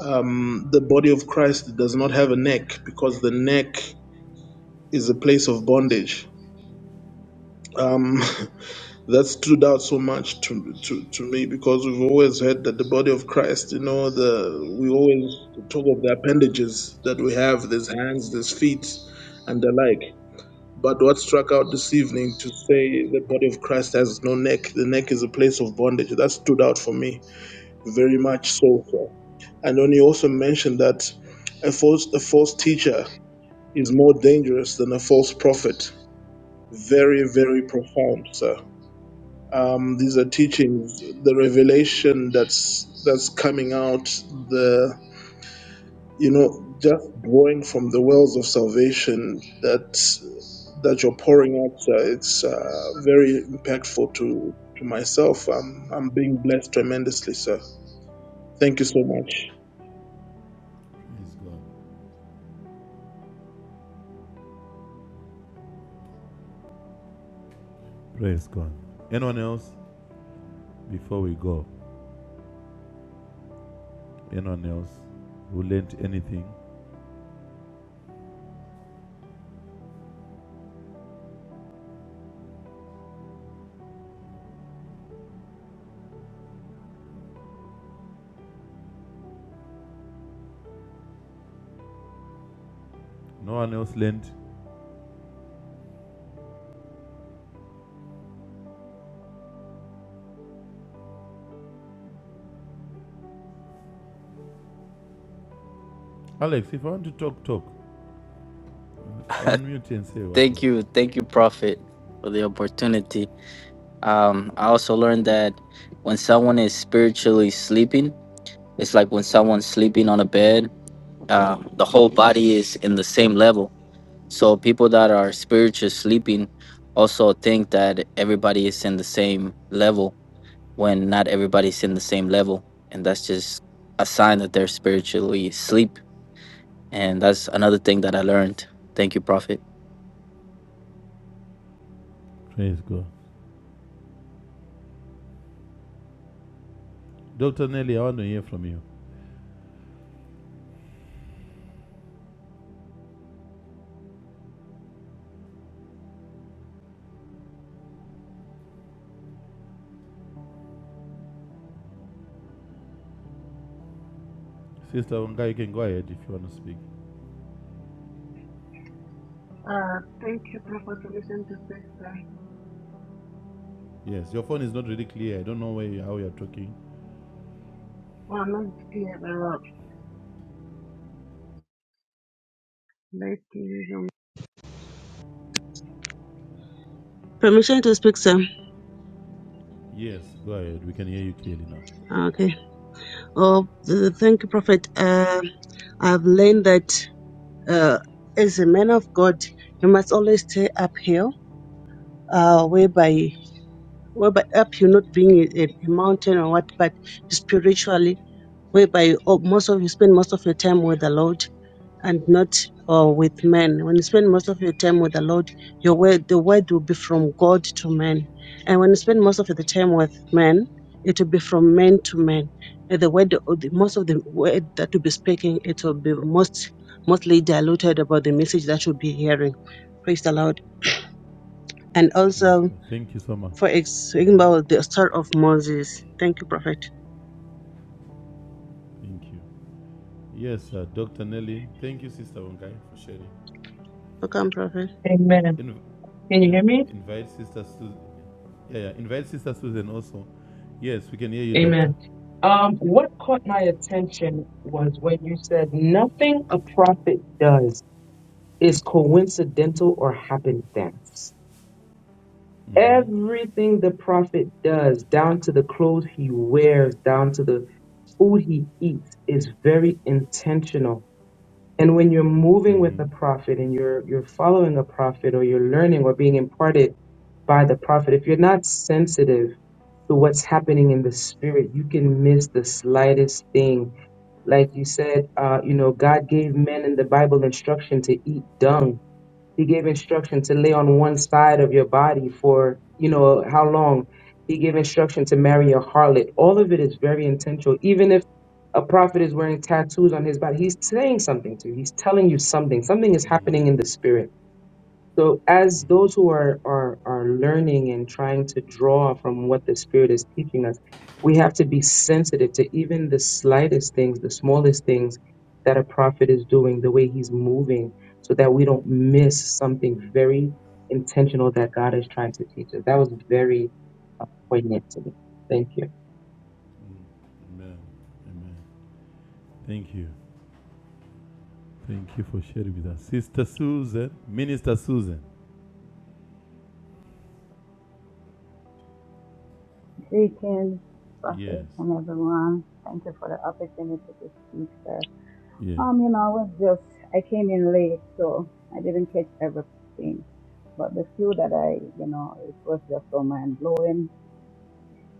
Speaker 2: um, the body of Christ does not have a neck because the neck is a place of bondage. Um, that stood out so much to, to, to me because we've always heard that the body of Christ, you know, the we always talk of the appendages that we have, these hands, these feet, and the like. But what struck out this evening to say the body of Christ has no neck, the neck is a place of bondage, that stood out for me very much so far. And when he also mentioned that a false, a false teacher is more dangerous than a false prophet. Very, very profound, sir um, these are teachings, the revelation that's that's coming out, the you know, just drawing from the wells of salvation that that you're pouring out. Uh, it's uh, very impactful to to myself. I'm I'm being blessed tremendously, sir. Thank you so much.
Speaker 3: Praise God. Praise God. Anyone else? Before we go, anyone else who learnt anything? No one else learnt? Alex, if I want to talk, talk. Unmute and say what you
Speaker 9: Thank
Speaker 3: want
Speaker 9: you.
Speaker 3: to
Speaker 9: Thank you, Prophet, for the opportunity. Um, I also learned that when someone is spiritually sleeping, it's like when someone's sleeping on a bed, uh, the whole body is in the same level. So people that are spiritually sleeping also think that everybody is in the same level when not everybody's in the same level. And that's just a sign that they're spiritually asleep And that's another thing that I learned. Thank you, Prophet.
Speaker 3: say. Praise God. Dr. Nelly, I want to hear from you. Sister Wanga, you can go ahead if you want to speak.
Speaker 10: Uh, thank you, Prophet, permission to speak, sir.
Speaker 3: Yes, your phone is not really clear. I don't know where you, how you're talking.
Speaker 10: Well, I'm not here, but uh, let me use Permission to speak, sir.
Speaker 3: Yes, go ahead. We can hear you clearly now.
Speaker 10: Okay. Oh, th- thank you, Prophet. Uh, I've learned that uh, as a man of God, you must always stay uphill, uh, whereby, whereby up you not being a, a a mountain or what, but spiritually, whereby oh, most of you spend most of your time with the Lord and not or with men. When you spend most of your time with the Lord, your word the word will be from God to men. And when you spend most of the time with men, it will be from men to men. And The word the, most of the word that will be speaking, it will be most mostly diluted about the message that you'll be hearing. Praise the Lord. And
Speaker 3: Praise
Speaker 10: also
Speaker 3: God. Thank you so much.
Speaker 10: for
Speaker 3: hmm
Speaker 10: example the story of Moses. Thank you, Prophet.
Speaker 3: Thank you. Yes, uh, Dr. Nelly. Thank you, Sister Wankai, for sharing.
Speaker 10: Welcome, Prophet.
Speaker 11: Amen.
Speaker 3: In,
Speaker 11: Can you
Speaker 3: in,
Speaker 11: hear me?
Speaker 3: invite Sister Susan. Yeah, yeah. Invite Sister Susan also. Yes, we can hear you, Doctor.
Speaker 11: Amen. Um, what caught my attention was when you said nothing a prophet does is coincidental or happenstance.
Speaker 3: Mm-hmm.
Speaker 11: Everything the prophet does, down to the clothes he wears, down to the food he eats, is very intentional. And when you're moving with
Speaker 3: Mm-hmm.
Speaker 11: a prophet and you're you're following a prophet or you're learning or being imparted by the prophet, if you're not sensitive to what's happening in the spirit. You can miss the slightest thing. Like you said, uh, you know, God gave men in the Bible instruction to eat dung. He gave instruction to lay on one side of your body for, you know, how long. He gave instruction to marry a harlot. All of it is very intentional. Even if a prophet is wearing tattoos on his body, he's saying something to you. He's telling you something. Something is
Speaker 3: Mm,
Speaker 11: happening in the spirit. So as
Speaker 3: Mm-hmm.
Speaker 11: those who are, are are learning and trying to draw from what the Spirit is teaching us, we have to be sensitive to even the slightest things, the smallest things that a prophet is doing, the way he's moving, so that we don't miss something very intentional that God is trying to teach us. That was very uh, poignant to me. Thank you.
Speaker 3: Amen. Amen. Thank you. Thank you for sharing with us. Sister Susan, Minister Susan.
Speaker 12: Greetings,
Speaker 3: Yes.
Speaker 12: Prophet and everyone. Thank you for the opportunity to speak, sir.
Speaker 3: Yes.
Speaker 12: Um, you know, I was just, I came in late, so I didn't catch everything. But the few that I, you know, it was just so mind blowing.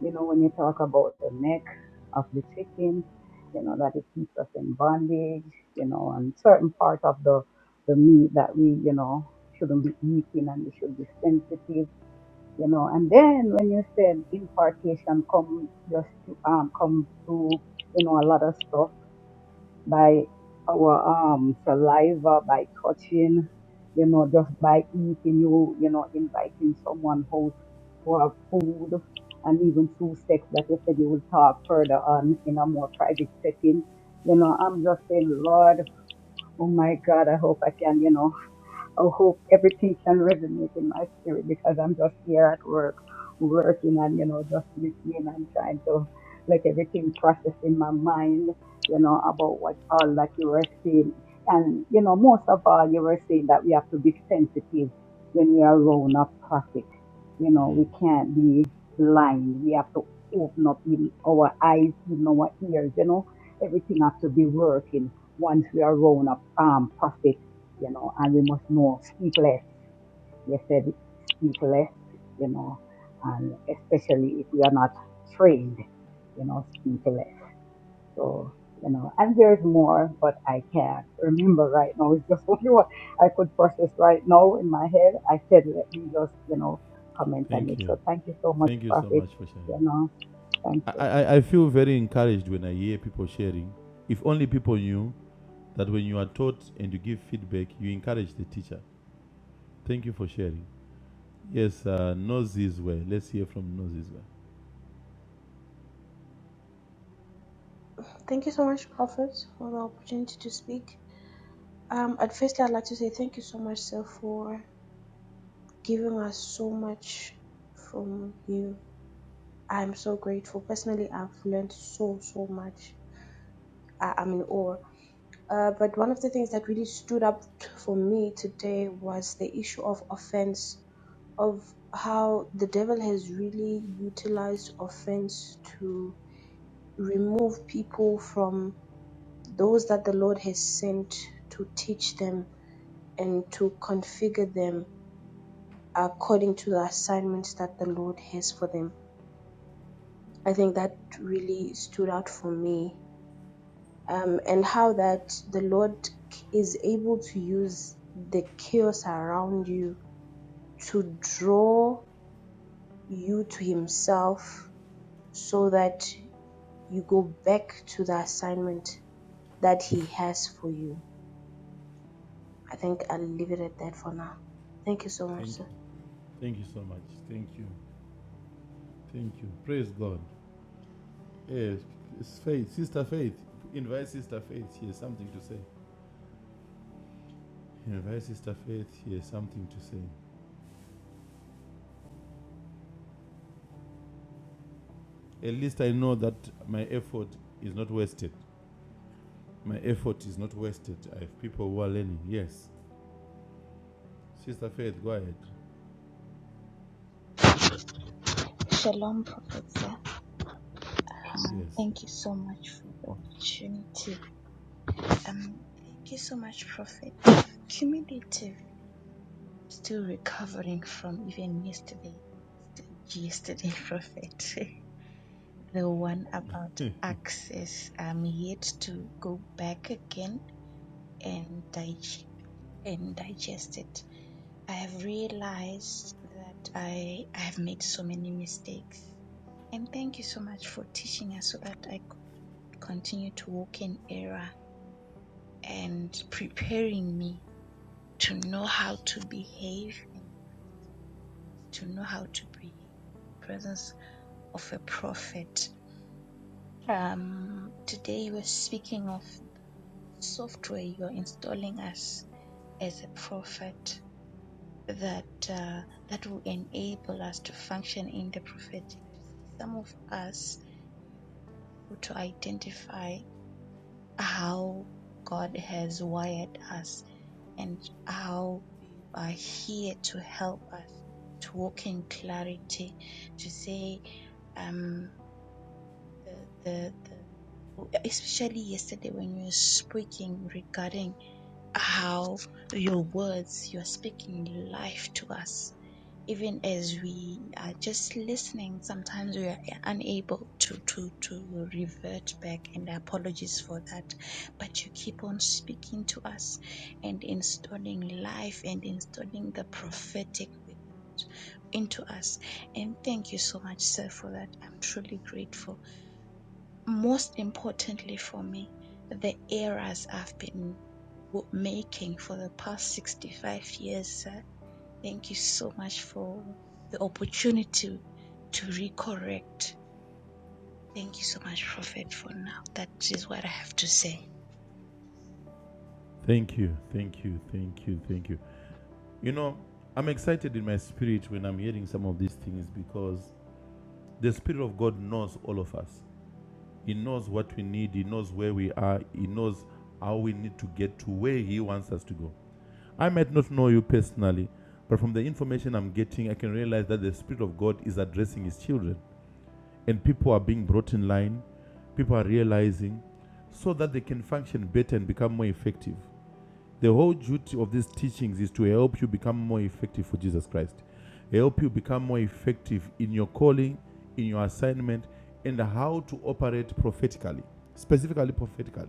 Speaker 12: You know, when you talk about the neck of the chicken, you know, that it keeps us in bondage, you know, and certain part of the, the meat that we, you know, shouldn't be eating and we should be sensitive you know. And then when you said impartation comes just to, um comes to you know a lot of stuff by our um saliva, by touching, you know, just by eating, you you know, inviting someone out to have food, and even through sex that you said you will talk further on in a more private setting. You know, I'm just saying, Lord, oh my God, I hope I can, you know. I hope everything can resonate in my spirit because I'm just here at work, working and, you know, just listening and trying to let everything process in my mind, you know, about what all that you were saying. And, you know, most of all, you were saying that we have to be sensitive when we are around a prophet. You know,
Speaker 3: Mm.
Speaker 12: we can't be blind. We have to open up in our eyes, in our ears, you know, everything has to be working once we are around a um, prophet you know, and we must know speak less. You said speak less, you know, and especially if we are not trained, you know, speak less. So, you know, and there's more, but I can't remember right now. It's just only what I could process right now in my head. I said, let me just, you know, comment on
Speaker 3: Thank
Speaker 12: it.
Speaker 3: you.
Speaker 12: So thank you so much,
Speaker 3: Thank you so
Speaker 12: Prophet.
Speaker 3: much for sharing.
Speaker 12: You know, thank
Speaker 3: I,
Speaker 12: you.
Speaker 3: I, I feel very encouraged when I hear people sharing. If only people knew that when you are taught and you give feedback, you encourage the teacher. Thank you for sharing. Yes, uh, Nozizwe. Let's hear from Nozizwe.
Speaker 13: Thank you so much, Prophet, for the opportunity to speak. Um, at first, I'd like to say thank you so much, sir, for giving us so much from you. I'm so grateful. Personally, I've learned so, so much. I, I'm in awe. Uh, but one of the things that really stood up t- for me today was the issue of offense, of how the devil has really utilized offense to remove people from those that the Lord has sent to teach them and to configure them according to the assignments that the Lord has for them. I think that really stood out for me, um, and how that the Lord is able to use the chaos around you to draw you to Himself so that you go back to the assignment that He has for you. I think I'll leave it at that for now. Thank you so much,
Speaker 3: Thank you.
Speaker 13: sir.
Speaker 3: Thank you so much. Thank you. Thank you. Praise God. Yes, Faith, Sister Faith. Invite Sister Faith. She has something to say. Invite Sister Faith. She has something to say. At least I know that my effort is not wasted. My effort is not wasted. I have people who are learning. Yes. Sister Faith, go ahead.
Speaker 14: Shalom, Professor. Uh,
Speaker 3: Yes.
Speaker 14: thank you so much for the opportunity. Um, thank you so much, Prophet. Uh, Cumulative, still recovering from even yesterday, yesterday, Prophet. the one about access. I'm yet to go back again and dig- and digest it. I have realized that I, I have made so many mistakes. And thank you so much for teaching us so that I could not continue to walk in error and preparing me to know how to behave in to know how to behave in the presence of a prophet. Um, today we're speaking of software you're installing us as a prophet. that uh, that will enable us to function in the prophetic. To see some of us you have been able to identify how God has wired us and how you are here to help us to walk in clarity, to say um, the the the especially yesterday when you were speaking regarding how your words, you're speaking life to us. Even as we are just listening, sometimes we are unable to, to, to revert back, and apologies for that. But you keep on speaking to us and installing life and installing the prophetic with into us. And thank you so much, sir, for that. I'm truly grateful most importantly for me, the errors I've been w- making for the past 65 years, sir. Thank you so much for the opportunity to recorrect. Thank you so much, Prophet, for now. That is what I have to say.
Speaker 3: Thank you, thank you, thank you, thank you. You know, I'm excited in my spirit when I'm hearing some of these things because the Spirit of God knows all of us. He knows what we need, He knows where we are, He knows how we need to get to where He wants us to go. I might not know you personally, but from the information I'm getting, I can realize that the Spirit of God is addressing His children, and people are being brought in line, people are realizing so that they can function better and become more effective. The whole duty of these teachings is to help you become more effective for Jesus Christ, help you become more effective in your calling, in your assignment, and how to operate prophetically, specifically prophetically.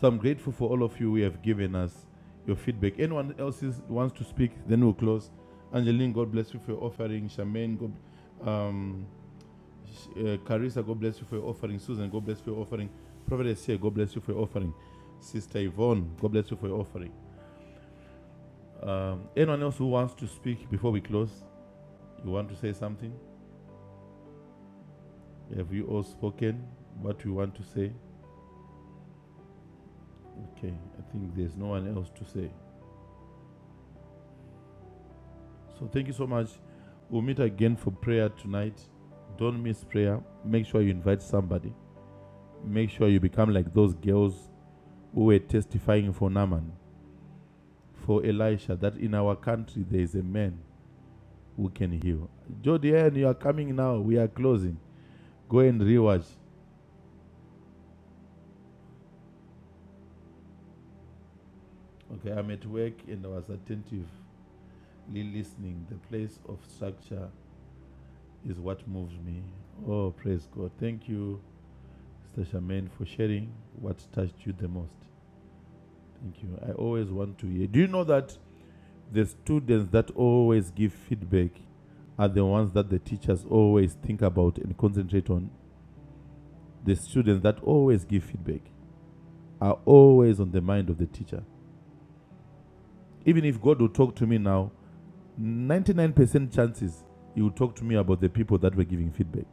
Speaker 3: So I'm grateful for all of you who have given us your feedback. Anyone else wants to speak, then we'll close. Angeline, God bless you for your offering. Charmaine, God, um, uh, Carissa, God bless you for your offering. Susan, God bless you for your offering. Prophetess here, God bless you for your offering. Sister Yvonne, God bless you for your offering. Um, anyone else who wants to speak before we close? You want to say something? Have you all spoken what you want to say? Okay, I think there's no one else to say. So thank you so much. We'll meet again for prayer tonight. Don't miss prayer. Make sure you invite somebody. Make sure you become like those girls who were testifying for Naaman, for Elisha, that in our country there is a man who can heal. Jodian, you are coming now. We are closing. Go and rewatch. Okay, I'm at work and I was attentively listening. The place of structure is what moves me. Oh, praise God. Thank you, Sister Charmaine, for sharing what touched you the most. Thank you. I always want to hear. Do you know that the students that always give feedback are the ones that the teachers always think about and concentrate on? The students that always give feedback are always on the mind of the teacher. Even if God will talk to me now, 99% chances you will talk to me about the people that were giving feedback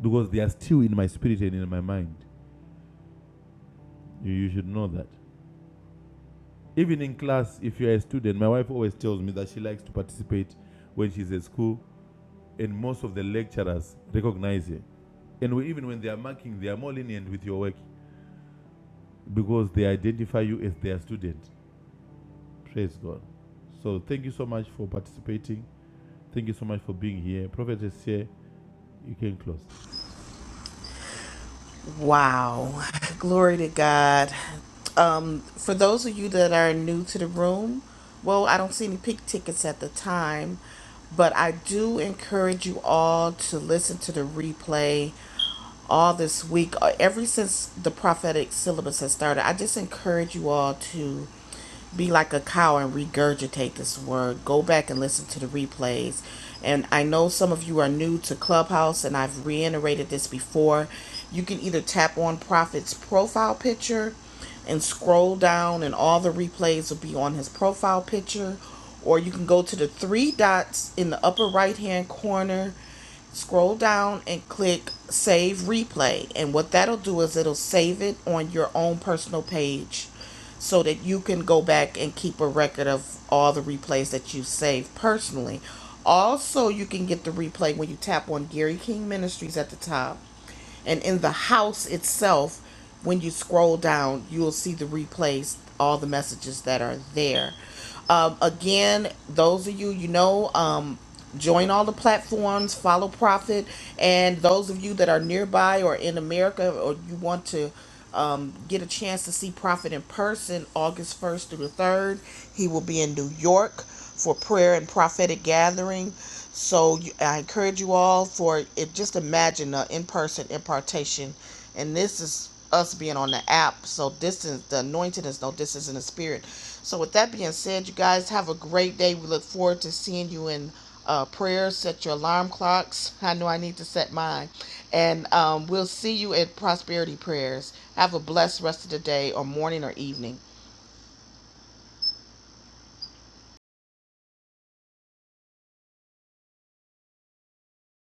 Speaker 3: because they are still in my spirit and in my mind. You, you should know that. Even in class, if you're a student, my wife always tells me that she likes to participate when she's at school, and most of the lecturers recognize her. And we, even when they are marking, they are more lenient with your work because they identify you as their student. Praise God. So thank you so much for participating. Thank you so much for being here. Prophet here. You can close.
Speaker 1: Wow. Glory to God. Um, for those of you that are new to the room, well, I don't see any pink tickets at the time, but I do encourage you all to listen to the replay all this week, uh, ever since the prophetic syllabus has started. I just encourage you all to be like a cow and regurgitate this word. Go back and listen to the replays. And I know some of you are new to Clubhouse, and I've reiterated this before. You can either tap on Prophet's profile picture and scroll down, and all the replays will be on his profile picture, or you can go to the three dots in the upper right hand corner scroll down and click save replay and what that'll do is it'll save it on your own personal page so that you can go back and keep a record of all the replays that you save personally. Also, you can get the replay when you tap on Gary King Ministries at the top. And in the house itself, when you scroll down, you'll see the replays, all the messages that are there. Um, again, those of you, you know, um, join all the platforms, follow Prophet, And those of you that are nearby or in America or you want to get a chance to see Prophet in person August 1st through the 3rd. He will be in New York for prayer and prophetic gathering. So I encourage you all for it. Just imagine an in person impartation. And this is us being on the app. So distance, the anointing is no distance in the spirit. So with that being said, you guys have a great day. We look forward to seeing you in uh, prayers, set your alarm clocks. I know I need to set mine. And um, we'll see you at Prosperity Prayers. Have a blessed rest of the day or morning or evening.